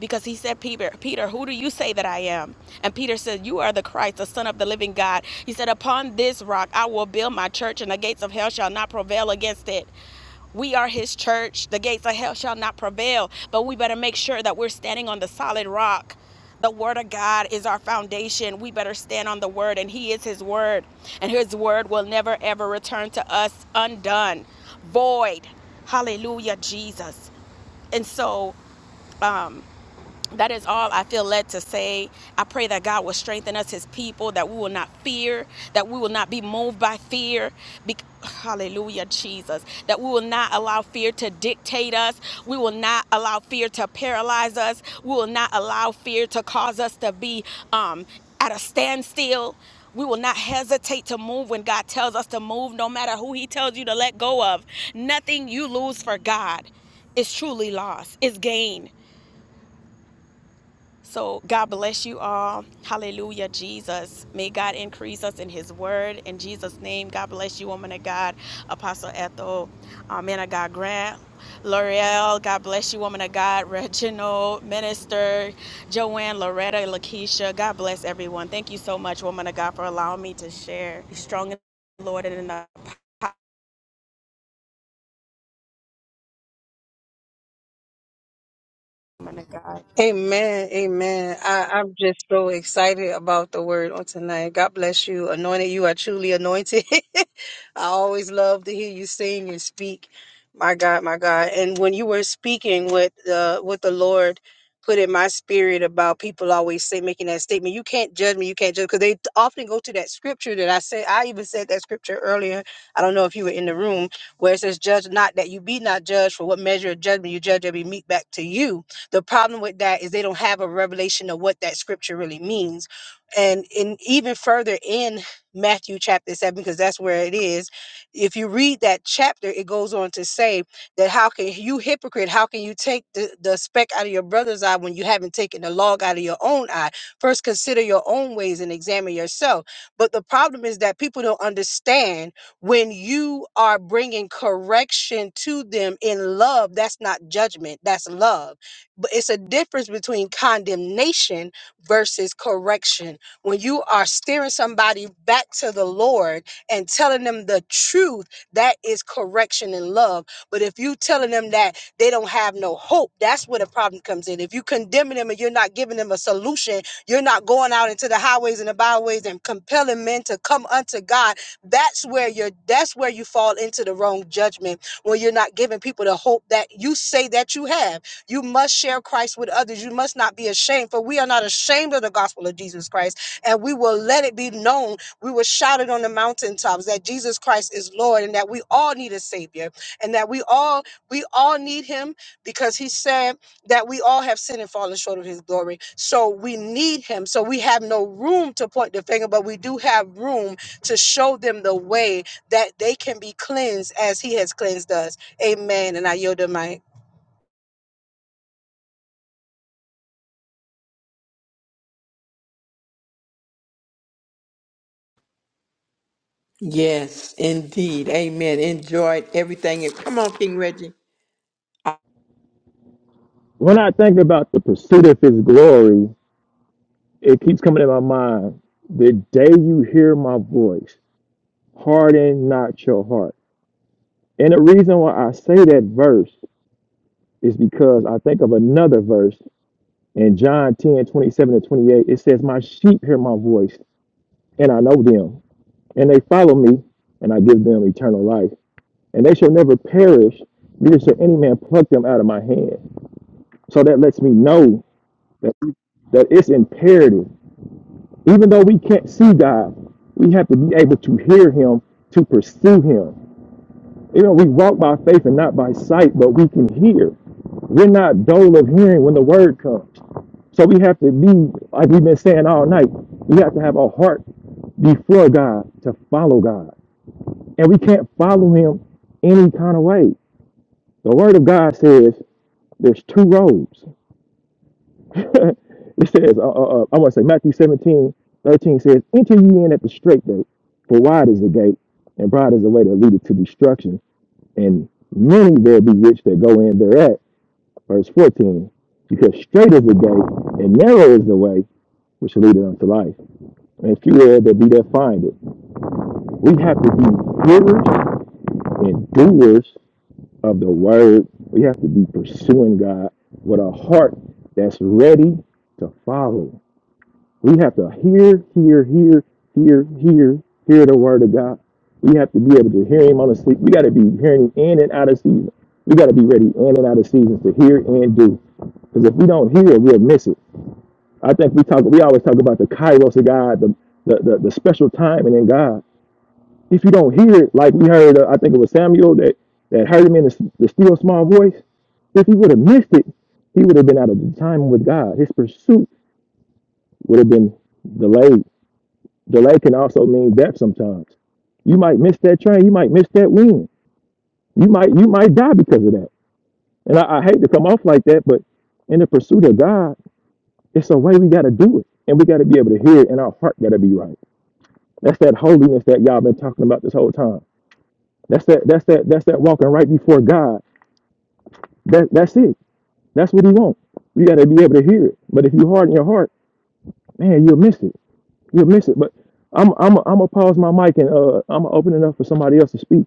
S8: because he said, Peter, Peter, who do you say that I am? And Peter said, You are the Christ, the Son of the living God. He said, Upon this rock I will build my church, and the gates of hell shall not prevail against it. We are his church. The gates of hell shall not prevail. But we better make sure that we're standing on the solid rock. The word of God is our foundation. We better stand on the word, and he is his word. And his word will never ever return to us undone, void. Hallelujah, Jesus. And so that is all I feel led to say. I pray that God will strengthen us, His people, that we will not fear, that we will not be moved by fear. Be- Hallelujah, Jesus. That we will not allow fear to dictate us. We will not allow fear to paralyze us. We will not allow fear to cause us to be um, at a standstill. We will not hesitate to move when God tells us to move, no matter who He tells you to let go of. Nothing you lose for God is truly loss, is gain. So, God bless you all. Hallelujah, Jesus. May God increase us in His word. In Jesus' name, God bless you, woman of God, Apostle Ethel, uh, man of God, Grant, L'Oreal. God bless you, woman of God, Reginald, Minister, Joanne, Loretta, Lakeisha. God bless everyone. Thank you so much, woman of God, for allowing me to share. Be strong in the Lord and in the power, woman of God.
S5: Amen. Amen. I, I'm just so excited about the word on tonight. God bless you. Anointed, you are truly anointed. I always love to hear you sing and speak. My God, my God. And when you were speaking with uh what the Lord put in my spirit about people always say making that statement, you can't judge me, you can't judge because they often go to that scripture that I said I even said that scripture earlier. I don't know if you were in the room where it says, Judge not that you be not judged for what measure of judgment you judge will be meet back to you. The problem with that is they don't have a revelation of what that scripture really means. And in even further in Matthew chapter 7, because that's where it is, if you read that chapter, it goes on to say that how can you hypocrite, how can you take the, the speck out of your brother's eye when you haven't taken the log out of your own eye? First consider your own ways and examine yourself. But the problem is that people don't understand when you are bringing correction to them in love that's not judgment that's love but it's a difference between condemnation versus correction. When you are steering somebody back to the Lord and telling them the truth, that is correction and love. But if you telling them that they don't have no hope, that's where the problem comes in. If you condemning them and you're not giving them a solution, you're not going out into the highways and the byways and compelling men to come unto God, that's where you're that's where you fall into the wrong judgment when you're not giving people the hope that you say that you have you must share Christ with others. You must not be ashamed, for we are not ashamed of the gospel of Jesus Christ. And we will let it be known. We will shout it on the mountaintops that Jesus Christ is Lord and that we all need a Savior and that we all we all need him because he said that we all have sinned and fallen short of his glory. So we need him. So we have no room to point the finger, but we do have room to show them the way that they can be cleansed as he has cleansed us. Amen. And I yield the mic.
S1: Yes, indeed. Amen. Enjoyed everything. And Come on, King Reggie.
S2: When I think about the pursuit of his glory, it keeps coming in my mind the day you hear my voice, harden not your heart. And the reason why I say that verse is because I think of another verse in John 10:27 to 28. It says, My sheep hear my voice, and I know them, and they follow me, and I give them eternal life. And they shall never perish, neither shall any man pluck them out of my hand. So that lets me know that, that it's imperative. Even though we can't see God, we have to be able to hear him, to pursue him. You know, we walk by faith and not by sight, but we can hear. We're not dull of hearing when the word comes. So we have to be, like we've been saying all night, we have to have a heart before God to follow God. And we can't follow him any kind of way. The word of God says there's two roads. it says, uh, uh, uh, I want to say Matthew 17:13 says, Enter ye in at the straight gate, for wide is the gate, and broad is the way that leadeth to destruction. And many there be which that go in thereat. Verse 14, because straight is the gate, and narrow is the way which leadeth unto life And if you will, to be there, find it. We have to be hearers and doers of the word. We have to be pursuing God with a heart that's ready to follow. We have to hear, hear, hear, hear, hear, hear the word of God. We have to be able to hear Him on the sleep. We got to be hearing in and out of season. We got to be ready in and out of seasons to hear and do. Because if we don't hear it, we'll miss it. I think we talk. We always talk about the kairos of God, the the, the, the special timing in God. If you don't hear it, like we heard, uh, I think it was Samuel that that heard him in the, the still small voice. If he would have missed it, he would have been out of time with God. His pursuit would have been delayed. Delay can also mean death sometimes. You might miss that train. You might miss that win. You might you might die because of that. And I, I hate to come off like that, but in the pursuit of God, it's a way we got to do it, and we got to be able to hear it, and our heart got to be right. That's that holiness that y'all been talking about this whole time. That's that that's that that's that walking right before God That that's it. That's what he wants. You got to be able to hear it. But if you harden your heart, man, you'll miss it. You'll miss it. But I'm I'm I'm gonna pause my mic and uh I'm gonna open it up for somebody else to speak.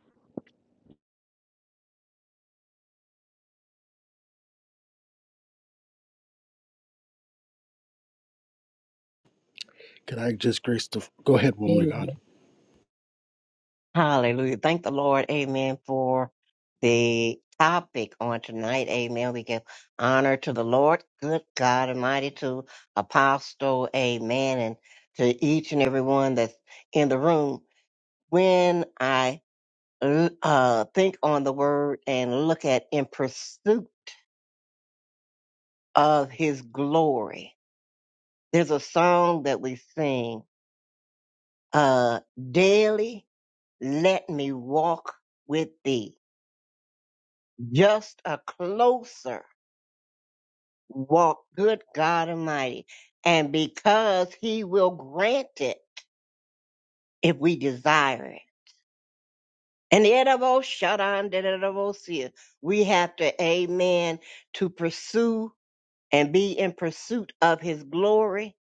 S6: Can I just grace the. Go ahead, woman of
S9: Amen.
S6: God.
S9: Hallelujah. Thank the Lord, amen, for the topic on tonight. Amen. We give honor to the Lord, good God Almighty, to Apostle, amen, and to each and every one that's in the room. When I uh, think on the word and look at in pursuit of his glory, there's a song that we sing uh, daily, let me walk with thee just a closer walk, good God Almighty. And because He will grant it if we desire it. And the edible, shut on, see We have to, amen, to pursue and be in pursuit of His glory.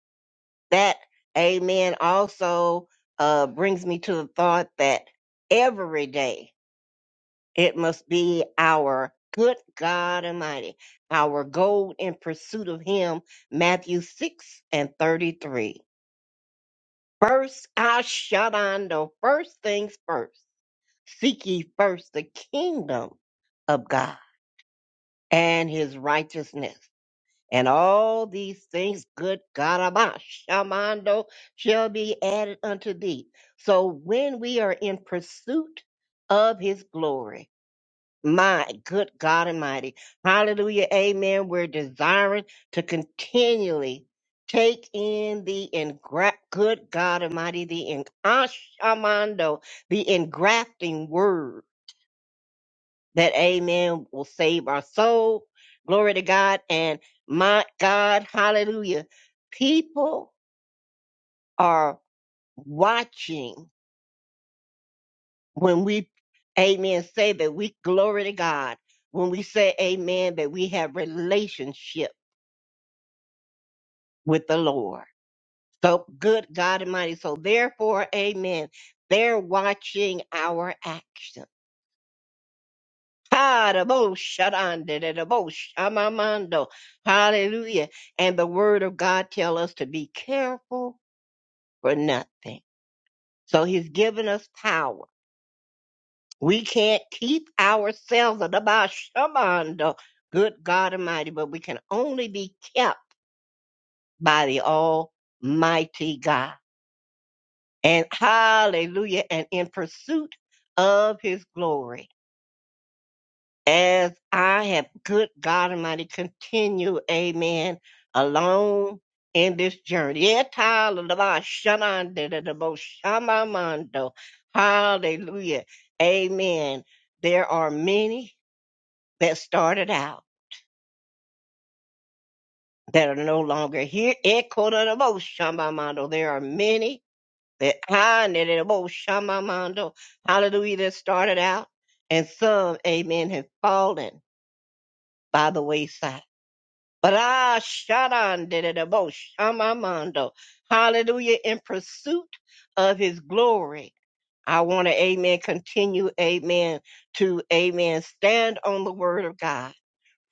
S9: That, amen, also uh, brings me to the thought that every day, It must be our good God Almighty, our goal in pursuit of Him. Matthew 6 and 33. First, I shut on the first things first. Seek ye first the kingdom of God and His righteousness. And all these things, good God, Almighty, Shamando, shall be added unto thee. So when we are in pursuit of his glory, My good God Almighty. Hallelujah. Amen. We're desiring to continually take in the engra- good God Almighty, the en- Ashamando, the engrafting word that Amen will save our soul. Glory to God. And my God, hallelujah. People are watching when we, Amen, say that we glory to God. When we say amen, that we have relationship with the Lord. So good God Almighty. So therefore, amen. They're watching our action. Ha, da bo shadanda, da da da, bo shamamando. Hallelujah. And the word of God tell us to be careful for nothing. So he's given us power. We can't keep ourselves at the ba shamando. Good God Almighty, but we can only be kept by the Almighty God. and hallelujah and in pursuit of his glory as i have good god almighty continue amen alone in this journey Yet, hallelujah, amen there are many that started out that are no longer here Echo, da, da, bo, shamamando. there are many that ah, na- it about bo- shama- hallelujah that started out and some amen have fallen by the wayside but ah shadan did it about shamamando hallelujah in pursuit of his glory i want to amen continue amen to amen stand on the word of god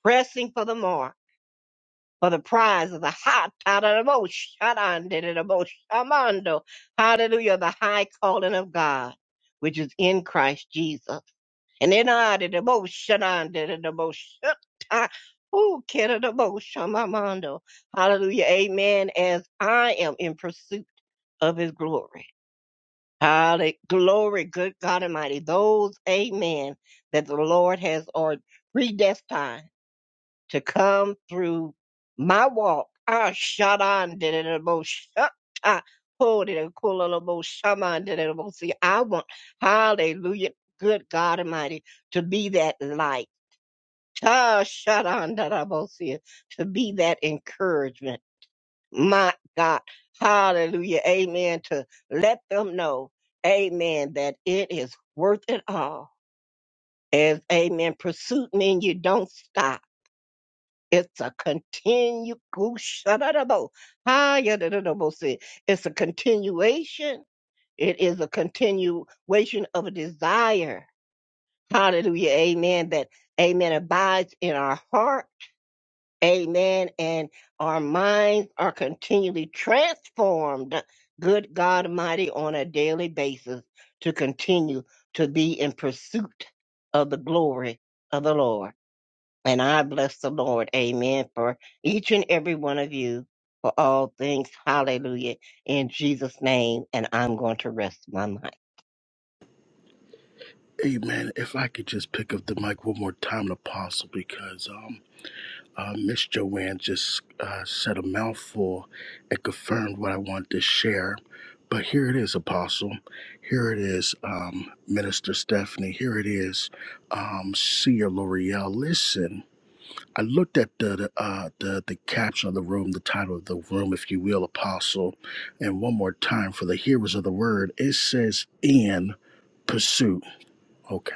S9: pressing for the mark for the prize of the hot Hallelujah, the high calling of God, which is in Christ Jesus. And in ah, da, da, bo, sha, da, da, da, da, bo, sha, Ooh, kidda, da, bo, sha, mondo. Hallelujah. Amen. As I am in pursuit of his glory. Hallelujah. Glory, good God Almighty. Those, amen, that the Lord has or predestined to come through my walk. Ah, Shadan did it most. Hold it, cool little most. Shaman did it most. See, I want, hallelujah, good God Almighty, to be that light. Ta Shadan did it most. See, To be that encouragement. My God, hallelujah, amen. To let them know, amen, that it is worth it all. As amen, pursuit means you don't stop. It's a continue Gushadadabo, Hayadadadabo said, It's a continuation. It is a continuation of a desire. Hallelujah. Amen. That amen abides in our heart. Amen. And our minds are continually transformed. Good God Almighty on a daily basis to continue to be in pursuit of the glory of the Lord. And I bless the Lord, amen, for each and every one of you for all things. Hallelujah. In Jesus' name. And I'm going to rest my mind.
S6: Hey man, if I could just pick up the mic one more time, Apostle, because um, uh, Miss Joanne just uh, said a mouthful and confirmed what I wanted to share. But here it is, Apostle. Here it is, um, Minister Stephanie. Here it is, um, Seer L'Oreal. Listen, I looked at the the, uh, the the caption of the room, the title of the room, if you will, Apostle, and one more time for the hearers of the word. It says, "In pursuit." Okay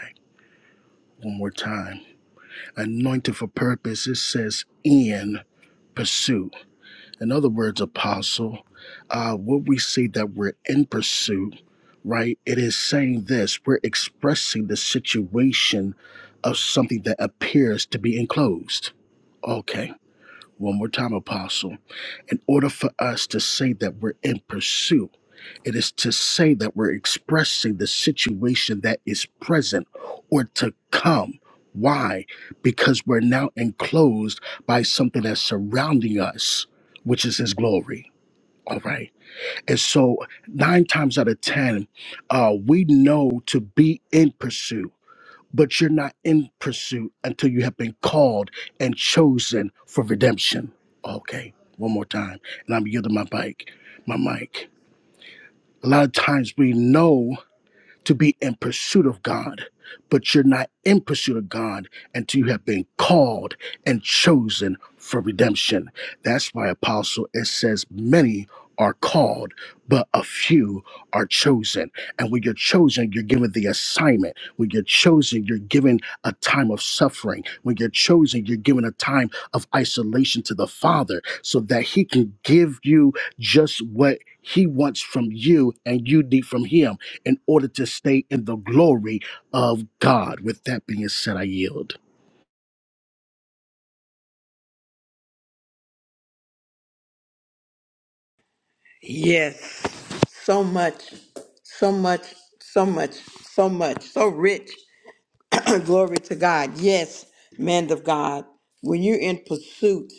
S6: one more time. Anointed for purpose, it says in pursuit. In other words, apostle, uh, what we say that we're in pursuit, right? It is saying this we're expressing the situation of something that appears to be enclosed. Okay, one more time, apostle. In order for us to say that we're in pursuit, it is to say that we're expressing the situation that is present or to come. Why? Because we're now enclosed by something that's surrounding us, which is His glory. All right. And so, nine times out of 10, uh, we know to be in pursuit, but you're not in pursuit until you have been called and chosen for redemption. Okay. One more time. And I'm yielding my bike, my mic. A lot of times we know to be in pursuit of God, but you're not in pursuit of God until you have been called and chosen for redemption. That's why, Apostle, it says, many are called, but a few are chosen. And when you're chosen, you're given the assignment. When you're chosen, you're given a time of suffering. When you're chosen, you're given a time of isolation to the Father so that He can give you just what He wants from you and you need from Him in order to stay in the glory of God. With that being said, I yield.
S1: Yes. So much, so much, so much, so much, so rich. Glory to God. Yes, man of God. When you're in pursuit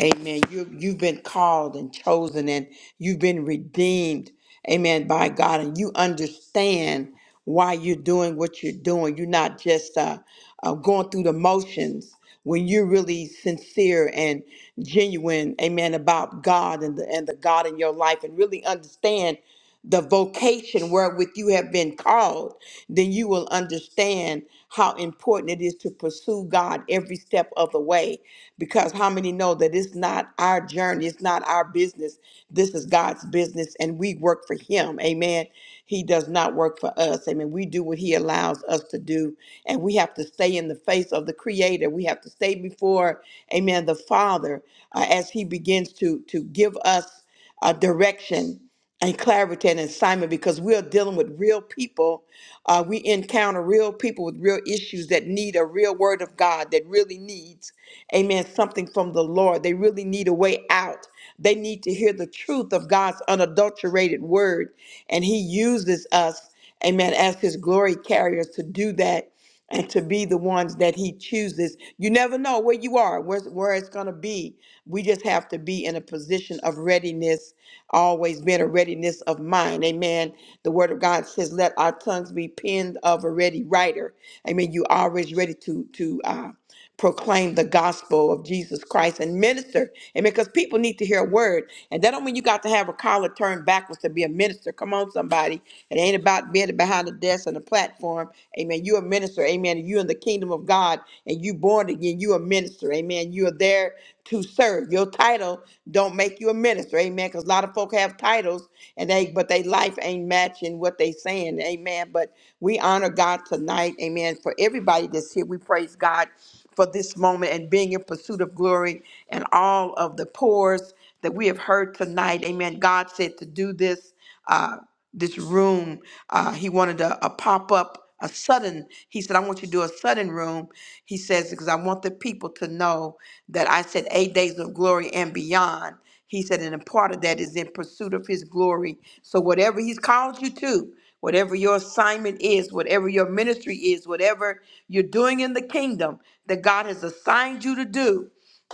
S1: Amen. You, you've been called and chosen and you've been redeemed. Amen. By God. And you understand why you're doing what you're doing. You're not just uh, uh, going through the motions when you're really sincere and genuine. Amen. About God and the, and the God in your life and really understand the vocation wherewith you have been called, then you will understand how important it is to pursue God every step of the way because how many know that it's not our journey, it's not our business. This is God's business, and we work for Him. Amen. He does not work for us. Amen. We do what He allows us to do, and we have to stay in the face of the Creator. We have to stay before amen, the Father, uh, as He begins to, to give us uh, direction and clarity and assignment because we're dealing with real people. Uh, we encounter real people with real issues that need a real word of God that really needs, amen, something from the Lord. They really need a way out. They need to hear the truth of God's unadulterated word. And He uses us, amen, as His glory carriers to do that and to be the ones that he chooses. You never know where you are, where, where it's going to be. We just have to be in a position of readiness, always being a readiness of mind. Amen. The word of God says, let our tongues be penned of a ready writer. Amen. You always ready to, to, uh, proclaim the gospel of Jesus Christ and minister. And because people need to hear a word. And that don't mean you got to have a collar turned backwards to be a minister. Come on, somebody. It ain't about being behind the desk and the platform. Amen. you a minister. Amen. you in the kingdom of God and you born again. you a minister. Amen. You are there to serve. Your title don't make you a minister. Amen. Because a lot of folk have titles and they but they life ain't matching what they saying. Amen. But we honor God tonight. Amen. For everybody that's here, we praise God for this moment and being in pursuit of glory and all of the pores that we have heard tonight. Amen. God said to do this, uh, this room. Uh, he wanted a, a pop up, a sudden. He said, I want you to do a sudden room. He says, because I want the people to know that I said eight days of glory and beyond. He said, and a part of that is in pursuit of his glory. So whatever he's called you to, whatever your assignment is, whatever your ministry is, whatever you're doing in the kingdom that God has assigned you to do,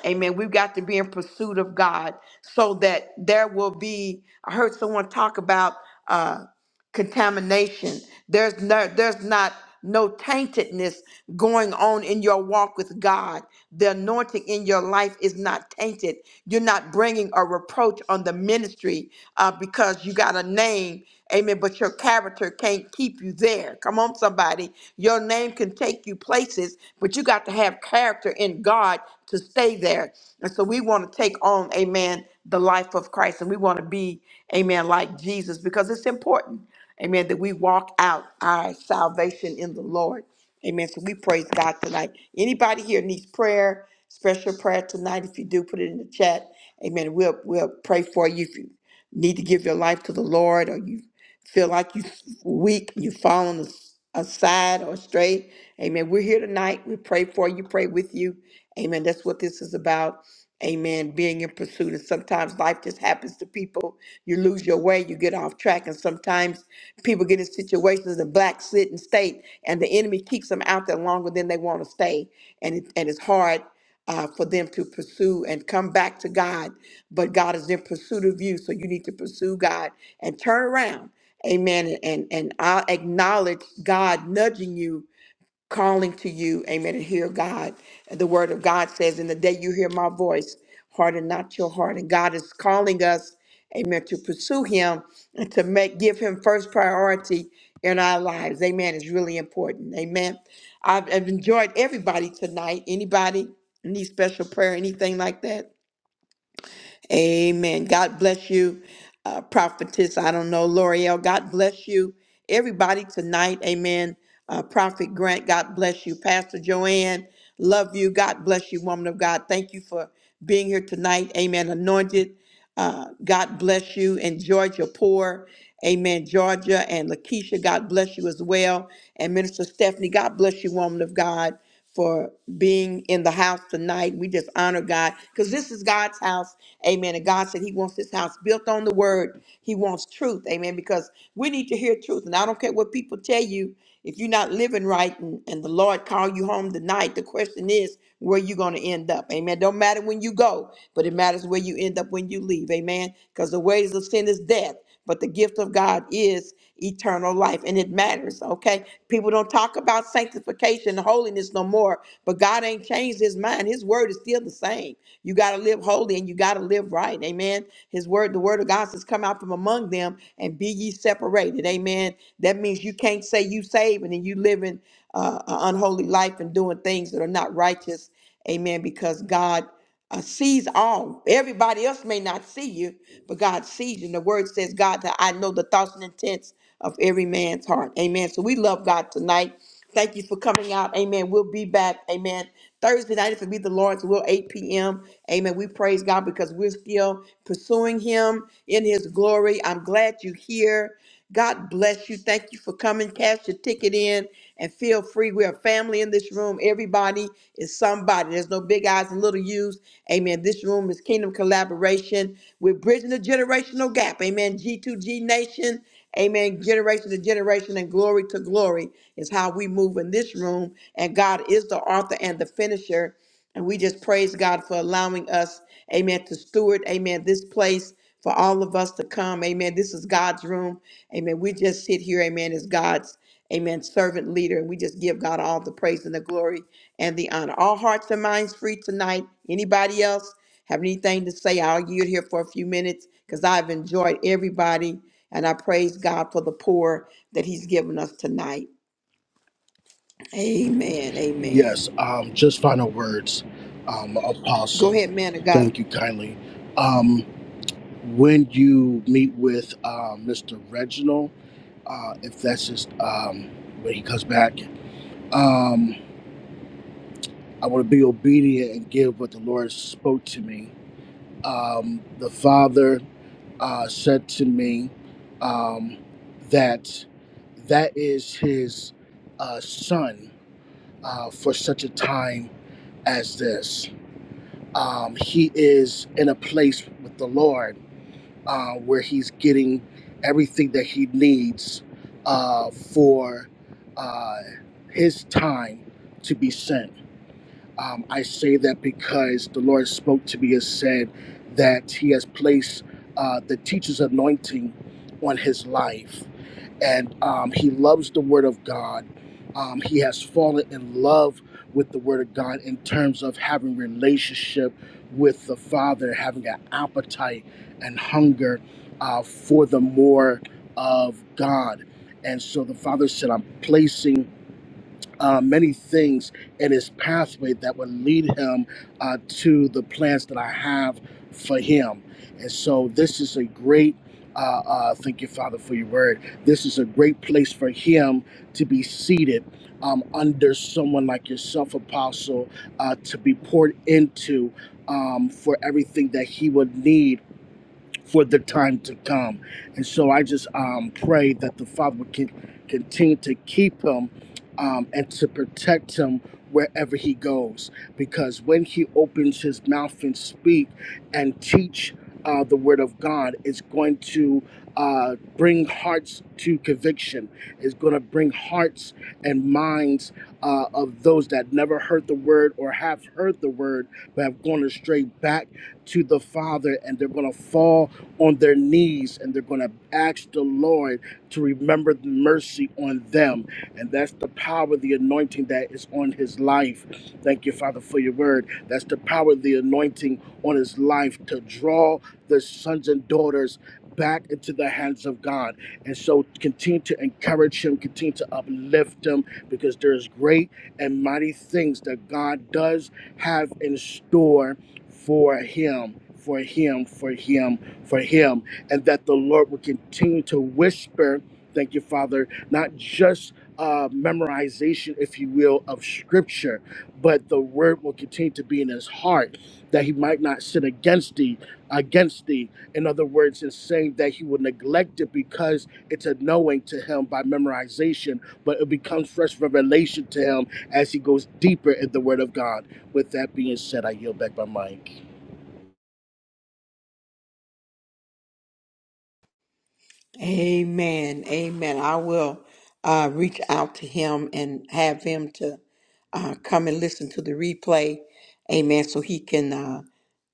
S1: Amen. We've got to be in pursuit of God so that there will be. I heard someone talk about. uh, contamination. There's no there's not no taintedness going on in your walk with God. The anointing in your life is not tainted. You're not bringing a reproach on the ministry uh, because you got a name, amen, but your character can't keep you there. Come on, somebody. Your name can take you places, but you got to have character in God to stay there. And so we want to take on, amen, the life of Christ and we want to be, amen, like Jesus because it's important. Amen. That we walk out our salvation in the Lord. Amen. So we praise God tonight. Anybody here needs prayer, special prayer tonight? If you do, put it in the chat. Amen. We'll we'll pray for you if you need to give your life to the Lord or you feel like you're weak, you've fallen as- aside or straight. Amen. We're here tonight. We pray for you, pray with you. Amen. That's what this is about. Amen. Being in pursuit. And sometimes life just happens to people. You lose your way, you get off track. And sometimes People get in situations in black sit and state, and the enemy keeps them out there longer than they want to stay, and it, and it's hard uh, for them to pursue and come back to God. But God is in pursuit of you, so you need to pursue God and turn around. Amen. And and I'll acknowledge God nudging you calling to you, amen, and hear God. The word of God says, In the day you hear my voice, harden not your heart. And God is calling us, amen, to pursue him and to make give him first priority in our lives. Amen. It's really important. Amen. I've, I've enjoyed everybody tonight. Anybody need special prayer, anything like that? Amen. God bless you, uh, prophetess. I don't know, L'Oreal. God bless you, everybody tonight. Amen. Uh, Prophet Grant, God bless you. Pastor Joanne, love you. God bless you, woman of God. Thank you for being here tonight. Amen. Anointed. Uh, God bless you. And Georgia Poor, amen. Georgia and Lakeisha, God bless you as well. And Minister Stephanie, God bless you, woman of God, for being in the house tonight. We just honor God because this is God's house, amen. And God said He wants His house built on the word, He wants truth, amen. Because we need to hear truth. And I don't care what people tell you, if you're not living right and, and the Lord call you home tonight, the question is, where you're going to end up. Amen. Don't matter when you go, but it matters where you end up when you leave. Amen. Because the wages of sin is death, but the gift of God is eternal life. And it matters, okay? People don't talk about sanctification and holiness no more, but God ain't changed his mind. His word is still the same. You got to live holy and you got to live right. Amen. His word, the word of God says, come out from among them and be ye separated. Amen. That means you can't say you saved and then you living uh, a unholy life and doing things that are not righteous. Amen. Because God uh, sees all. Everybody else may not see you, but God sees you. And the word says, God, that I know the thoughts and intents of every man's heart. Amen. So we love God tonight. Thank you for coming out. Amen. We'll be back. Amen. Thursday night, if it be the Lord's will, 8 p.m. Amen. We praise God because we're still pursuing Him in His glory. I'm glad you're here. God bless you. Thank you for coming. Cash your ticket in and feel free. We're a family in this room. Everybody is somebody. There's no big eyes and little U's. Amen. This room is Kingdom Collaboration. We're bridging the generational gap. Amen. G2G Nation. Amen. Generation to generation and glory to glory is how we move in this room. And God is the author and the finisher. And we just praise God for allowing us, amen, to steward, amen, this place for all of us to come. Amen. This is God's room. Amen. We just sit here, amen, as God's, amen, servant leader. And we just give God all the praise and the glory and the honor. All hearts and minds free tonight. Anybody else have anything to say? I'll yield here for a few minutes because I've enjoyed everybody. And I praise God for the poor that He's given us tonight. Amen. Amen.
S6: Yes, um, just final words, um,
S1: Go
S6: Apostle.
S1: ahead, man of God.
S6: Thank you kindly. Um, when you meet with uh, Mr. Reginald, uh, if that's just um, when he comes back, um, I want to be obedient and give what the Lord spoke to me. Um, the Father uh, said to me um, that that is his uh, son uh, for such a time as this. Um, he is in a place with the Lord uh, where he's getting everything that he needs uh, for uh, his time to be sent um, I say that because the Lord spoke to me and said that He has placed uh, the teacher's anointing on His life, and um, He loves the Word of God. Um, he has fallen in love with the Word of God in terms of having relationship with the Father, having an appetite and hunger uh, for the more of God. And so the Father said, "I'm placing." uh, many things in his pathway that would lead him uh, to the plans that I have for him. And so this is a great, uh, uh, thank you, Father, for your word. This is a great place for him to be seated um, under someone like yourself, Apostle, uh, to be poured into um, for everything that he would need for the time to come. And so I just um, pray that the Father would con- continue to keep him um, and to protect him wherever he goes. Because when he opens his mouth and speak and teach uh, the word of God, it's going to uh, bring hearts to conviction. It's going to bring hearts and minds uh, of those that never heard the word or have heard the word but have gone astray back to the Father, and they're going to fall on their knees and they're going to ask the Lord to remember the mercy on them. And that's the power, of the anointing that is on his life. Thank you, Father, for your word. That's the power, of the anointing on his life to draw the sons and daughters back into the hands of God. And so continue to encourage him, continue to uplift him because there's great and mighty things that God does have in store for him, for him, for him for him, and that the Lord will continue to whisper, thank you, Father, not just uh, memorization, if you will, of scripture, but the word will continue to be in his heart, that he might not sin against thee, against thee. In other words, it's saying that he will neglect it because it's a knowing to him by memorization, but it becomes fresh revelation to him as he goes deeper in the word of God. With that being said, I yield back my mic.
S1: Amen. Amen. I will uh, reach out to him and have him to uh, come and listen to the replay. Amen. So he can uh,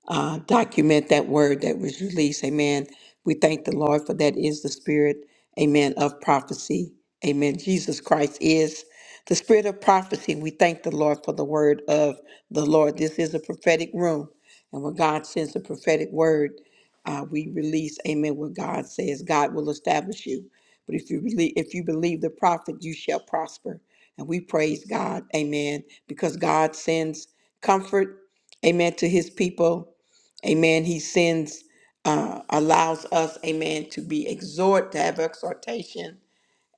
S1: uh, document that word that was released. Amen. We thank the Lord for that is the spirit, amen, of prophecy. Amen. Jesus Christ is the spirit of prophecy. We thank the Lord for the word of the Lord. This is a prophetic room. And when God sends a prophetic word, uh, we release amen what god says god will establish you but if you believe if you believe the prophet you shall prosper and we praise god amen because god sends comfort amen to his people amen he sends uh, allows us amen to be exhort to have exhortation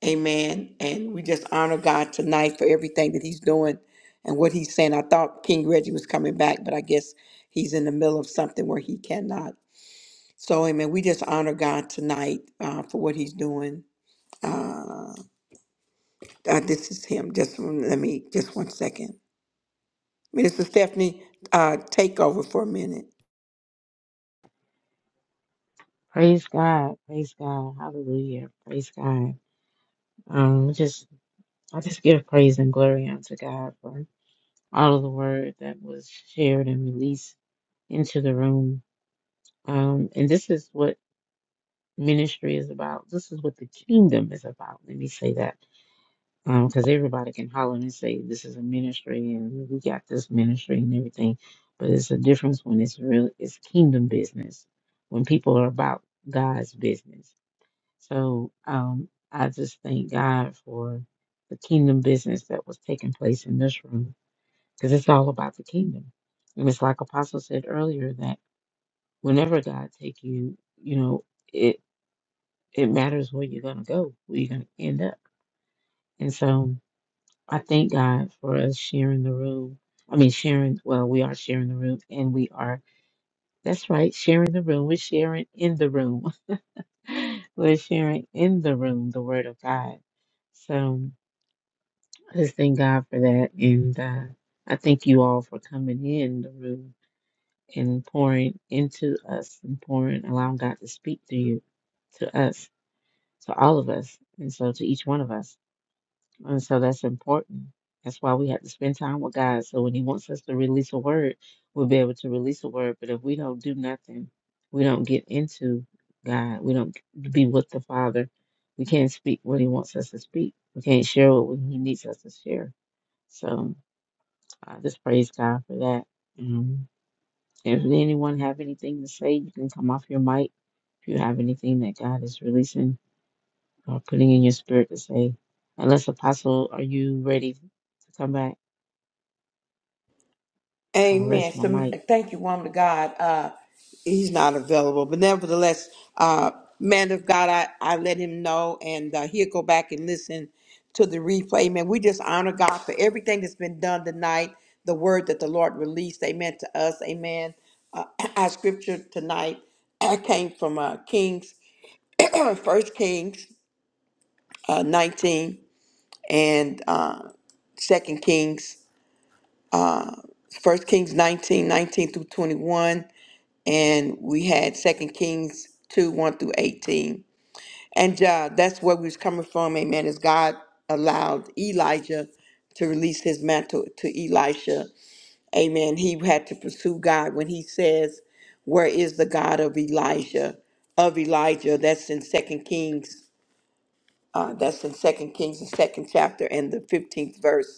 S1: amen and we just honor god tonight for everything that he's doing and what he's saying i thought king reggie was coming back but i guess he's in the middle of something where he cannot so, amen. We just honor God tonight uh, for what He's doing. Uh, uh, this is Him. Just one- let me, just one second. Minister Stephanie, uh, take over for a minute.
S3: Praise God. Praise God. Hallelujah. Praise God. Um, just I just give praise and glory unto God for all of the word that was shared and released into the room. Um, and this is what ministry is about. This is what the kingdom is about. Let me say that Um, because everybody can holler and say this is a ministry and we got this ministry and everything, but it's a difference when it's real. It's kingdom business when people are about God's business. So um, I just thank God for the kingdom business that was taking place in this room because it's all about the kingdom, and it's like Apostle said earlier that whenever God take you, you know it it matters where you're gonna go, where you're gonna end up, and so. I thank God for us sharing the room. I mean, sharing, well, we are sharing the room and we are, that's right, sharing the room. We're sharing in the room. We're sharing in the room the word of God. So I just thank God for that. And uh, I thank you all for coming in the room and pouring into us and pouring, allowing God to speak through you, to us, to all of us, and so to each one of us. And so that's important. That's why we have to spend time with God. So when He wants us to release a word, we'll be able to release a word. But if we don't do nothing, we don't get into God, we don't be with the Father, we can't speak what He wants us to speak, we can't share what He needs us to share. So I just praise God for that. Um, if anyone have anything to say, you can come off your mic if you have anything that God is releasing or putting in your spirit to say. Unless Apostle, are you ready to come back? I'll
S1: Amen.
S3: rest my
S1: So,
S3: mic.
S1: thank you, woman of God. Uh, he's not available, but nevertheless, uh, man of God, I, I let him know, and uh, he'll go back and listen to the replay. Man, we just honor God for everything that's been done tonight, the word that the Lord released, amen, to us, amen. Uh, our scripture tonight uh, came from uh, Kings, First Kings uh, 19, and uh, Second Kings, First Kings 19, 19 through 21, and we had Second Kings two one through eighteen. And uh, that's where we was coming from. Amen. As God allowed Elijah to release his mantle to Elisha. Amen. He had to pursue God when he says, "Where is the God of Elijah?" Of Elijah. That's in Second Kings. Uh, that's in Second Kings, the second chapter and the fifteenth verse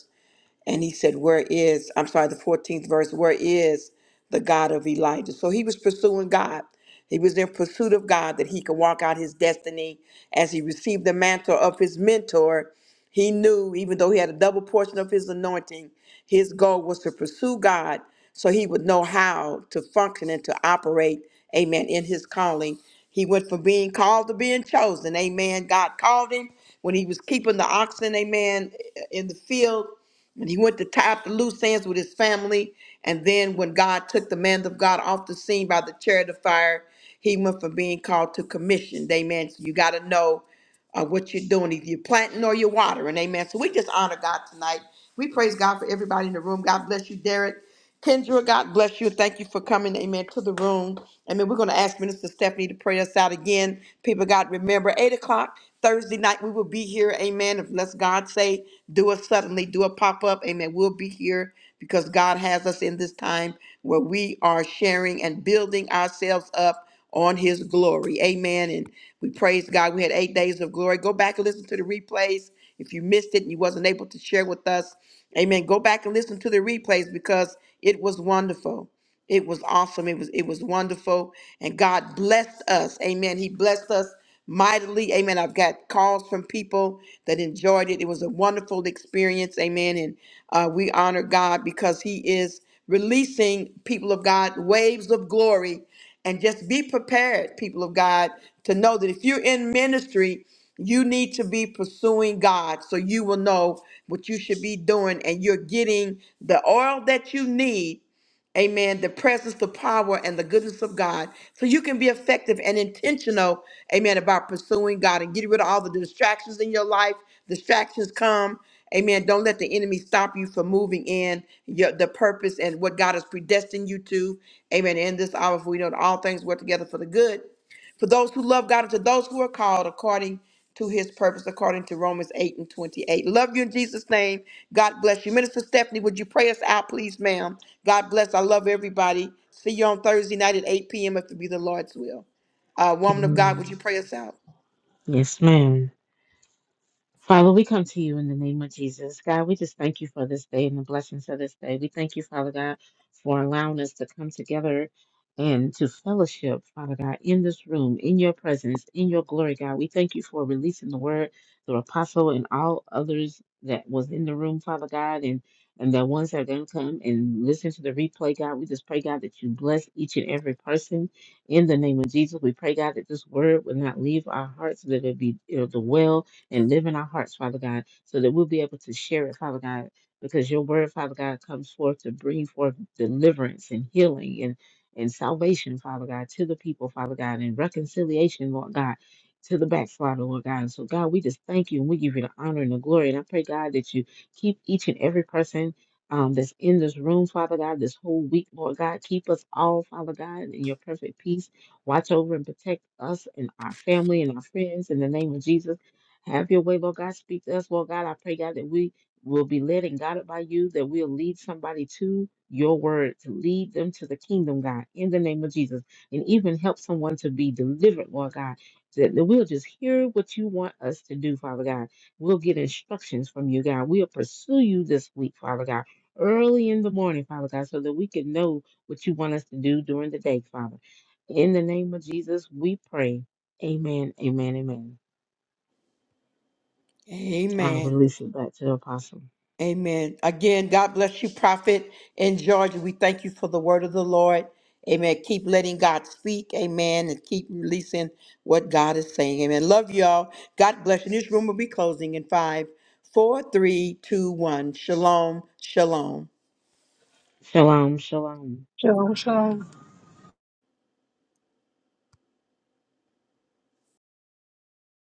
S1: and he said, Where is, I'm sorry, the 14th verse, where is the God of Elijah? So he was pursuing God. He was in pursuit of God that he could walk out his destiny. As he received the mantle of his mentor, he knew, even though he had a double portion of his anointing, his goal was to pursue God so he would know how to function and to operate, amen, in his calling. He went from being called to being chosen, amen. God called him when he was keeping the oxen, amen, in the field and he went to tie up the loose ends with his family. And then when God took the man of God off the scene by the chariot of fire, he went from being called to commissioned. Amen. So you got to know uh, what you're doing, either you're planting or you're watering. Amen. So we just honor God tonight. We praise God for everybody in the room. God bless you, Derek. Kendra, God bless you. Thank you for coming, amen, to the room. Amen. We're going to ask Minister Stephanie to pray us out again. People, God, remember, 8 o'clock Thursday night, we will be here, amen. Unless God say, do it suddenly, do a pop up, amen. We'll be here because God has us in this time where we are sharing and building ourselves up on his glory. Amen. And we praise God. We had eight days of glory. Go back and listen to the replays. If you missed it and you wasn't able to share with us, amen. Go back and listen to the replays because it was wonderful. It was awesome. It was it was wonderful. And God blessed us. Amen. He blessed us mightily. Amen. I've got calls from people that enjoyed it. It was a wonderful experience. Amen. And uh, we honor God because He is releasing people of God waves of glory. And just be prepared, people of God, to know that if you're in ministry, you need to be pursuing God so you will know what you should be doing and you're getting the oil that you need Amen. The presence, the power, and the goodness of God. So you can be effective and intentional, amen, about pursuing God and getting rid of all the distractions in your life. Distractions come. Amen. Don't let the enemy stop you from moving in your, the purpose and what God has predestined you to. Amen. In this hour, for we know that all things work together for the good for those who love God and to those who are called according to his purpose, according to Romans 8 and 28. Love you in Jesus' name. God bless you. Minister Stephanie, would you pray us out, please, ma'am? God bless. I love everybody. See you on Thursday night at 8 p.m. if it be the Lord's will. Uh, woman of God, would
S3: Mm.
S1: you pray us out?
S3: Yes, ma'am. Father, we come to you in the name of Jesus. God, we just thank you for this day and the blessings of this day. We thank you, Father God, for allowing us to come together and to fellowship, Father God, in this room, in your presence, in your glory, God. We thank you for releasing the word, through apostle, and all others that was in the room, Father God, and and the ones that are going to come and listen to the replay, God. We just pray, God, that you bless each and every person in the name of Jesus. We pray, God, that this word will not leave our hearts, that it be, it'll dwell and live in our hearts, Father God, so that we'll be able to share it, Father God, because your word, Father God, comes forth to bring forth deliverance and healing and, and salvation, Father God, to the people, Father God, and reconciliation, Lord God. To the backslider, Lord God. And so, God, we just thank you and we give you the honor and the glory. And I pray, God, that you keep each and every person um, that's in this room, Father God, this whole week, Lord God. Keep us all, Father God, in your perfect peace. Watch over and protect us and our family and our friends in the name of Jesus. Have your way, Lord God. Speak to us, Lord God. I pray, God, that we will be led and guided by you, that we'll lead somebody to your word, to lead them to the kingdom, God, in the name of Jesus, and even help someone to be delivered, Lord God. That that we'll just hear what you want us to do, Father God. We'll get instructions from you, God. We'll pursue you this week, Father God, early in the morning, Father God, so that we can know what you want us to do during the day, Father. In the name of Jesus, we pray. Amen, amen, amen. I
S1: Amen.
S3: release it back to the apostle.
S1: Amen. Again, God bless you, Prophet in Georgia. We thank you for the word of the Lord. Amen. Keep letting God speak. Amen. And keep releasing what God is saying. Amen. Love y'all. God bless you. This room will be closing in five, four, three, two, one. Shalom. Shalom.
S3: Shalom, shalom.